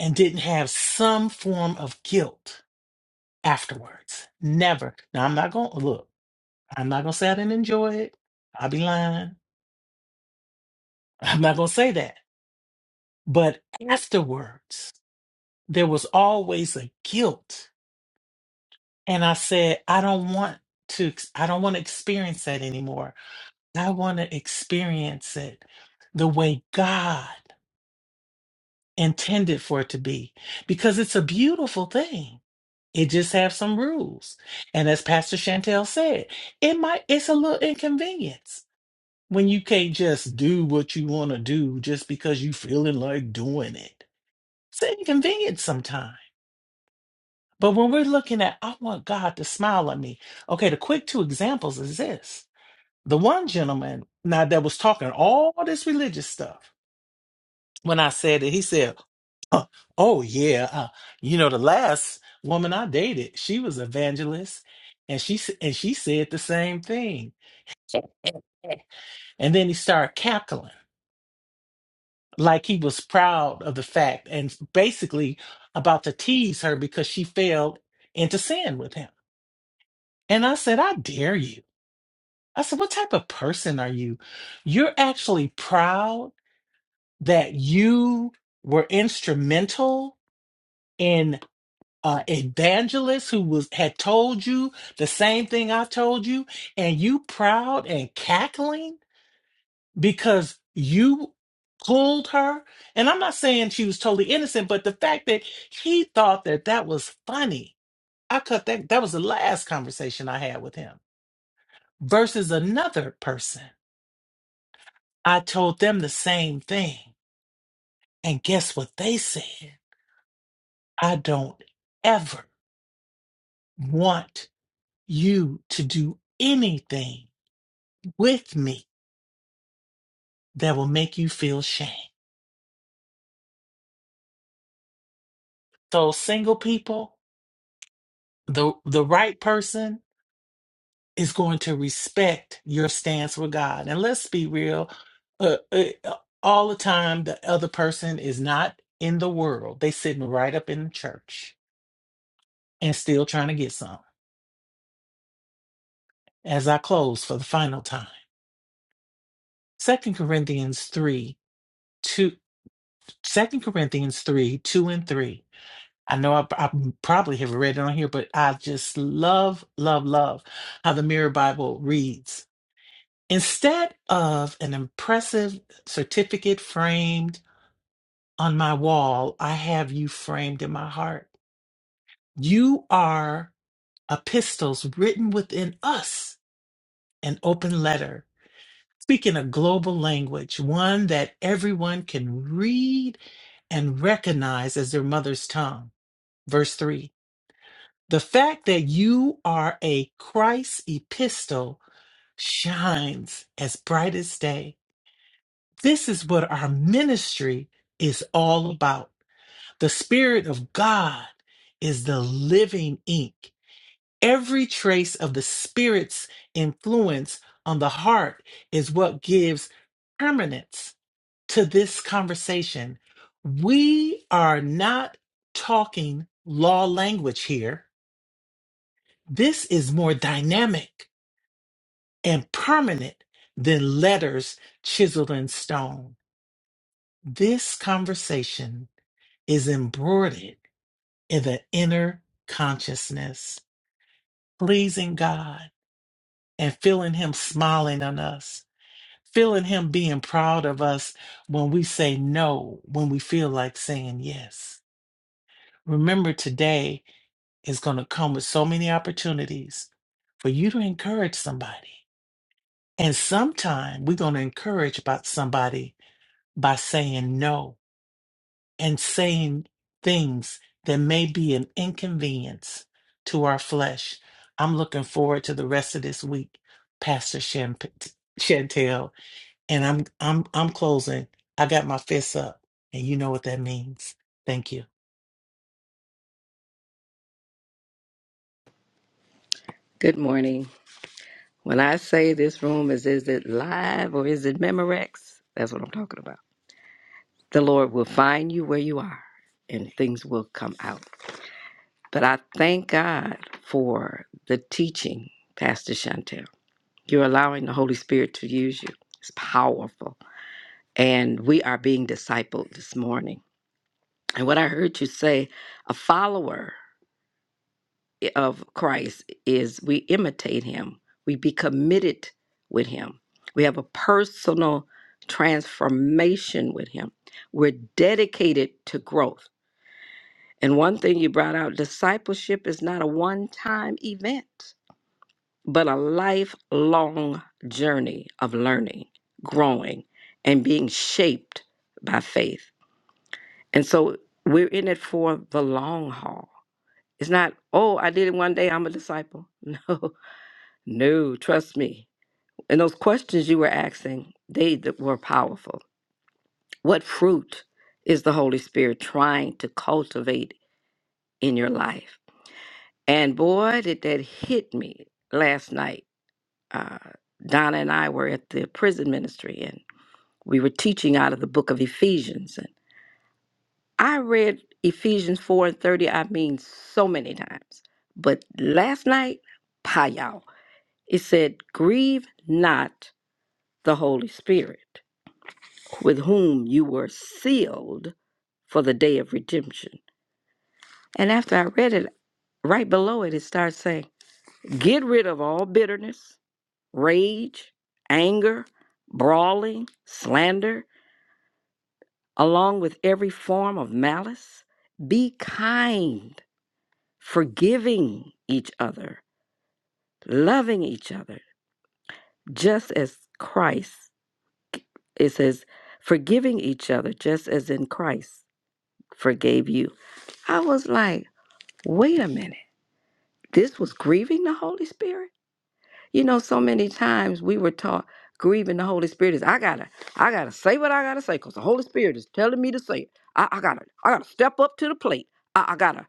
and didn't have some form of guilt afterwards. Never. Now I'm not going to look. I'm not going to say I didn't enjoy it. I'll be lying. I'm not going to say that. But afterwards, there was always a guilt. And I said, I don't want to, ex- I don't want to experience that anymore. I want to experience it the way God intended for it to be because it's a beautiful thing. It just has some rules. And as Pastor Chantel said, it might, it's a little inconvenience when you can't just do what you want to do just because you feeling like doing it. It's an inconvenience sometimes But when we're looking at, I want God to smile on me. Okay, the quick two examples is this. The one gentleman now that was talking all this religious stuff, when I said it, he said, "Huh, Oh, yeah. Uh, you know, the last woman I dated, she was evangelist and she, s- and she said the same thing. And then he started cackling like he was proud of the fact and basically about to tease her because she fell into sin with him. And I said, I dare you. I said, What type of person are you? You're actually proud that you were instrumental in uh evangelist who was had told you the same thing I told you, and you proud and cackling because you pulled her. And I'm not saying she was totally innocent, but the fact that he thought that that was funny, I cut that. That was the last conversation I had with him versus another person. I told them the same thing. And guess what they said? I don't ever want you to do anything with me that will make you feel shame. So single people, the the right person is going to respect your stance with God. And let's be real, uh, uh, all the time the other person is not in the world. They sitting right up in the church and still trying to get some. As I close for the final time. Second Corinthians 3, 2 Second Corinthians 3, 2 and 3. I know I, I probably have read it on here, but I just love, love, love how the Mirror Bible reads. Instead of an impressive certificate framed on my wall, I have you framed in my heart. You are epistles written within us, an open letter Speaking a global language, one that everyone can read and recognize as their mother's tongue. Verse 3 The fact that you are a Christ epistle shines as bright as day. This is what our ministry is all about. The Spirit of God is the living ink. Every trace of the Spirit's influence on the heart is what gives permanence to this conversation. We are not talking law language here. This is more dynamic and permanent than letters chiseled in stone. This conversation is embroidered in the inner consciousness, pleasing God and feeling Him smiling on us, feeling Him being proud of us when we say no, when we feel like saying yes. Remember today, is going to come with so many opportunities for you to encourage somebody. And sometime we're going to encourage about somebody by saying no and saying things that may be an inconvenience to our flesh. I'm looking forward to the rest of this week, Pastor Shan- Chantel, and I'm I'm I'm closing. I got my fists up, and you know what that means. Thank you.
Good morning. When I say this room is is it live or is it Memorex? That's what I'm talking about. The Lord will find you where you are and things will come out. But I thank God for the teaching, Pastor Chantel. You're allowing the Holy Spirit to use you. It's powerful. And we are being discipled this morning. And what I heard you say, a follower. of Christ is we imitate him. We be committed with him. We have a personal transformation with him. We're dedicated to growth. And one thing you brought out discipleship is not a one time event, but a lifelong journey of learning, growing, and being shaped by faith. And so we're in it for the long haul. It's not, oh, I did it one day, I'm a disciple. No, No, trust me. And those questions you were asking, they th- were powerful. What fruit is the Holy Spirit trying to cultivate in your life? And boy, did that hit me last night. Uh, Donna and I were at the prison ministry and we were teaching out of the book of Ephesians. And I read Ephesians 4 and 30, I mean, so many times. But last night, pie y'all, it said, Grieve not the Holy Spirit with whom you were sealed for the day of redemption. And after I read it, right below it, it starts saying, Get rid of all bitterness, rage, anger, brawling, slander, along with every form of malice. Be kind, forgiving each other, loving each other, just as Christ, it says, forgiving each other, just as in Christ forgave you. I was like, wait a minute, this was grieving the Holy Spirit? You know, so many times we were taught grieving the Holy Spirit is I gotta, I gotta say what I gotta say, because the Holy Spirit is telling me to say it. I, I gotta, I gotta step up to the plate. I, I gotta,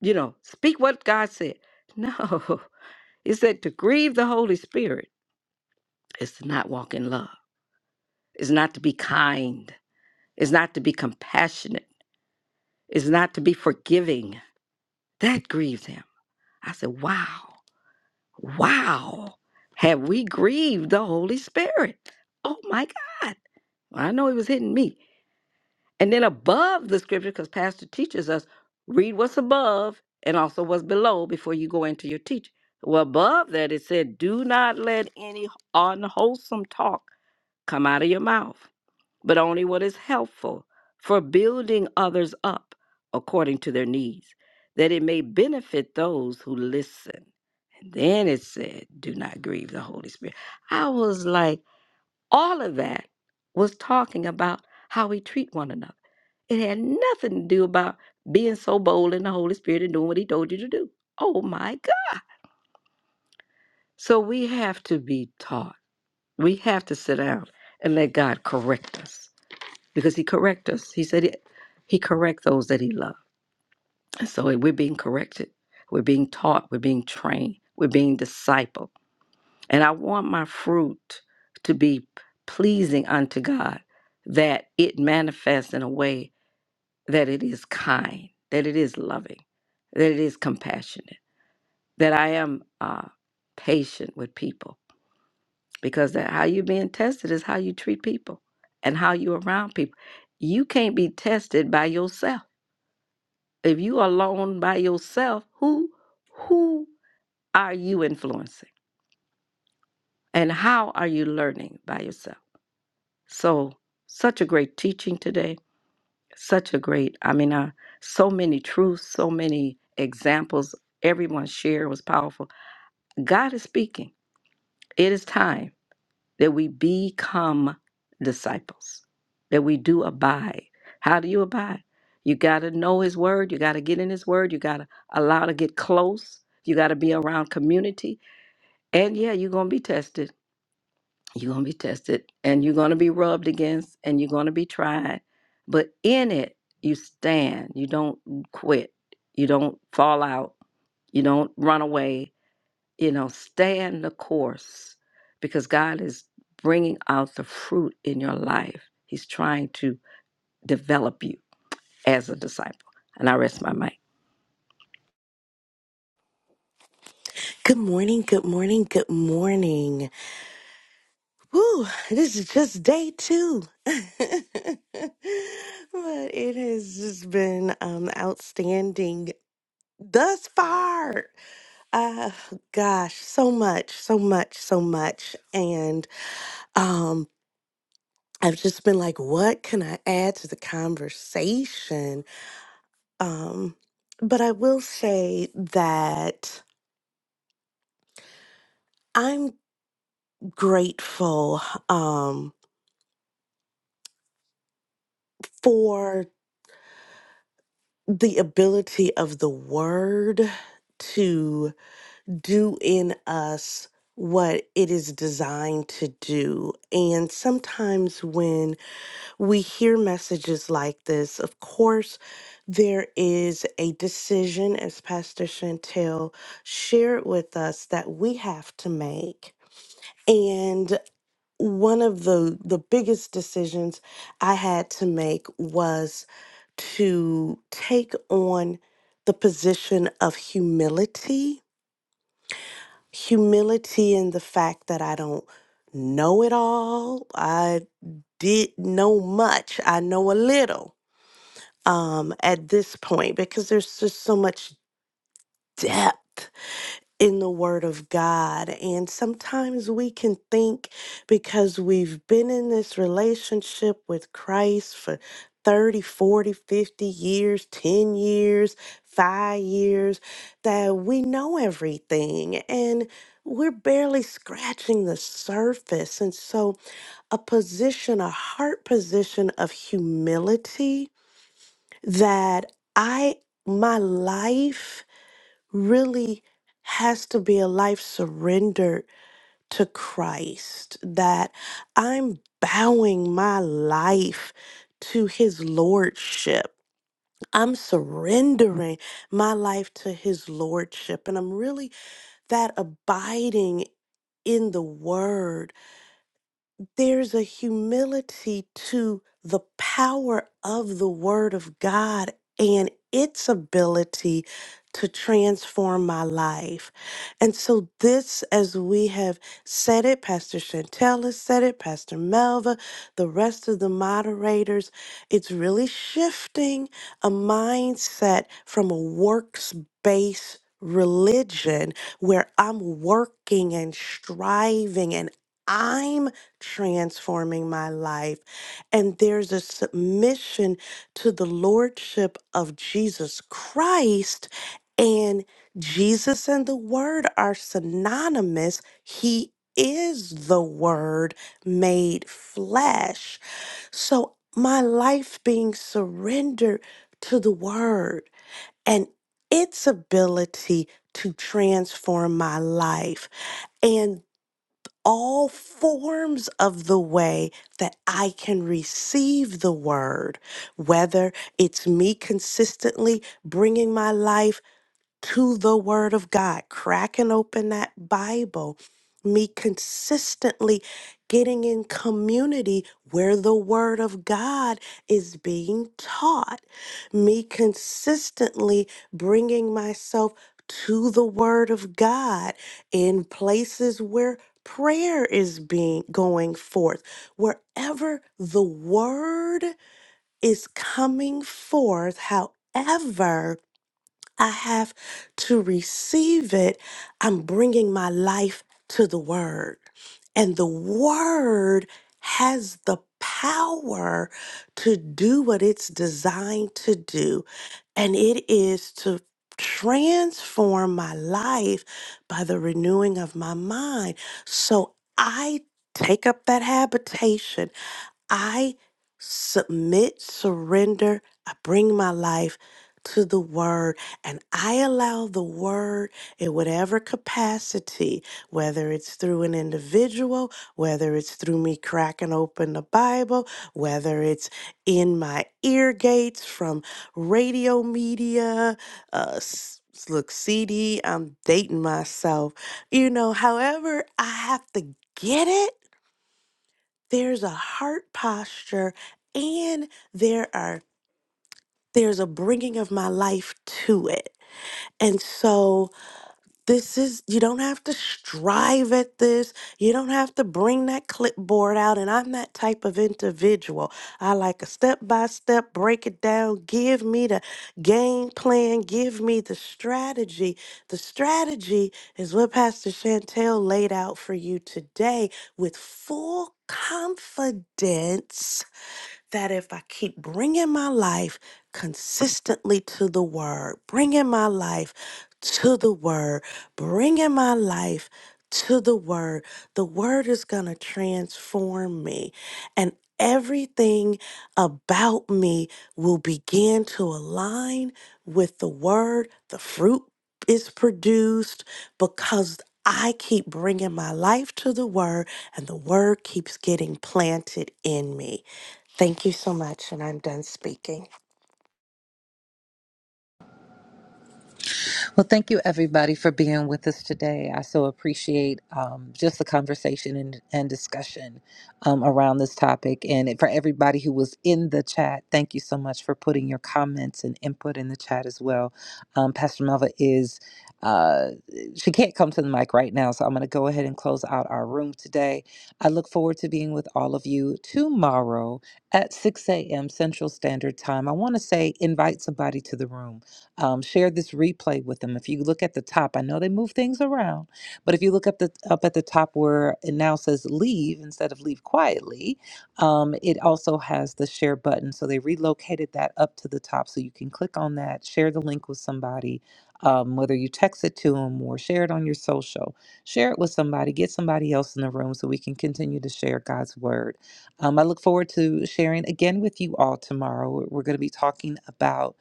you know, speak what God said. No, it said to grieve the Holy Spirit is to not walk in love, is not to be kind, is not to be compassionate, is not to be forgiving. That grieved him. I said, wow. Wow. Have we grieved the Holy Spirit? Oh my God. I know he was hitting me. And then above the scripture, because Pastor teaches us, read what's above and also what's below before you go into your teaching. Well, above that, it said, do not let any unwholesome talk come out of your mouth but only what is helpful for building others up according to their needs, that it may benefit those who listen. And then it said, Do not grieve the Holy Spirit. I was like, all of that was talking about how we treat one another. It had nothing to do about being so bold in the Holy Spirit and doing what He told you to do. Oh my God. So we have to be taught. We have to sit down and let God correct us because he correct us. He said it, he correct those that he loved. so we're being corrected. We're being taught. We're being trained. We're being discipled. And I want my fruit to be pleasing unto God, that it manifests in a way that it is kind, that it is loving, that it is compassionate, that I am uh, patient with people. Because that how you're being tested is how you treat people and how you're around people. You can't be tested by yourself if you alone by yourself who who are you influencing and how are you learning by yourself so such a great teaching today such a great i mean uh, so many truths so many examples everyone shared was powerful god is speaking it is time that we become disciples, that we do abide. How do you abide? You got to know His Word. You got to get in His Word. You got to allow to get close. You got to be around community. And yeah, you're going to be tested. You're going to be tested and you're going to be rubbed against and you're going to be tried. But in it, you stand. You don't quit. You don't fall out. You don't run away you know, stand the course because God is bringing out the fruit in your life. He's trying to develop you as a disciple. And I rest my mind.
Good morning, good morning, good morning. Woo, this is just day two. but it has just been um, outstanding thus far. Uh, gosh, so much, so much, so much. And um, I've just been like, what can I add to the conversation? Um, but I will say that I'm grateful um, for the ability of the word to do in us what it is designed to do. And sometimes when we hear messages like this, of course, there is a decision, as Pastor Chantel shared with us, that we have to make. and one of the the biggest decisions I had to make was to take on the position of humility. Humility in the fact that I don't know it all. I did know much. I know a little um at this point because there's just so much depth in the Word of God. And sometimes we can think because we've been in this relationship with Christ for 30, 40, 50 years, 10 years, five years, that we know everything. And we're barely scratching the surface. And so, a position, a heart position of humility that I, my life, really has to be a life surrendered to Christ, that I'm bowing my life to his lordship. I'm surrendering my life to his lordship, and I'm really that abiding in the word there's a humility to the power of the Word of God and its ability to transform my life. And so, this, as we have said it, Pastor Chantel has said it, Pastor Melva, the rest of the moderators, it's really shifting a mindset from a works based religion where I'm working and striving and I'm transforming my life. And there's a submission to the Lordship of Jesus Christ. And Jesus and the Word are synonymous. He is the Word made flesh. So my life being surrendered to the Word and its ability to transform my life. and all forms of the way that I can receive the word, whether it's me consistently bringing my life to the Word of God, cracking open that Bible, me consistently getting in community where the Word of God is being taught, me consistently bringing myself to the Word of God in places where prayer is being going forth wherever the word is coming forth however I have to receive it, I'm bringing my life to the Word. And the Word has the power to do what it's designed to do, and it is to transform my life by the renewing of my mind. So I take up that habitation I submit, surrender, I bring my life to the word and I allow the word in whatever capacity, whether it's through an individual, whether it's through me cracking open the Bible, whether it's in my ear gates from radio media, uh, s- look, CD, I'm dating myself, you know, however, I have to get it there's a heart posture and there are there's a bringing of my life to it and so this is you don't have to strive at this you don't have to bring that clipboard out and i'm that type of individual i like a step by step break it down give me the game plan give me the strategy the strategy is what pastor chantel laid out for you today with full confidence that if I keep bringing my life consistently to the Word, bringing my life to the Word, bringing my life to the Word, the Word is going to transform me. And everything about me will begin to align with the Word, the fruit. Is produced because I keep bringing my life to the word and the word keeps getting planted in me. Thank you so much, and I'm done speaking.
Well, thank you everybody for being with us today. I so appreciate um, just the conversation and, and discussion um, around this topic. And for everybody who was in the chat, thank you so much for putting your comments and input in the chat as well. Um, Pastor Melva is, uh, she can't come to the mic right now, so I'm going to go ahead and close out our room today. I look forward to being with all of you tomorrow at 6 a.m. Central Standard Time. I want to say invite somebody to the room um, share this replay with them. If you look at the top, I know they move things around, but if you look up the up at the top where it now says leave instead of leave quietly, um, it also has the share button. So they relocated that up to the top, so you can click on that, share the link with somebody. Um, whether you text it to them or share it on your social, share it with somebody, get somebody else in the room so we can continue to share God's word. Um, I look forward to sharing again with you all tomorrow. We're going to be talking about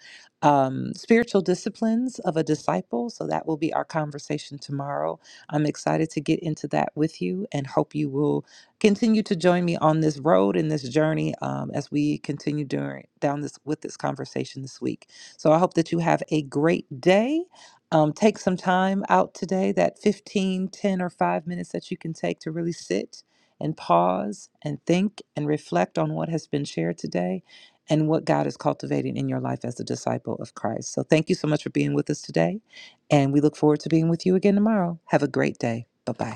um, spiritual disciplines of a disciple. So that will be our conversation tomorrow. I'm excited to get into that with you and hope you will continue to join me on this road and this journey um, as we continue during, down this with this conversation this week. So I hope that you have a great day. Um, take some time out today, that 15, 10, or 5 minutes that you can take to really sit and pause and think and reflect on what has been shared today and what God is cultivating in your life as a disciple of Christ. So thank you so much for being with us today. And we look forward to being with you again tomorrow. Have a great day. Bye bye.